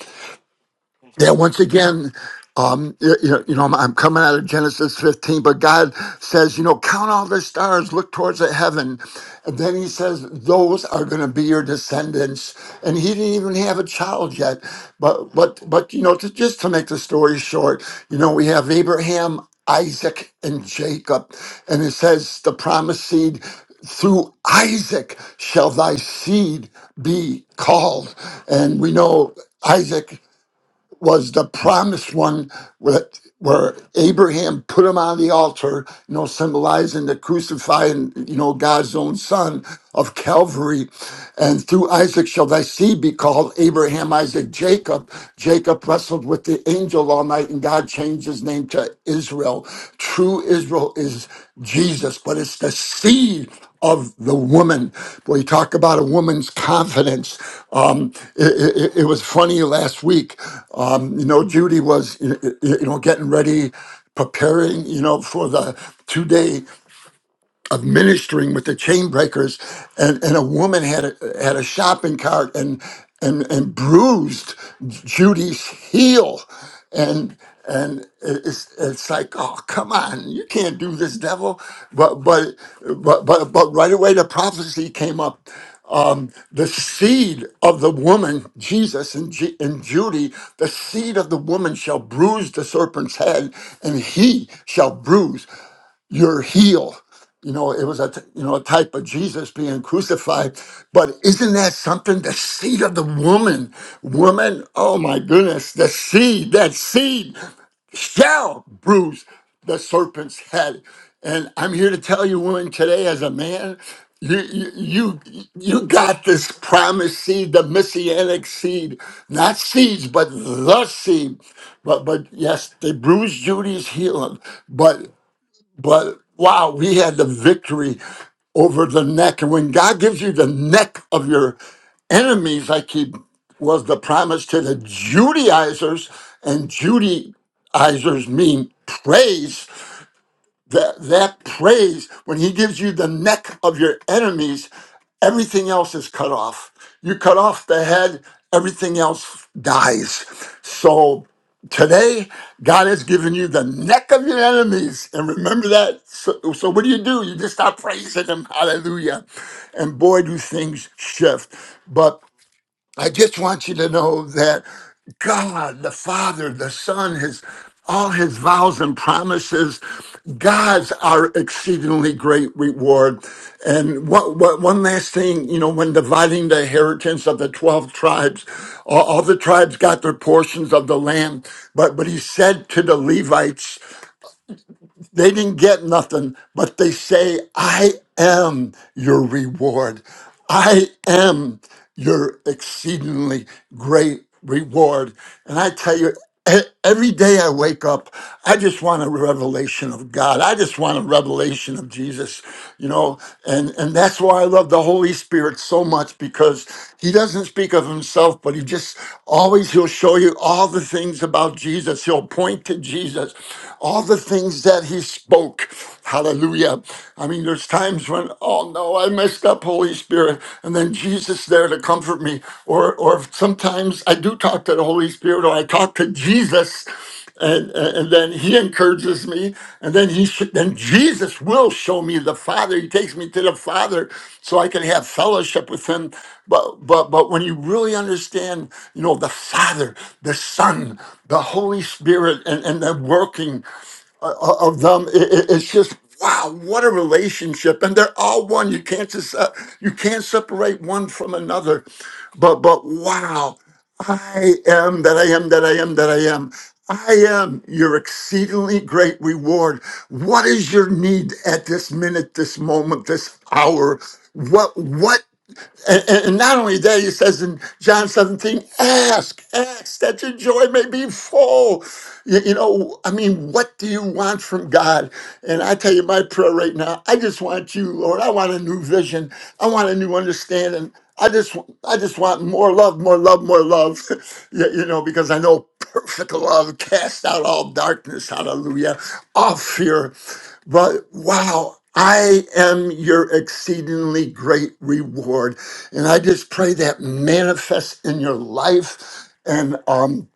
Speaker 2: that once again, um, you you know, you know, I'm, I'm coming out of Genesis 15, but God says, you know, count all the stars, look towards the heaven, and then He says, those are going to be your descendants. And He didn't even have a child yet, but but but you know, to, just to make the story short, you know, we have Abraham, Isaac, and Jacob, and it says the promised seed through Isaac shall thy seed be called. And we know Isaac was the promised one where, where Abraham put him on the altar, you know, symbolizing the crucifying, you know, God's own son of Calvary. And through Isaac shall thy seed be called Abraham, Isaac, Jacob. Jacob wrestled with the angel all night and God changed his name to Israel. True Israel is Jesus, but it's the seed of the woman. Boy, you talk about a woman's confidence. Um, it, it, it was funny last week. Um, you know, Judy was, you you know, getting ready, preparing, you know, for the two day of ministering with the chain breakers and, and a woman had a, had a shopping cart and and and bruised Judy's heel and and it's it's like oh come on you can't do this devil but but but but, but right away the prophecy came up um, the seed of the woman Jesus and, G- and Judy the seed of the woman shall bruise the serpent's head and he shall bruise your heel. You know, it was a t- you know a type of Jesus being crucified, but isn't that something? The seed of the woman, woman. Oh my goodness, the seed, that seed shall bruise the serpent's head. And I'm here to tell you, woman, today as a man, you you you you got this promised seed, the messianic seed, not seeds, but the seed. But but yes, they bruised Judy's heel, but but wow, we had the victory over the neck. And when God gives you the neck of your enemies, like he was the promise to the Judaizers, and Judaizers mean praise, that that praise when he gives you the neck of your enemies everything else is cut off you cut off the head everything else dies so today god has given you the neck of your enemies and remember that so, so what do you do you just start praising him hallelujah and boy do things shift but I just want you to know that God, the Father, the Son, His all His vows and promises, God's our exceedingly great reward. And what, what one last thing, you know, when dividing the inheritance of the twelve tribes, all, all the tribes got their portions of the land. But but He said to the Levites. They didn't get nothing, but they say, I am your reward. I am your exceedingly great reward. And I tell you, e- every day I wake up, I just want a revelation of God. I just want a revelation of Jesus, you know, and, and that's why I love the Holy Spirit so much because he doesn't speak of himself, but he just always, he'll show you all the things about Jesus. Jesus. He'll point to Jesus. All the things that he spoke. Hallelujah. I mean, there's times when, oh no, I messed up, Holy Spirit. And then Jesus there to comfort me. Or or sometimes I do talk to the Holy Spirit or I talk to Jesus and and then he encourages me and then he sh- then jesus will show me the father he takes me to the father so i can have fellowship with him but but but when you really understand you know the father the son the holy spirit and and the working o- of them i- i- it's just wow what a relationship and they're all one you can't just uh, you can't separate one from another but but wow I am that I am that I am that I am. I am your exceedingly great reward. What is your need at this minute, this moment, this hour? What what and, and and not only that, he says in John 17, ask, ask that your joy may be full. You, you know, I mean, what do you want from God? And I tell you my prayer right now, I just want you, Lord. I want a new vision. I want a new understanding. I just, I just want more love, more love, more love. you, you know, because I know perfect love casts out all darkness. Hallelujah. All fear. But wow, I am your exceedingly great reward. And I just pray that manifests in your life. And um,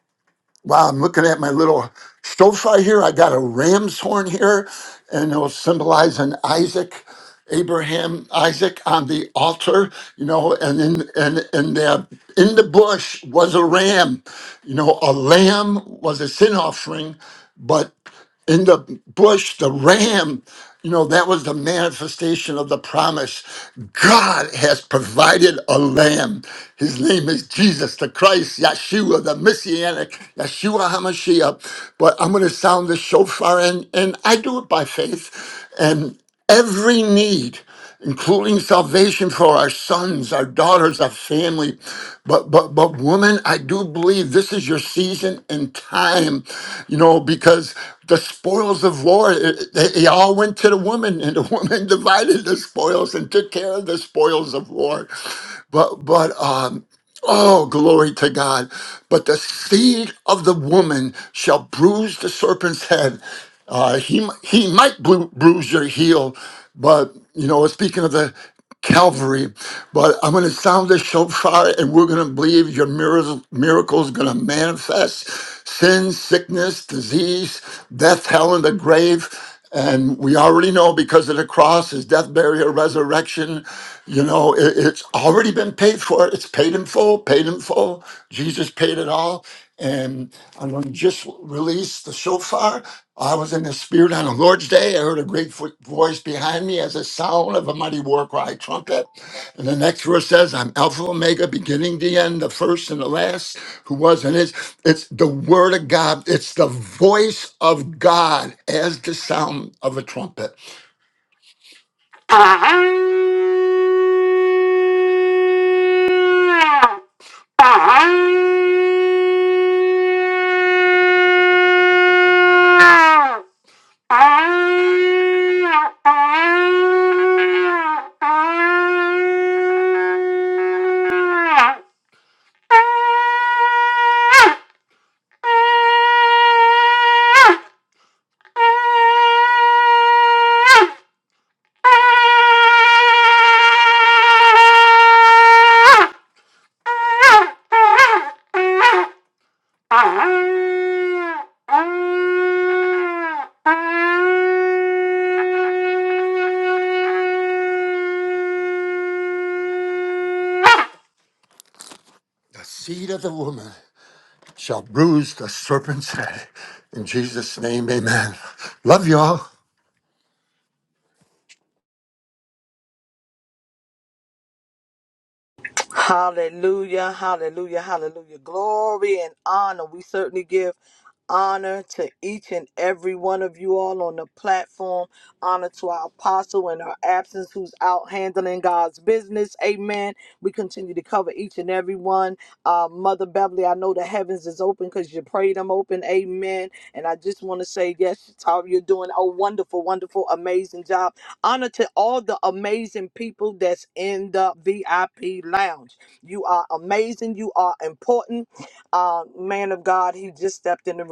Speaker 2: wow, I'm looking at my little shofar here. I got a ram's horn here, and it'll symbolize an Isaac. Abraham, Isaac on the altar, you know, and in and and the, in the bush was a ram, you know, a lamb was a sin offering, but in the bush, the ram, you know, that was the manifestation of the promise. God has provided a lamb. His name is Jesus the Christ, Yeshua, the Messianic, Yeshua HaMashiach. But I'm going to sound the shofar, and, and I do it by faith. And every need including salvation for our sons, our daughters, our family. But but but woman, I do believe this is your season and time, you know, because the spoils of war, it- they, they all went to the woman, and the woman divided the spoils and took care of the spoils of war. But but um Oh, glory to God. But the seed of the woman shall bruise the serpent's head. Uh, he, he might bru- bruise your heel, but, you know, speaking of the Calvary, but I'm going to sound the shofar and we're going to believe your miracles, miracles going to manifest. Sin, sickness, disease, death, hell, and the grave. And we already know because of the cross, his death, burial, resurrection, you know, it- it's already been paid for. It's paid in full, paid in full. Jesus paid it all. And I'm going to just release the shofar. I was in the spirit on the Lord's day heard a great fo- voice behind me as a sound of a mighty war cry trumpet. And the next verse says, I'm Alpha Omega, beginning the end, the first and the last, who was and is. It's the word of God. It's the voice of God as the sound of a trumpet. Ah! The seed of the woman shall bruise the serpent's head. In Jesus' name, amen. Love y'all.
Speaker 10: Hallelujah, hallelujah, hallelujah. Glory and honor. We certainly give honor to each and every one of you all on the platform. Honor to our apostle in her absence who's out handling God's business. Amen. We continue to cover each and every one. Uh, Mother Beverly, I know the heavens is open because you prayed them open. Amen. And I just want to say, yes, Tara, you're doing a wonderful, wonderful, amazing job Honor to all the amazing people that's in the VIP lounge. You are amazing. You are important. Uh, man of God, he just stepped in the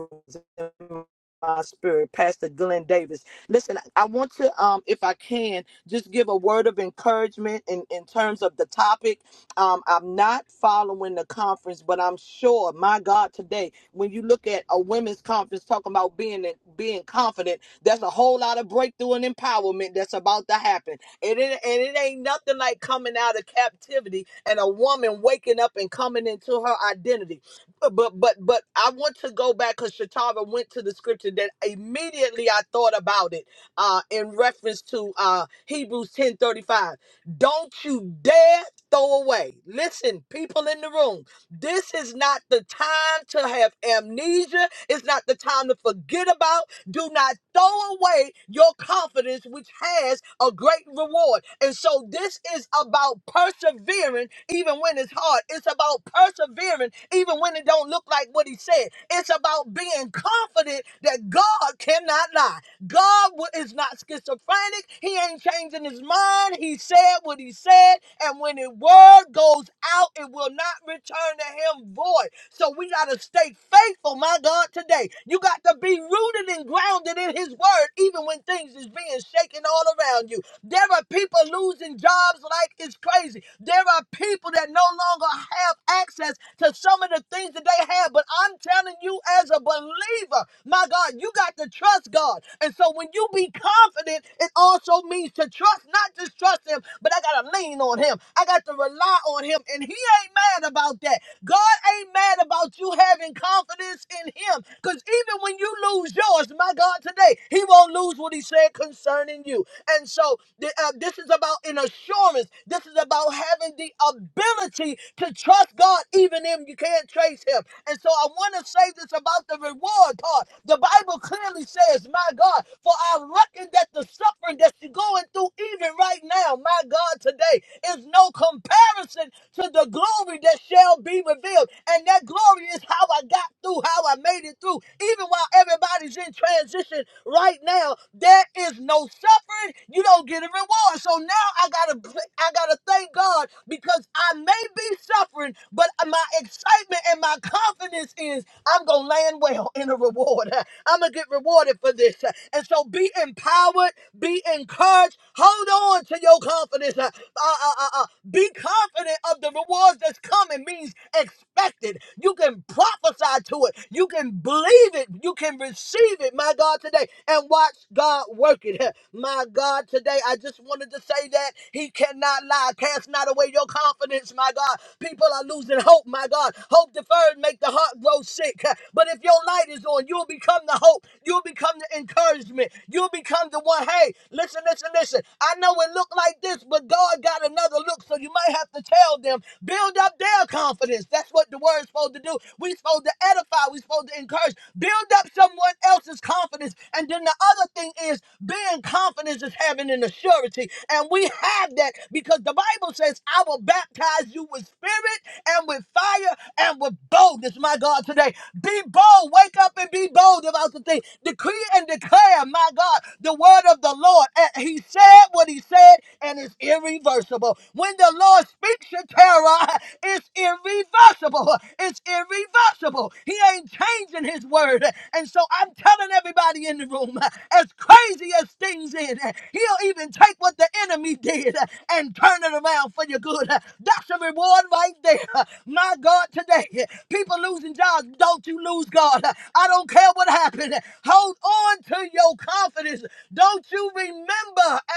Speaker 10: room. My spirit, Pastor Glenn Davis. Listen, I want to, um, if I can, just give a word of encouragement in, in terms of the topic. Um, I'm not following the conference, but I'm sure, my God, today when you look at a women's conference talking about being being confident, there's a whole lot of breakthrough and empowerment that's about to happen. And it, and it ain't nothing like coming out of captivity and a woman waking up and coming into her identity. But but but, I want to go back because Shatara went to the scripture that immediately I thought about it uh, in reference to uh, Hebrews ten thirty five. Don't you dare throw away. Listen, people in the room. This is not the time to have amnesia. It's not the time to forget about. Do not throw away your confidence, which has a great reward. And so this is about persevering even when it's hard. It's about persevering even when it don't look like what he said. It's about being confident that God cannot lie. God is not schizophrenic. He ain't changing his mind. He said what he said. And when the word goes out, it will not return to him void. So we got to stay faithful, my God, today. You got to be rooted and grounded in his word, even when things is being shaken all around you. There are people losing jobs like it's crazy. There are people that no longer have access to some of the things that they have. But I'm telling you, as a believer, my God, you got to trust God. And so when you be confident, it also means to trust, not just trust Him, but I got to lean on Him. I got to rely on Him. And He ain't mad about that. God ain't mad about you having confidence in Him. Because even when you lose yours, my God, today, He won't lose what He said concerning you in you. And so th- uh, this is about an assurance. This is about having the ability to trust God even if you can't trace him. And so I want to say this about the reward part. The Bible clearly says, my God, for I reckon that the suffering that you're going through even right now, my God, today is no comparison to the glory that shall be revealed. And that glory is how I got through, how I made it through. Even while everybody's in transition right now, they there is no suffering. You don't get a reward. So now I gotta, I gotta thank God because I may be suffering, but my excitement and my confidence is I'm gonna land well in a reward. I'm gonna get rewarded for this. And so be empowered, be encouraged. Hold on to your confidence. Uh, uh, uh, uh, uh, be confident of the rewards that's coming means expected. You can prophesy to it. You can believe it. You can receive it. My God, today and watch God work it. My God, today I just wanted to say that He cannot lie. Cast not away your confidence, my God. People are losing hope, my God. Hope deferred make the heart grow sick. But if your light is on, you'll become the hope. You'll become the encouragement. You'll become the one. Hey, listen, listen, listen. I know it looked like this, but God got another look. So you might have to tell them, build up their confidence. That's what the word's supposed to do. We're supposed to edify. We're supposed to encourage. Build up someone else's confidence. And then the other thing is being confident is having an assurance. And we have that because the Bible says, I will baptize you with spirit and with fire and with boldness. My God, today, be bold. Wake up and be bold about the thing. Decree and declare, my God, the word of the Lord. And he said what he said and it's irreversible. When the Lord speaks your terror, it's irreversible. It's irreversible. He ain't changing his word word. And so I'm telling everybody in the room, as crazy as things is, he'll even take what the enemy did and turn it around for your good. That's a reward right there. My God, today, people losing jobs, don't you lose God. I don't care what happened. Hold on to your confidence. Don't you remember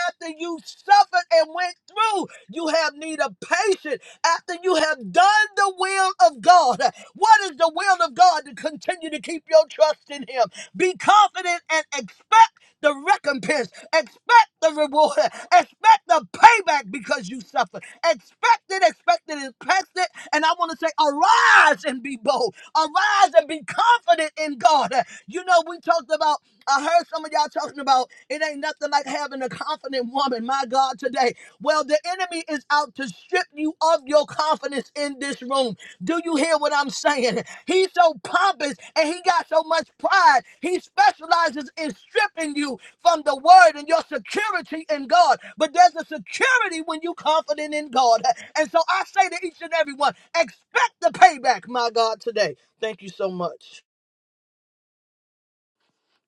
Speaker 10: after you suffered and went through, you have need of patience after you have done the will of God. What is the will of God? and continue to keep your trust in Him. Be confident and expect the recompense, expect the reward, expect the payback because you suffered. Expect it, expect it, expect it. And I want to say, arise and be bold, arise and be confident in God. You know, we talked about, I heard some of y'all talking about it ain't nothing like having a confident woman, my God, today. Well, the enemy is out to strip you of your confidence in this room. Do you hear what I'm saying? He's so pompous and he got so much pride. He specializes in stripping you from the word and your security in God. But there's a security when you are confident in God. And so I say to each and every one, expect the payback, my God, today. Thank you so much.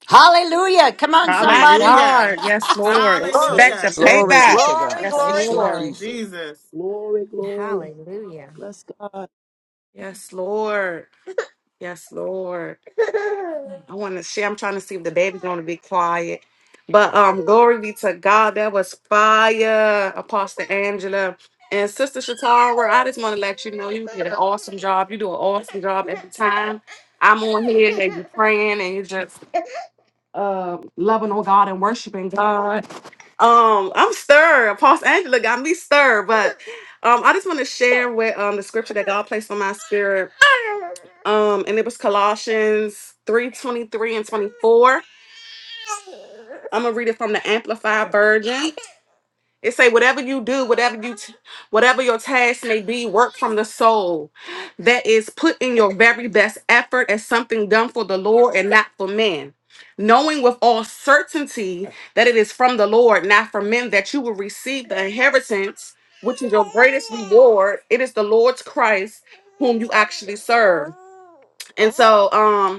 Speaker 2: Hallelujah. Come on,
Speaker 9: My
Speaker 2: somebody.
Speaker 1: Hallelujah.
Speaker 9: God, yes, Lord.
Speaker 4: Thank you,
Speaker 8: Glory,
Speaker 9: Expect the
Speaker 1: Hallelujah.
Speaker 4: Jesus.
Speaker 11: Glory be
Speaker 9: payback.
Speaker 11: to God.
Speaker 8: glory,
Speaker 4: Thank
Speaker 9: Yes,
Speaker 4: you,
Speaker 11: Thank
Speaker 8: glory,
Speaker 4: Jesus.
Speaker 11: you,
Speaker 9: Lord.
Speaker 8: glory.
Speaker 11: Jesus.
Speaker 1: Jesus.
Speaker 4: Glory, glory.
Speaker 8: Hallelujah.
Speaker 4: Bless God.
Speaker 9: Yes, Lord. Yes, Lord. I want to share. I'm trying to see if the baby's going to be quiet. But um, glory be to God. That was fire, Apostle Angela. And Sister Shatara, I just want to let you know you did an awesome job. You do an awesome job every time. I'm on here and you're praying and you're just uh, loving on God and worshiping God. Um, I'm stirred. Apostle Angela got me stirred. But um, I just want to share with um, the scripture that God placed on my spirit. Um, and it was Colossians 3 23 and 24 I'm gonna read it from the Amplified Version. It say, "Whatever you do, whatever you, t- whatever your task may be, work from the soul. That is, put in your very best effort as something done for the Lord and not for men." Knowing with all certainty that it is from the Lord, not from men, that you will receive the inheritance, which is your greatest reward. It is the Lord's Christ whom you actually serve. And so, um."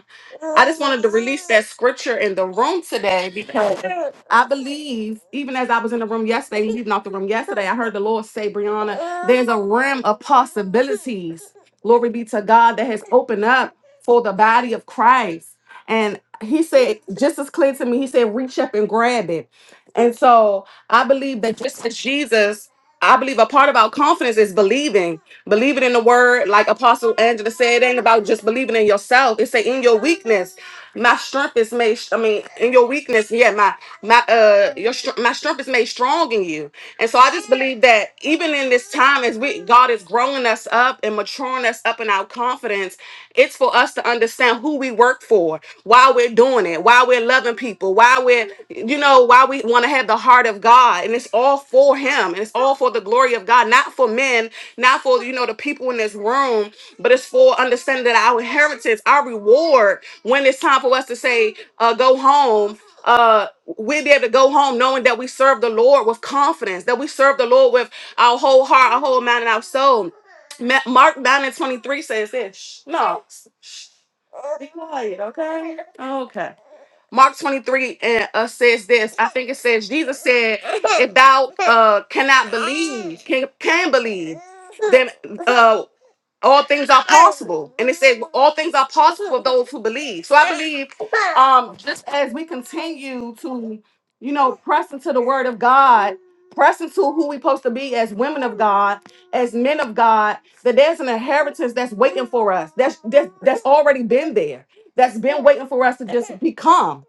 Speaker 9: I just wanted to release that scripture in the room today because I believe, even as I was in the room yesterday, leaving off the room yesterday, I heard the Lord say, Brianna, there's a realm of possibilities. Glory be to God that has opened up for the body of Christ. And he said, just as clear to me, he said, reach up and grab it. And so I believe that just as Jesus, I believe a part of our confidence is believing, believing in the word, like Apostle Angela said, it ain't about just believing in yourself. It's say in your weakness, my strength is made. I mean, in your weakness, yeah, my my uh your str- my strength is made strong in you. And so I just believe that even in this time, as we God is growing us up and maturing us up in our confidence, it's for us to understand who we work for, why we're doing it, why we're loving people, why we're, you know, why we want to have the heart of God. And it's all for Him and it's all for the glory of God, not for men, not for, you know, the people in this room, but it's for understanding that our inheritance, our reward, when it's time for us to say, uh, go home, uh, we'll be able to go home knowing that we serve the Lord with confidence, that we serve the Lord with our whole heart, our whole mind, and our soul Ma- Mark 9 and 23 says this. No. Okay. Mark 23 and uh, says this. I think it says, Jesus said, if thou uh, cannot believe, can, can believe, then uh, all things are possible and it says all things are possible with those who believe so i believe um just as we continue to you know press into the word of god press into who we're supposed to be as women of god as men of god that there's an inheritance that's waiting for us that's that's, that's already been there that's been waiting for us to just become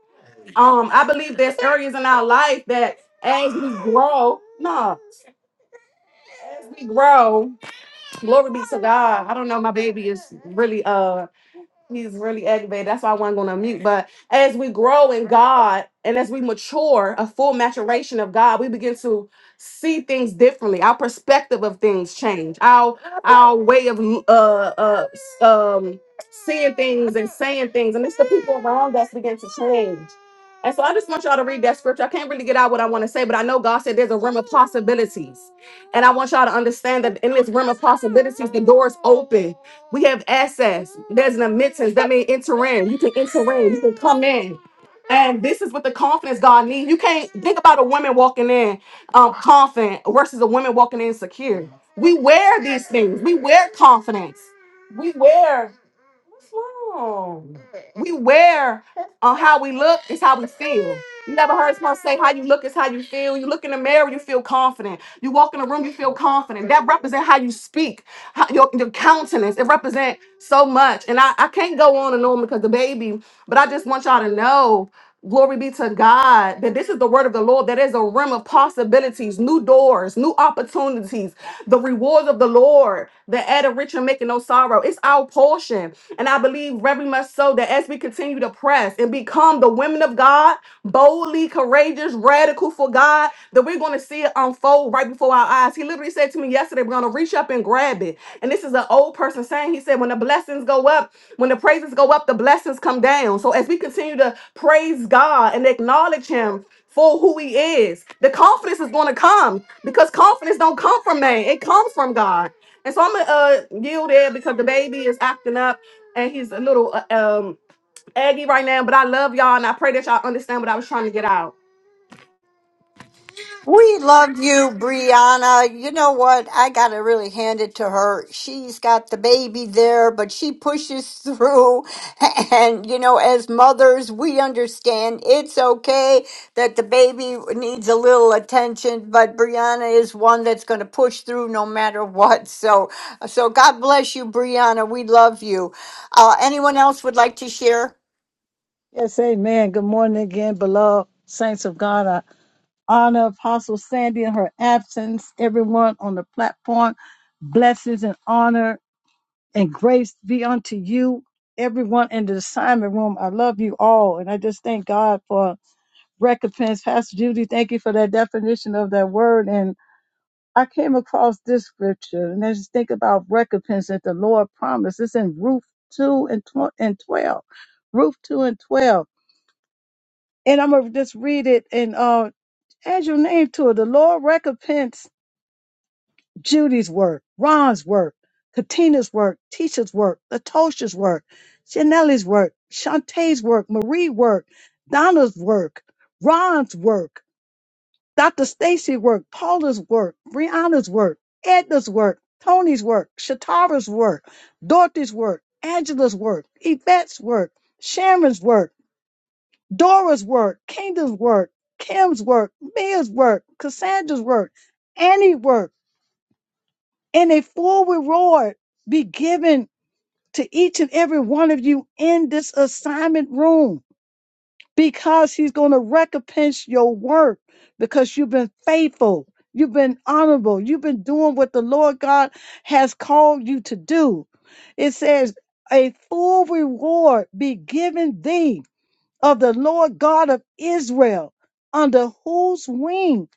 Speaker 9: um i believe there's areas in our life that as we grow nah as we grow glory be to god i don't know my baby is really uh He's really aggravated. That's why I wasn't going to mute. But as we grow in God and as we mature, a full maturation of God, we begin to see things differently. Our perspective of things change. Our our way of uh, uh s- um seeing things and saying things, and it's the people around us begin to change. And so I just want y'all to read that scripture. I can't really get out what I want to say, but I know God said there's a realm of possibilities. And I want y'all to understand that in this realm of possibilities, the door is open we have access. There's an admittance. That means enter in. You can enter in. You can come in. And this is what the confidence God needs. You can't think about a woman walking in um, confident versus a woman walking in secure. We wear these things. We wear confidence. We wear. What's wrong? We wear on how we look is how we feel. You never heard someone say how you look is how you feel. You look in the mirror, you feel confident. You walk in the room, you feel confident. That represents how you speak, how, your, your countenance. It represents so much. And I, I can't go on and on because the baby, but I just want y'all to know, glory be to God, that this is the word of the Lord. That is a realm of possibilities, new doors, new opportunities, the rewards of the Lord the add a rich and making no sorrow tomorrow. It's our portion. And I believe very much so that as we continue to press and become the women of God, boldly, courageous, radical for God, that we're going to see it unfold right before our eyes. He literally said to me yesterday, we're going to reach up and grab it. And this is an old person saying, he said, when the blessings go up, when the praises go up, the blessings come down. So as we continue to praise God and acknowledge him, for who he is. The confidence is going to come because confidence don't come from man. It comes from God. And so I'm gonna uh, yield there because the baby is acting up and he's a little uh, um aggy right now. But I love y'all and I pray that y'all understand what I was trying to get out.
Speaker 2: We love you, Brianna. You know what? I got to really hand it to her. She's got the baby there, but she pushes through. And, you know, as mothers, we understand it's okay that the baby needs a little attention, but Brianna is one that's going to push through no matter what. So, so God bless you, Brianna. We love you. Uh, anyone else would like to share?
Speaker 3: Yes, amen. Good morning again, beloved saints of God. I honor Apostle Sandy in her absence, everyone on the platform. Blessings and honor and grace be unto you, everyone in the assignment room. I love you all, and I just thank God for recompense. Pastor Judy, thank you for that definition of that word. and. I came across this scripture and I just think about recompense that the Lord promised. It's in Ruth 2 and, tw- and 12. Ruth 2 and 12. And I'm going to just read it and uh, add your name to it. The Lord recompense Judy's work, Ron's work, Katina's work, Tisha's work, Latosha's work, Janelle's work, Shantae's work, Marie work, Donna's work, Ron's work. Dr. Stacy's work, Paula's work, Brianna's work, Edna's work, Tony's work, Shatara's work, Dorothy's work, Angela's work, Yvette's work, Sharon's work, Dora's work, Kingdom's work, Kim's work, Mia's work, Cassandra's work, Annie's work, and a full reward be given to each and every one of you in this assignment room. because he's going to recompense your work because you've been faithful. You've been honorable. You've been doing what the Lord God has called you to do. It says, A full reward be given thee of the Lord God of Israel, under whose wing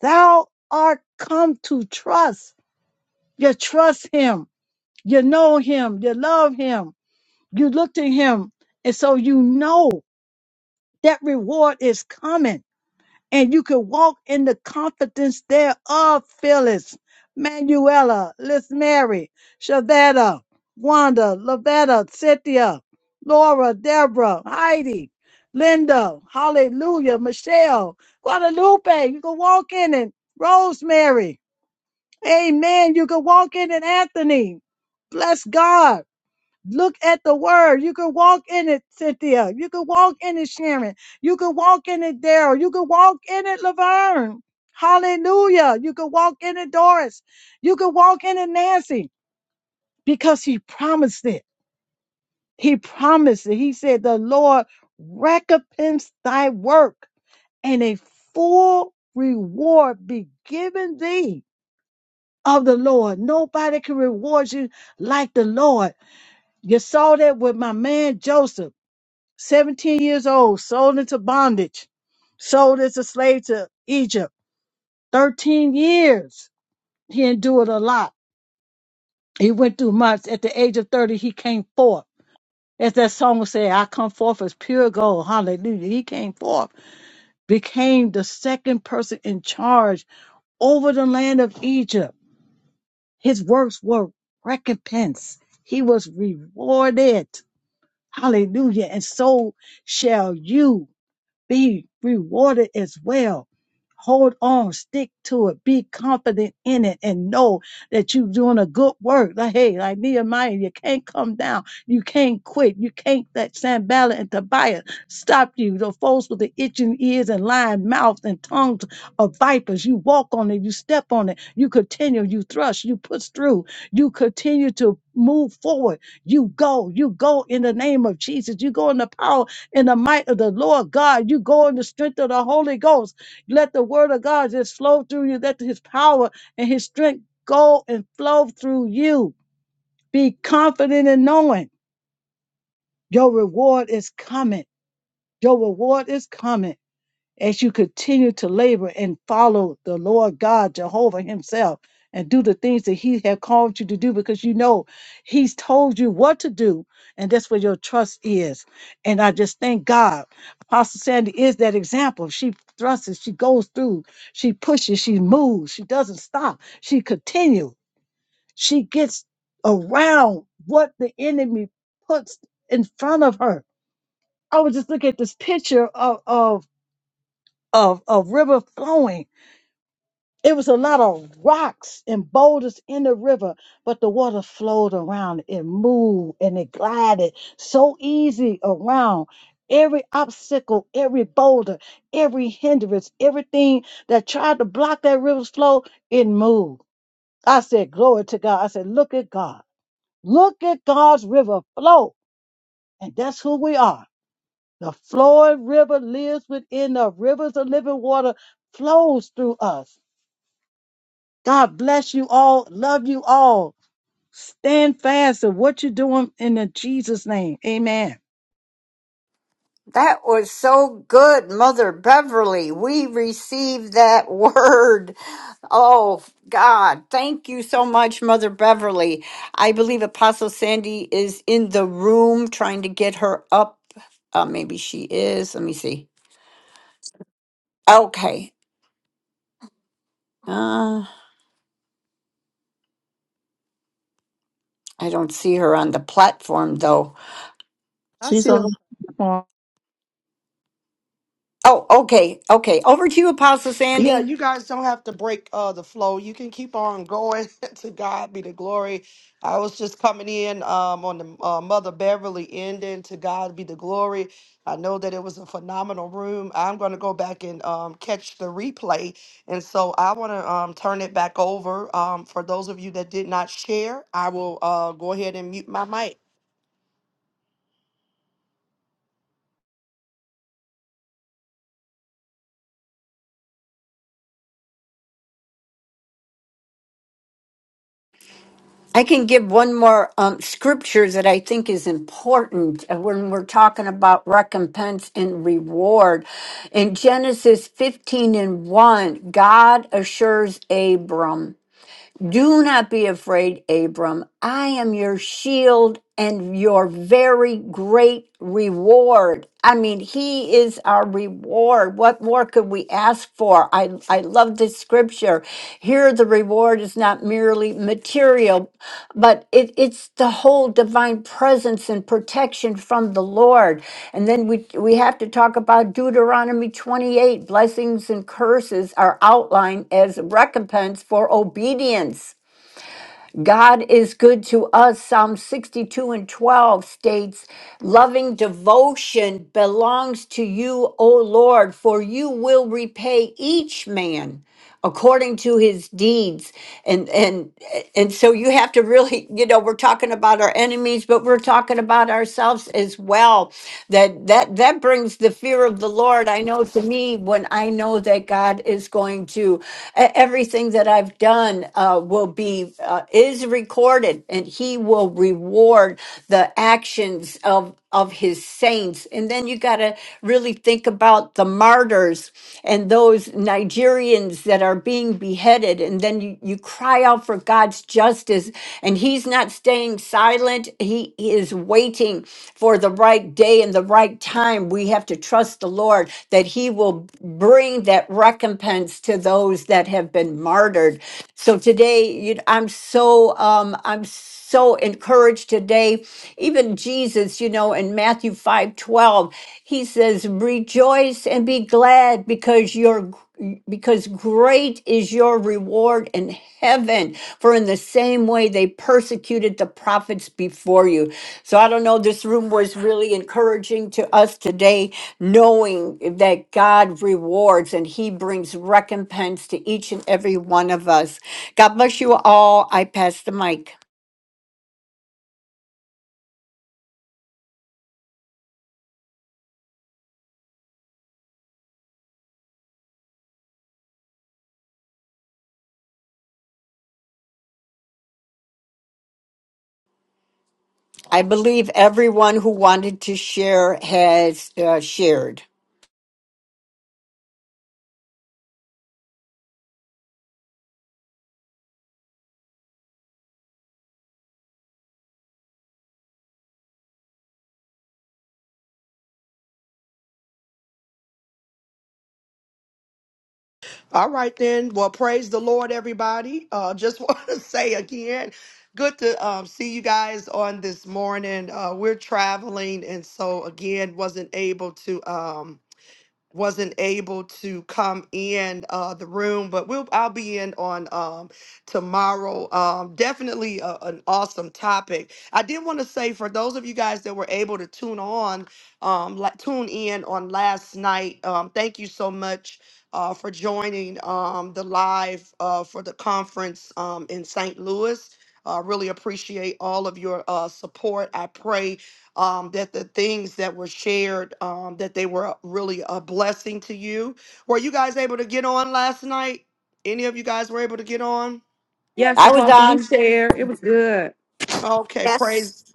Speaker 3: thou art come to trust. You trust him. You know him. You love him. You look to him. And so you know that reward is coming and you can walk in the confidence thereof, Phyllis, Manuela, Liz Mary, Shavetta, Wanda, Lavetta, Cynthia, Laura, Deborah, Heidi, Linda, Hallelujah, Michelle, Guadalupe, you can walk in it, Rosemary, Amen, you can walk in it, Anthony, bless God. Look at the word. You can walk in it, Cynthia. You can walk in it, Sharon. You can walk in it, Daryl. You can walk in it, Laverne. Hallelujah. You can walk in it, Doris. You can walk in it, Nancy, because he promised it. He promised it. He said, The Lord recompense thy work and a full reward be given thee of the Lord. Nobody can reward you like the Lord. You saw that with my man Joseph. 17 years old, sold into bondage, sold as a slave to Egypt. 13 years. He endured a lot. He went through much. At the age of 30, he came forth. As that song said, I come forth as pure gold. Hallelujah. He came forth, became the second person in charge over the land of Egypt. His works were recompensed. He was rewarded. Hallelujah. And so shall you. be rewarded as well. Hold on, stick to it, be confident in it, and know that you're doing a good work. Like, hey, like Nehemiah, you can't come down, you can't quit, you can't let Sanballat and Tobiah stop you. The folks with the itching ears and lying mouths and tongues of vipers, you walk on it, you step on it, you continue, you thrust, you push through, you continue to move forward. You go, you go in the name of Jesus, you go in the power in the might of the Lord God. You go in the strength of the Holy Ghost. Let the word of God just flow through you. Let his power and his strength go and flow through you. Be confident in knowing your reward is coming. Your reward is coming as you continue to labor and follow the Lord God, Jehovah Himself, and do the things that He has called you to do because you know He's told you what to do, and that's where your trust is. And I just thank God. Apostle Sandy is that example. She thrusts, she goes through, she pushes, she moves, she doesn't stop, she continues, she gets around what the enemy puts in front of her. I was just looking at this picture of, of of, of river flowing. It was a lot of rocks and boulders in the river, but the water flowed around. It moved and it glided so easy around. Every obstacle, every boulder, every hindrance, everything that tried to block that river's flow, it moved. I said, Glory to God. I said, Look at God. Look at God's river flow. And that's who we are. The flowing river lives within the rivers of living water flows through us. God bless you all. Love you all. Stand fast of what you're doing in the Jesus name. Amen.
Speaker 2: That was so good, Mother Beverly. We received that word. Oh, God. Thank you so much, Mother Beverly. I believe Apostle Sandy is in the room trying to get her up. Uh, maybe she is. Let me see. Okay. Uh, I don't see her on the platform, though.
Speaker 3: I
Speaker 4: She's
Speaker 3: see
Speaker 4: on the
Speaker 3: you. on
Speaker 2: Oh, okay. Okay. Over to you, Apostle
Speaker 12: Yeah,
Speaker 2: Sandy.
Speaker 12: you guys don't have to break uh, the flow. You can keep on going. to God be the glory. I was just coming in um, on the uh, Mother Beverly ending. To God be the glory. I know that it was a phenomenal room. I'm going to go back and um, catch the replay. And so I want to um, turn it back over. Um, for those of you that did not share, I will uh, go ahead and mute my mic.
Speaker 2: I can give one more um, scripture that I think is important uh, when we're talking about recompense and reward. In Genesis 15 and 1, God assures Abram, Do not be afraid, Abram. I am your shield and your very great reward. I mean, He is our reward. What more could we ask for? I, I love this scripture. Here, the reward is not merely merely material, but it, it's the whole divine presence and protection from the Lord. And then we, we have to talk about Deuteronomy 28 blessings and curses are outlined as recompense for obedience. God is good to us. Psalm 62 and 12 states, Loving devotion belongs to you, O Lord, for you will repay each man according to his deeds and and and so you have to really you know we're talking about our enemies but we're talking about ourselves as well that that that brings the fear of the lord i know to me when i know that god is going to e- everything that i've done uh, will be believe uh, is recorded and he will reward the actions of of his saints and then you got to really think about the martyrs and those nigerians that are being beheaded and then you, you cry out for god's justice and he's not staying silent he is waiting for the right day and the right time we have to trust the lord that he will bring that recompense to those that have been martyred so today today you know, i'm so um i'm so encouraged today even jesus you know in matthew 5 12, he says rejoice and be glad because your because great is your reward in heaven for in the same way they persecuted the prophets before you so i don't know this room was really encouraging to us today knowing that god rewards and he brings recompense to each and every one of us God bless you all. I pass the mic. I believe everyone who wanted to share has uh, shared.
Speaker 12: All right then. Well, praise the Lord, everybody. Uh, just want to say again, good to um, see you guys on this morning. Uh, we're traveling, and so again, wasn't able to. Um, wasn't able to come in uh, the room, but we'll I'll be in on um, tomorrow. Um, definitely a, an awesome topic. I did want to say for those of you guys that were able to tune on, um, la- tune in on last night. Um, thank you so much. Uh, for joining um, the live uh, for the conference um, in St. Louis. I uh, really appreciate all of your uh, support. I pray um, that the things that were shared um, that they were really a blessing to you were you guys able to get on last night any of you guys were able to get on
Speaker 9: Yes,
Speaker 2: I was
Speaker 9: Apostle, we
Speaker 2: on.
Speaker 9: share. It was good.
Speaker 12: okay
Speaker 8: Yes.
Speaker 12: praise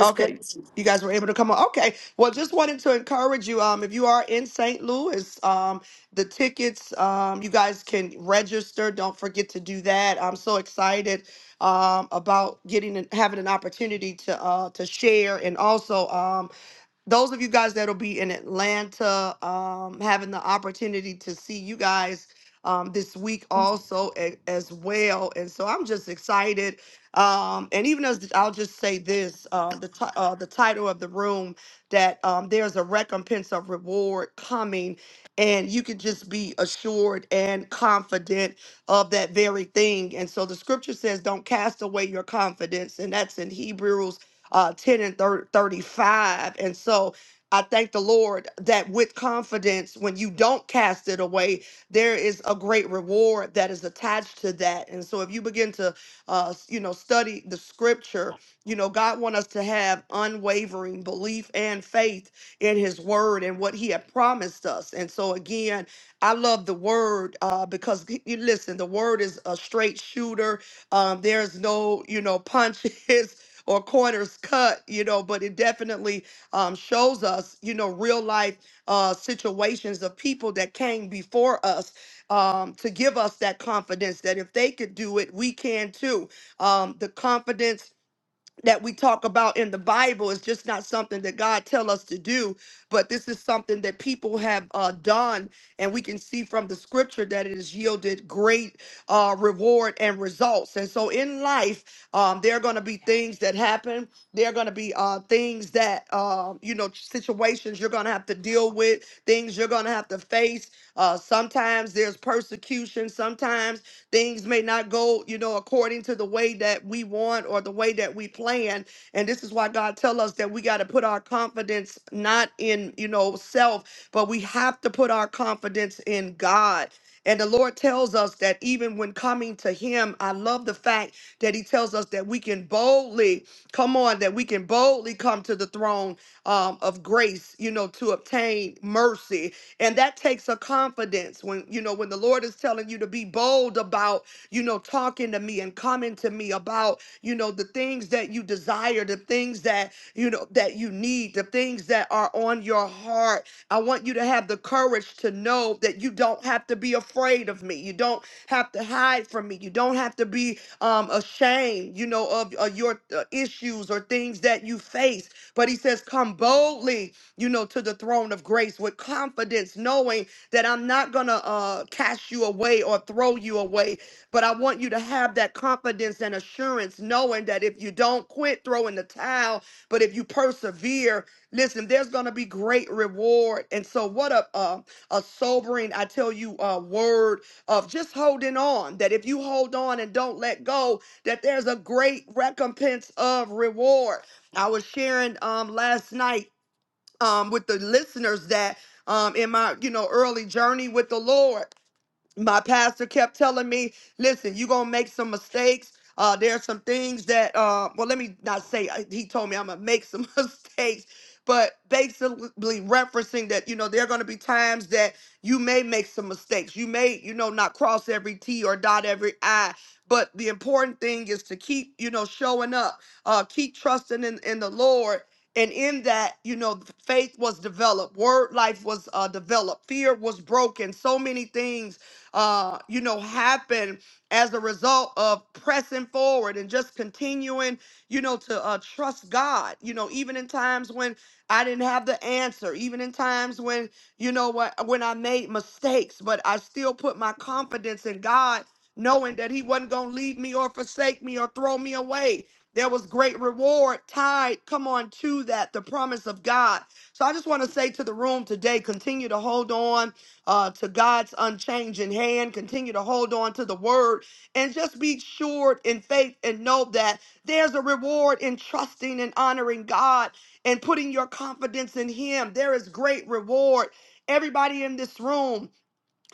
Speaker 12: Okay. You guys were able to come on. Okay. Well, just wanted to encourage you. Um, if you are in St. Louis, um, the tickets, um, you guys can register. Don't forget to do that. I'm so excited um about getting and having an opportunity to uh to share and also um those of you guys that'll be in Atlanta, um, having the opportunity to see you guys um, this week also a- as well. And so I'm just excited. Um, and even as I'll just say this, um, the ti- uh, the title of the room that um, there's a recompense of reward coming, and you can just be assured and confident of that very thing. And so the scripture says, "Don't cast away your confidence," and that's in Hebrews uh, 10 and thir- 35. And so I thank the Lord that with confidence, when you don't cast it away, there is a great reward that is attached to that. And so if you begin to, uh, s- you know, study the scripture, you know, God want us to have unwavering belief and faith in his word and what he had promised us. And so again, I love the word uh, because y- you listen, the word is a straight shooter. Um, there's no, you know, punches. or corners cut, you know, but it definitely um, shows us, you know, real life uh, situations of people that came before us um, to give us that confidence that if they could do it, we can too. Um, the confidence that we talk about in the Bible is just not something that God tell us to do, but this is something that people have uh, done, and we can see from the scripture that it has yielded great uh, reward and results. And so, in life, um, there are going to be things that happen. There are going to be uh, things that uh, you know, situations you're going to have to deal with, things you're going to have to face. Uh, sometimes there's persecution. Sometimes Things may not go, you know, according to the way that we want or the way that we plan. And this is why God tell us that we got to put our confidence not in, you know, self, but we have to put our confidence in God. And the Lord tells us that even when coming to Him, I love the fact that He tells us that we can boldly come on, that we can boldly come to the throne um, of grace, you know, to obtain mercy and that takes a confidence when you know when the lord is telling you to be bold about you know talking to me and coming to me about you know the things that you desire the things that you know that you need the things that are on your heart i want you to have the courage to know that you don't have to be afraid of me you don't have to hide from me you don't have to be um ashamed you know of, of your uh, issues or things that you face but he says come boldly you know, to the throne of grace with confidence, knowing that I'm not going to uh, cast you away or throw you away. But I want you to have that confidence and assurance, knowing that if you don't quit throwing the towel, but if you persevere, listen, there's going to be great reward. And so, what a, a, a sobering, I tell you, uh, word of just holding on, that if you hold on and don't let go, that there's a great recompense of reward. I was sharing um, last night um, with the listeners that um, in my you know early journey with the Lord my pastor kept telling me, listen, you're going to make some mistakes. Uh, there are some things that, uh, well, let me not say, uh, he told me I'm going to make some mistakes, but basically referencing that, you know, there are going to be times that you may make some mistakes. You may, you know, not cross every T or dot every I. But the important thing is to keep, you know, showing up, uh, keep trusting in, in the Lord. And in that, you know, faith was developed, word life was uh, developed, fear was broken, so many things uh, you know, happen as a result of pressing forward and just continuing, you know, to uh, trust God, you know, even in times when I didn't have the answer, even in times when, you know, what when I made mistakes, but I still put my confidence in God, knowing that He wasn't going to leave me or forsake me or throw me away. There was great reward tied, come on, to that, the promise of God. So I just want to say to the room today, continue to hold on uh, to God's unchanging hand. Continue to hold on to the word and just be sure in faith and know that there's a reward in trusting and honoring God and putting your confidence in Him. There is great reward. Everybody in this room,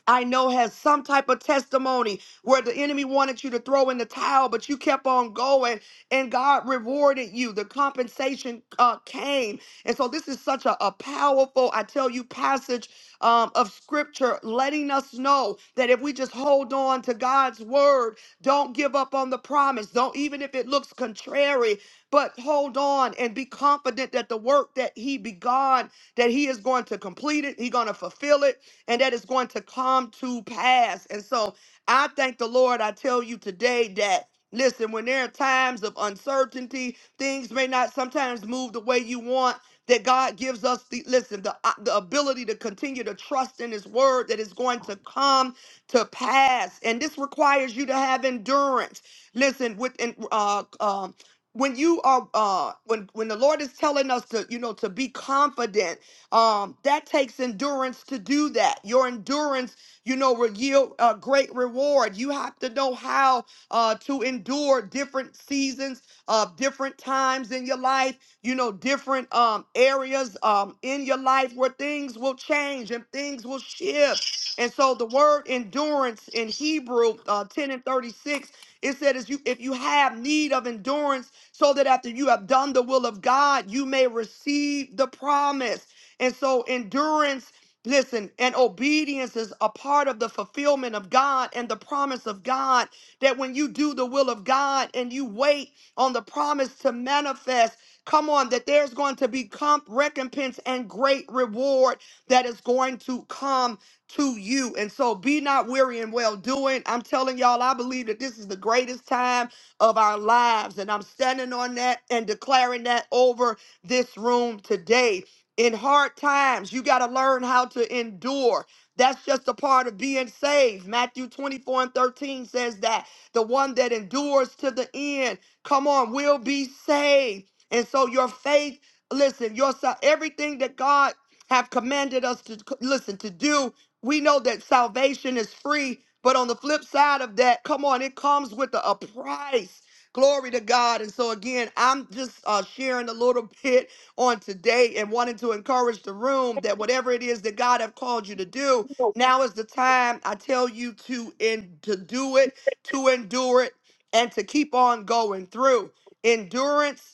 Speaker 12: I know has some type of testimony where the enemy wanted you to throw in the towel, but you kept on going and God rewarded you. The compensation uh, came. And so this is such a, a powerful, I tell you, passage um, of scripture letting us know that if we just hold on to God's word, don't give up on the promise. Don't, even if it looks contrary, but hold on and be confident that the work that he begun, that he is going to complete it, he's going to fulfill it and that is going to come to pass. And so I thank the Lord. I tell you today that. Listen, when there are times of uncertainty, things may not sometimes move the way you want. That God gives us the listen, the, uh, the ability to continue to trust in His word that is going to come to pass. And this requires you to have endurance. Listen, with and uh, um, when you are uh, when when the Lord is telling us to you know to be confident um, that takes endurance to do that. Your endurance, you know, will yield a great reward. You have to know how uh, to endure different seasons, uh, different times in your life, you know, different um, areas um, in your life where things will change and things will shift. And so the word endurance in Hebrew uh, 10 and 36, it said, is you, if you have need of endurance, so that after you have done the will of God, you may receive the promise. And so endurance, listen, and obedience is a part of the fulfillment of God and the promise of God that when you do the will of God and you wait on the promise to manifest, come on, that there's going to be comp recompense and great reward that is going to come to you. And so be not weary in well doing. I'm telling y'all, I believe that this is the greatest time of our lives. And I'm standing on that and declaring that over this room today in hard times. You got to learn how to endure. That's just a part of being saved. Matthew 24 and 13 says that the one that endures to the end, come on, will be saved. And so your faith, listen, your sal- everything that God have commanded us to listen to do, we know that salvation is free, but on the flip side of that, come on, it comes with a, a price. Glory to God. And so again, I'm just uh, sharing a little bit on today and wanting to encourage the room that whatever it is that God have called you to do, now is the time I tell you to in to do it, to endure it, and to keep on going through. Endurance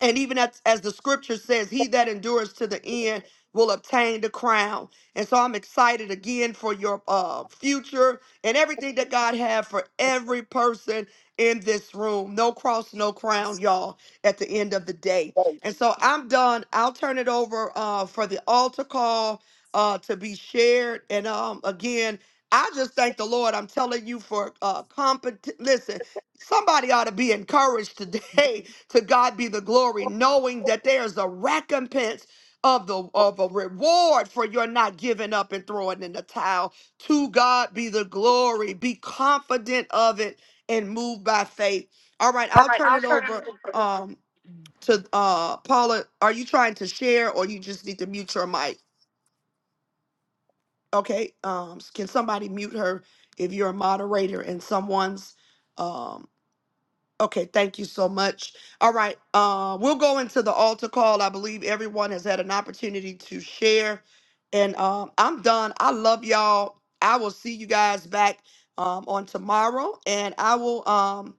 Speaker 12: and even as, as the scripture says, he that endures to the end will obtain the crown. And so I'm excited again for your uh, future and everything that God have for every person in this room. No cross, no crown, y'all, at the end of the day. And so I'm done. I'll turn it over uh, for the altar call uh, to be shared. And um, again, I just thank the Lord. I'm telling you for uh, compet. Listen, Somebody ought to be encouraged today to God be the glory, knowing that there's a recompense of the of a reward for your not giving up and throwing in the towel. To God be the glory. Be confident of it and move by faith. All right,
Speaker 8: All
Speaker 12: I'll
Speaker 8: right,
Speaker 12: turn
Speaker 8: I'll
Speaker 12: it
Speaker 8: turn it
Speaker 12: over
Speaker 8: over.
Speaker 12: um to uh Paula. Are you trying to share or you just need to mute your mic? Okay. Um can somebody mute her if you're a moderator and someone's um, Okay, thank you so much. All right, uh, we'll go into the altar call. I believe everyone has had an opportunity to share, and um, I'm done. I love y'all. I will see you guys back um, on tomorrow, and I will. Um,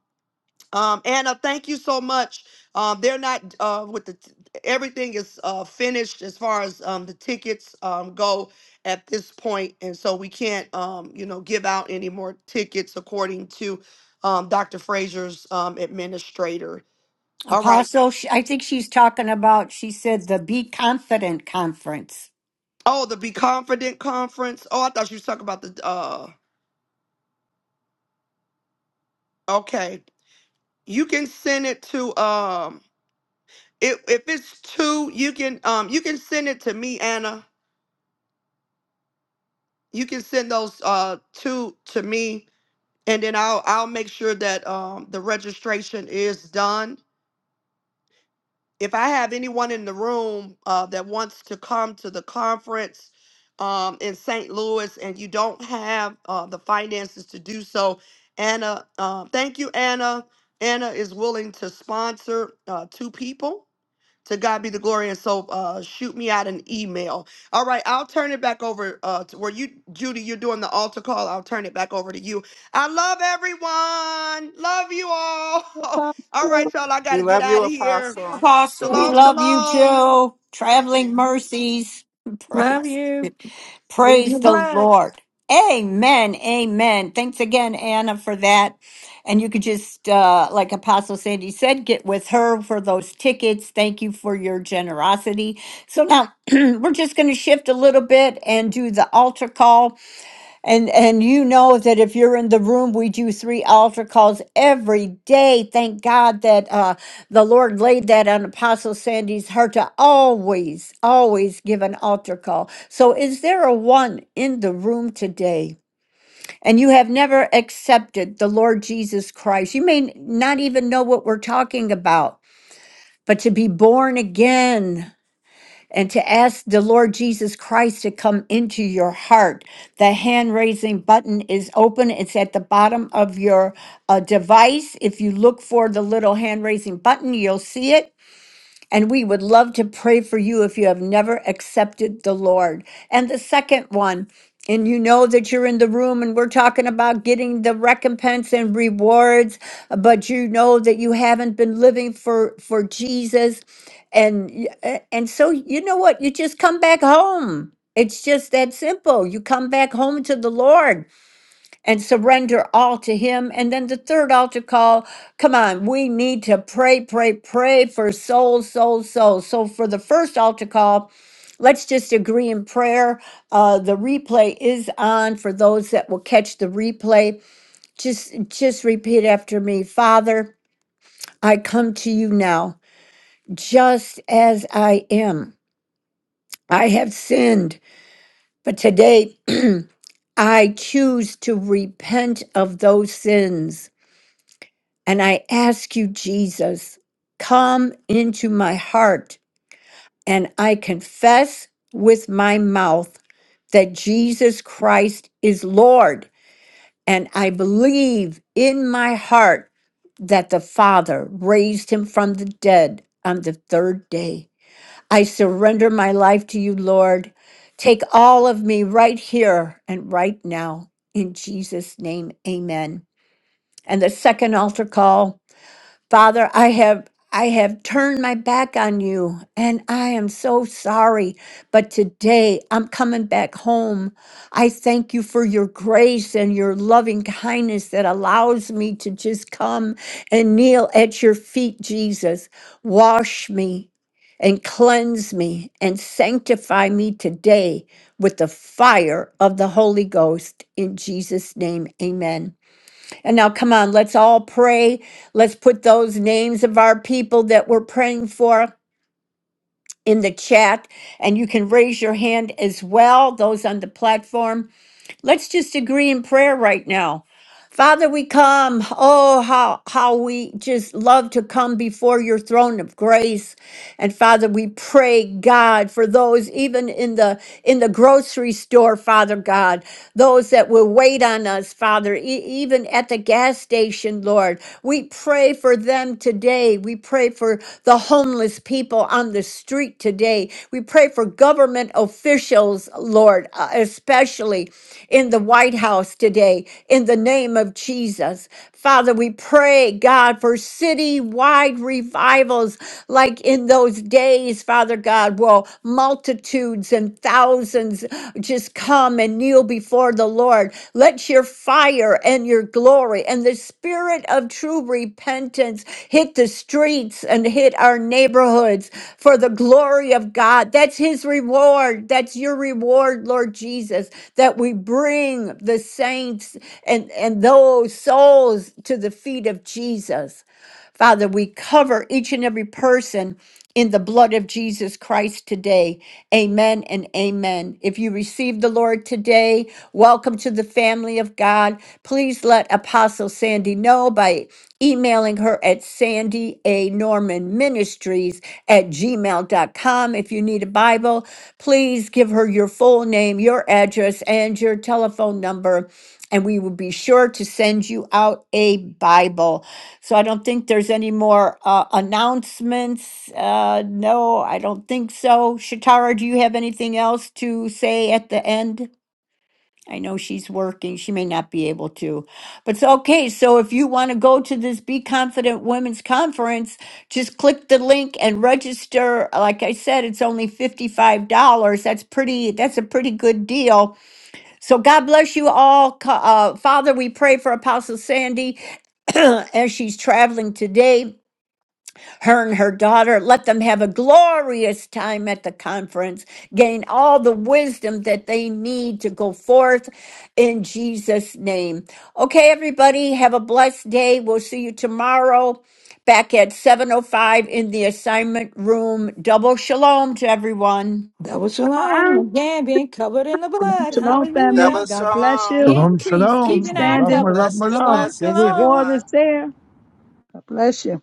Speaker 12: um, Anna, thank you so much. Um, they're not uh, with the t- everything is uh, finished as far as um, the tickets um, go at this point, and so we can't um, you know give out any more tickets according to um, Dr. Frazier's um, administrator. All right.
Speaker 2: Apostle, sh- I think she's talking about, she said the Be Confident Conference.
Speaker 12: Oh, the Be Confident conference. Oh, I thought you was talking about the. Uh, okay, you can send it to um, it, if it's two, you can um, you can send it to me, Anna you can send those uh two to me and then I'll I'll make sure that um the registration is done. If I have anyone in the room uh that wants to come to the conference um in St. Louis and you don't have uh the finances to do so, Anna, uh, thank you Anna. Anna is willing to sponsor uh two people to God be the glory. And so uh, shoot me out an email. All right, I'll turn it back over uh, to where you, Judy, you're doing the altar call. I'll turn it back over to you. I love everyone. Love you all. all right,
Speaker 3: Apostle.
Speaker 12: y'all, I got
Speaker 4: We
Speaker 12: to get
Speaker 4: love you,
Speaker 12: out of here.
Speaker 4: Apostle.
Speaker 2: We
Speaker 12: Shalom,
Speaker 9: Apostle.
Speaker 2: love you
Speaker 12: shalom.
Speaker 2: too. Traveling mercies.
Speaker 5: Love
Speaker 2: Praise.
Speaker 5: you. Plead
Speaker 2: Praise
Speaker 5: your
Speaker 2: the
Speaker 5: blood.
Speaker 2: Lord. Amen. Amen. Thanks again, Anna, for that. And you could just, uh, like Apostle Sandy said, get with her for those tickets. Thank you for your generosity. So now we're just going to shift a little bit and do the altar call. And and you know that if you're in the room, we do three altar calls every day. Thank God that uh, the Lord laid that on Apostle Sandy's heart to always, always give an altar call. So, is there a one in the room today, and you have never accepted the Lord Jesus Christ? You may not even know what we're talking about, but to be born again and to ask the Lord Jesus Christ to come into your heart. The hand raising button is open, it's at the bottom of your uh, device. If you look for the little hand raising button, you'll see it. And we would love to pray for you if you have never accepted the Lord. And the second one, and you know that you're in the room and we're talking about getting the recompense and rewards, but you know that you haven't been living for for Jesus and y- a- and so you know what? You just come back home. It's just that simple. You come back home to the Lord and surrender all to Him. And then the third altar call come on, we need to pray, pray, pray for souls, souls, souls. So for the first altar call, let's just agree in prayer. Uh, the replay is on for those that will catch the replay. Just, just repeat after me Father, I come to you now, just as I am. I have sinned, but today, I choose to repent of those sins. And I ask you, Jesus, come into my heart. And I confess with my mouth that Jesus Christ is Lord. And I believe in my heart that the Father raised him from the dead on the third day. I surrender my life to you, Lord. Take all of me right here and right now. In Jesus' name, amen. And the second altar call. Father, I have I have turned my back on you and I am so sorry, but today I'm coming back home. I thank you for your grace and your loving kindness that allows me to just come and kneel at your feet, Jesus. Wash me and cleanse me and sanctify me today with the fire of the Holy Ghost. In Jesus' name, amen. And now, come on, let's all pray. Let's put those names of our people that we're praying for in the chat. And you can raise your hand as well, those on the platform. Let's just agree in prayer right now. Father, we come. Oh, how, how we just love to come before your throne of grace. And Father, we pray, God, for those even in the in the grocery store, Father God, those that will wait on us, Father, e- even at the gas station, Lord. We pray for them today. We pray for the homeless people on the street today. We pray for government officials, Lord, uh, especially in the White House today, in the name of Jesus. Father, we pray, God, for citywide revival revivals like in those days, Father God, will multitudes and thousands just come and kneel before the Lord. Let your fire and your glory and the spirit of true repentance hit the streets and hit our neighborhoods for the glory of God. That's his reward. That's your reward, Lord Jesus, that we bring the saints and, and those souls to the feet of Jesus. Father, we cover each and every person in the blood of Jesus Christ today. Amen and amen. If you receive the Lord today, welcome to the family of God. Please let Apostle Sandy know by emailing her at sandy a norman ministries at gmail dot com. if you need a bible please give her your full name your address and your telephone number and we will be sure to send you out a bible so I don't think there's any more uh, announcements. Uh, no, I don't think so. Shatara, do you have anything else to say at the end? I know she's working. She may not be able to. But so, okay, so if you want to go to this Be Confident Women's Conference, just click the link and register. Like I said, it's only $55. That's pretty that's a pretty good deal so God bless you all. Co- Uh, Father, we pray for Apostle Sandy as she's traveling today, her and her daughter. Let them have a glorious time at the conference, gain all the wisdom that they need to go forth in Jesus' name. Okay, everybody, have a blessed day. We'll see you tomorrow back at 7.05 in the assignment room. Double shalom to everyone.
Speaker 5: Double shalom. Again, being covered in the blood.
Speaker 3: Shalom, family.
Speaker 4: Double
Speaker 5: Hallelujah.
Speaker 3: God bless
Speaker 4: shalom.
Speaker 3: you.
Speaker 6: shalom
Speaker 5: Increase,
Speaker 3: Keep
Speaker 6: shalom
Speaker 5: keeping
Speaker 6: more
Speaker 5: our
Speaker 6: love
Speaker 3: standing.
Speaker 6: more
Speaker 5: covenant.
Speaker 6: love more
Speaker 4: Blessings,
Speaker 6: love
Speaker 5: Shalom,
Speaker 3: Your
Speaker 4: blessings,
Speaker 3: reward
Speaker 5: shalom.
Speaker 4: everyone.
Speaker 3: is there. God bless you.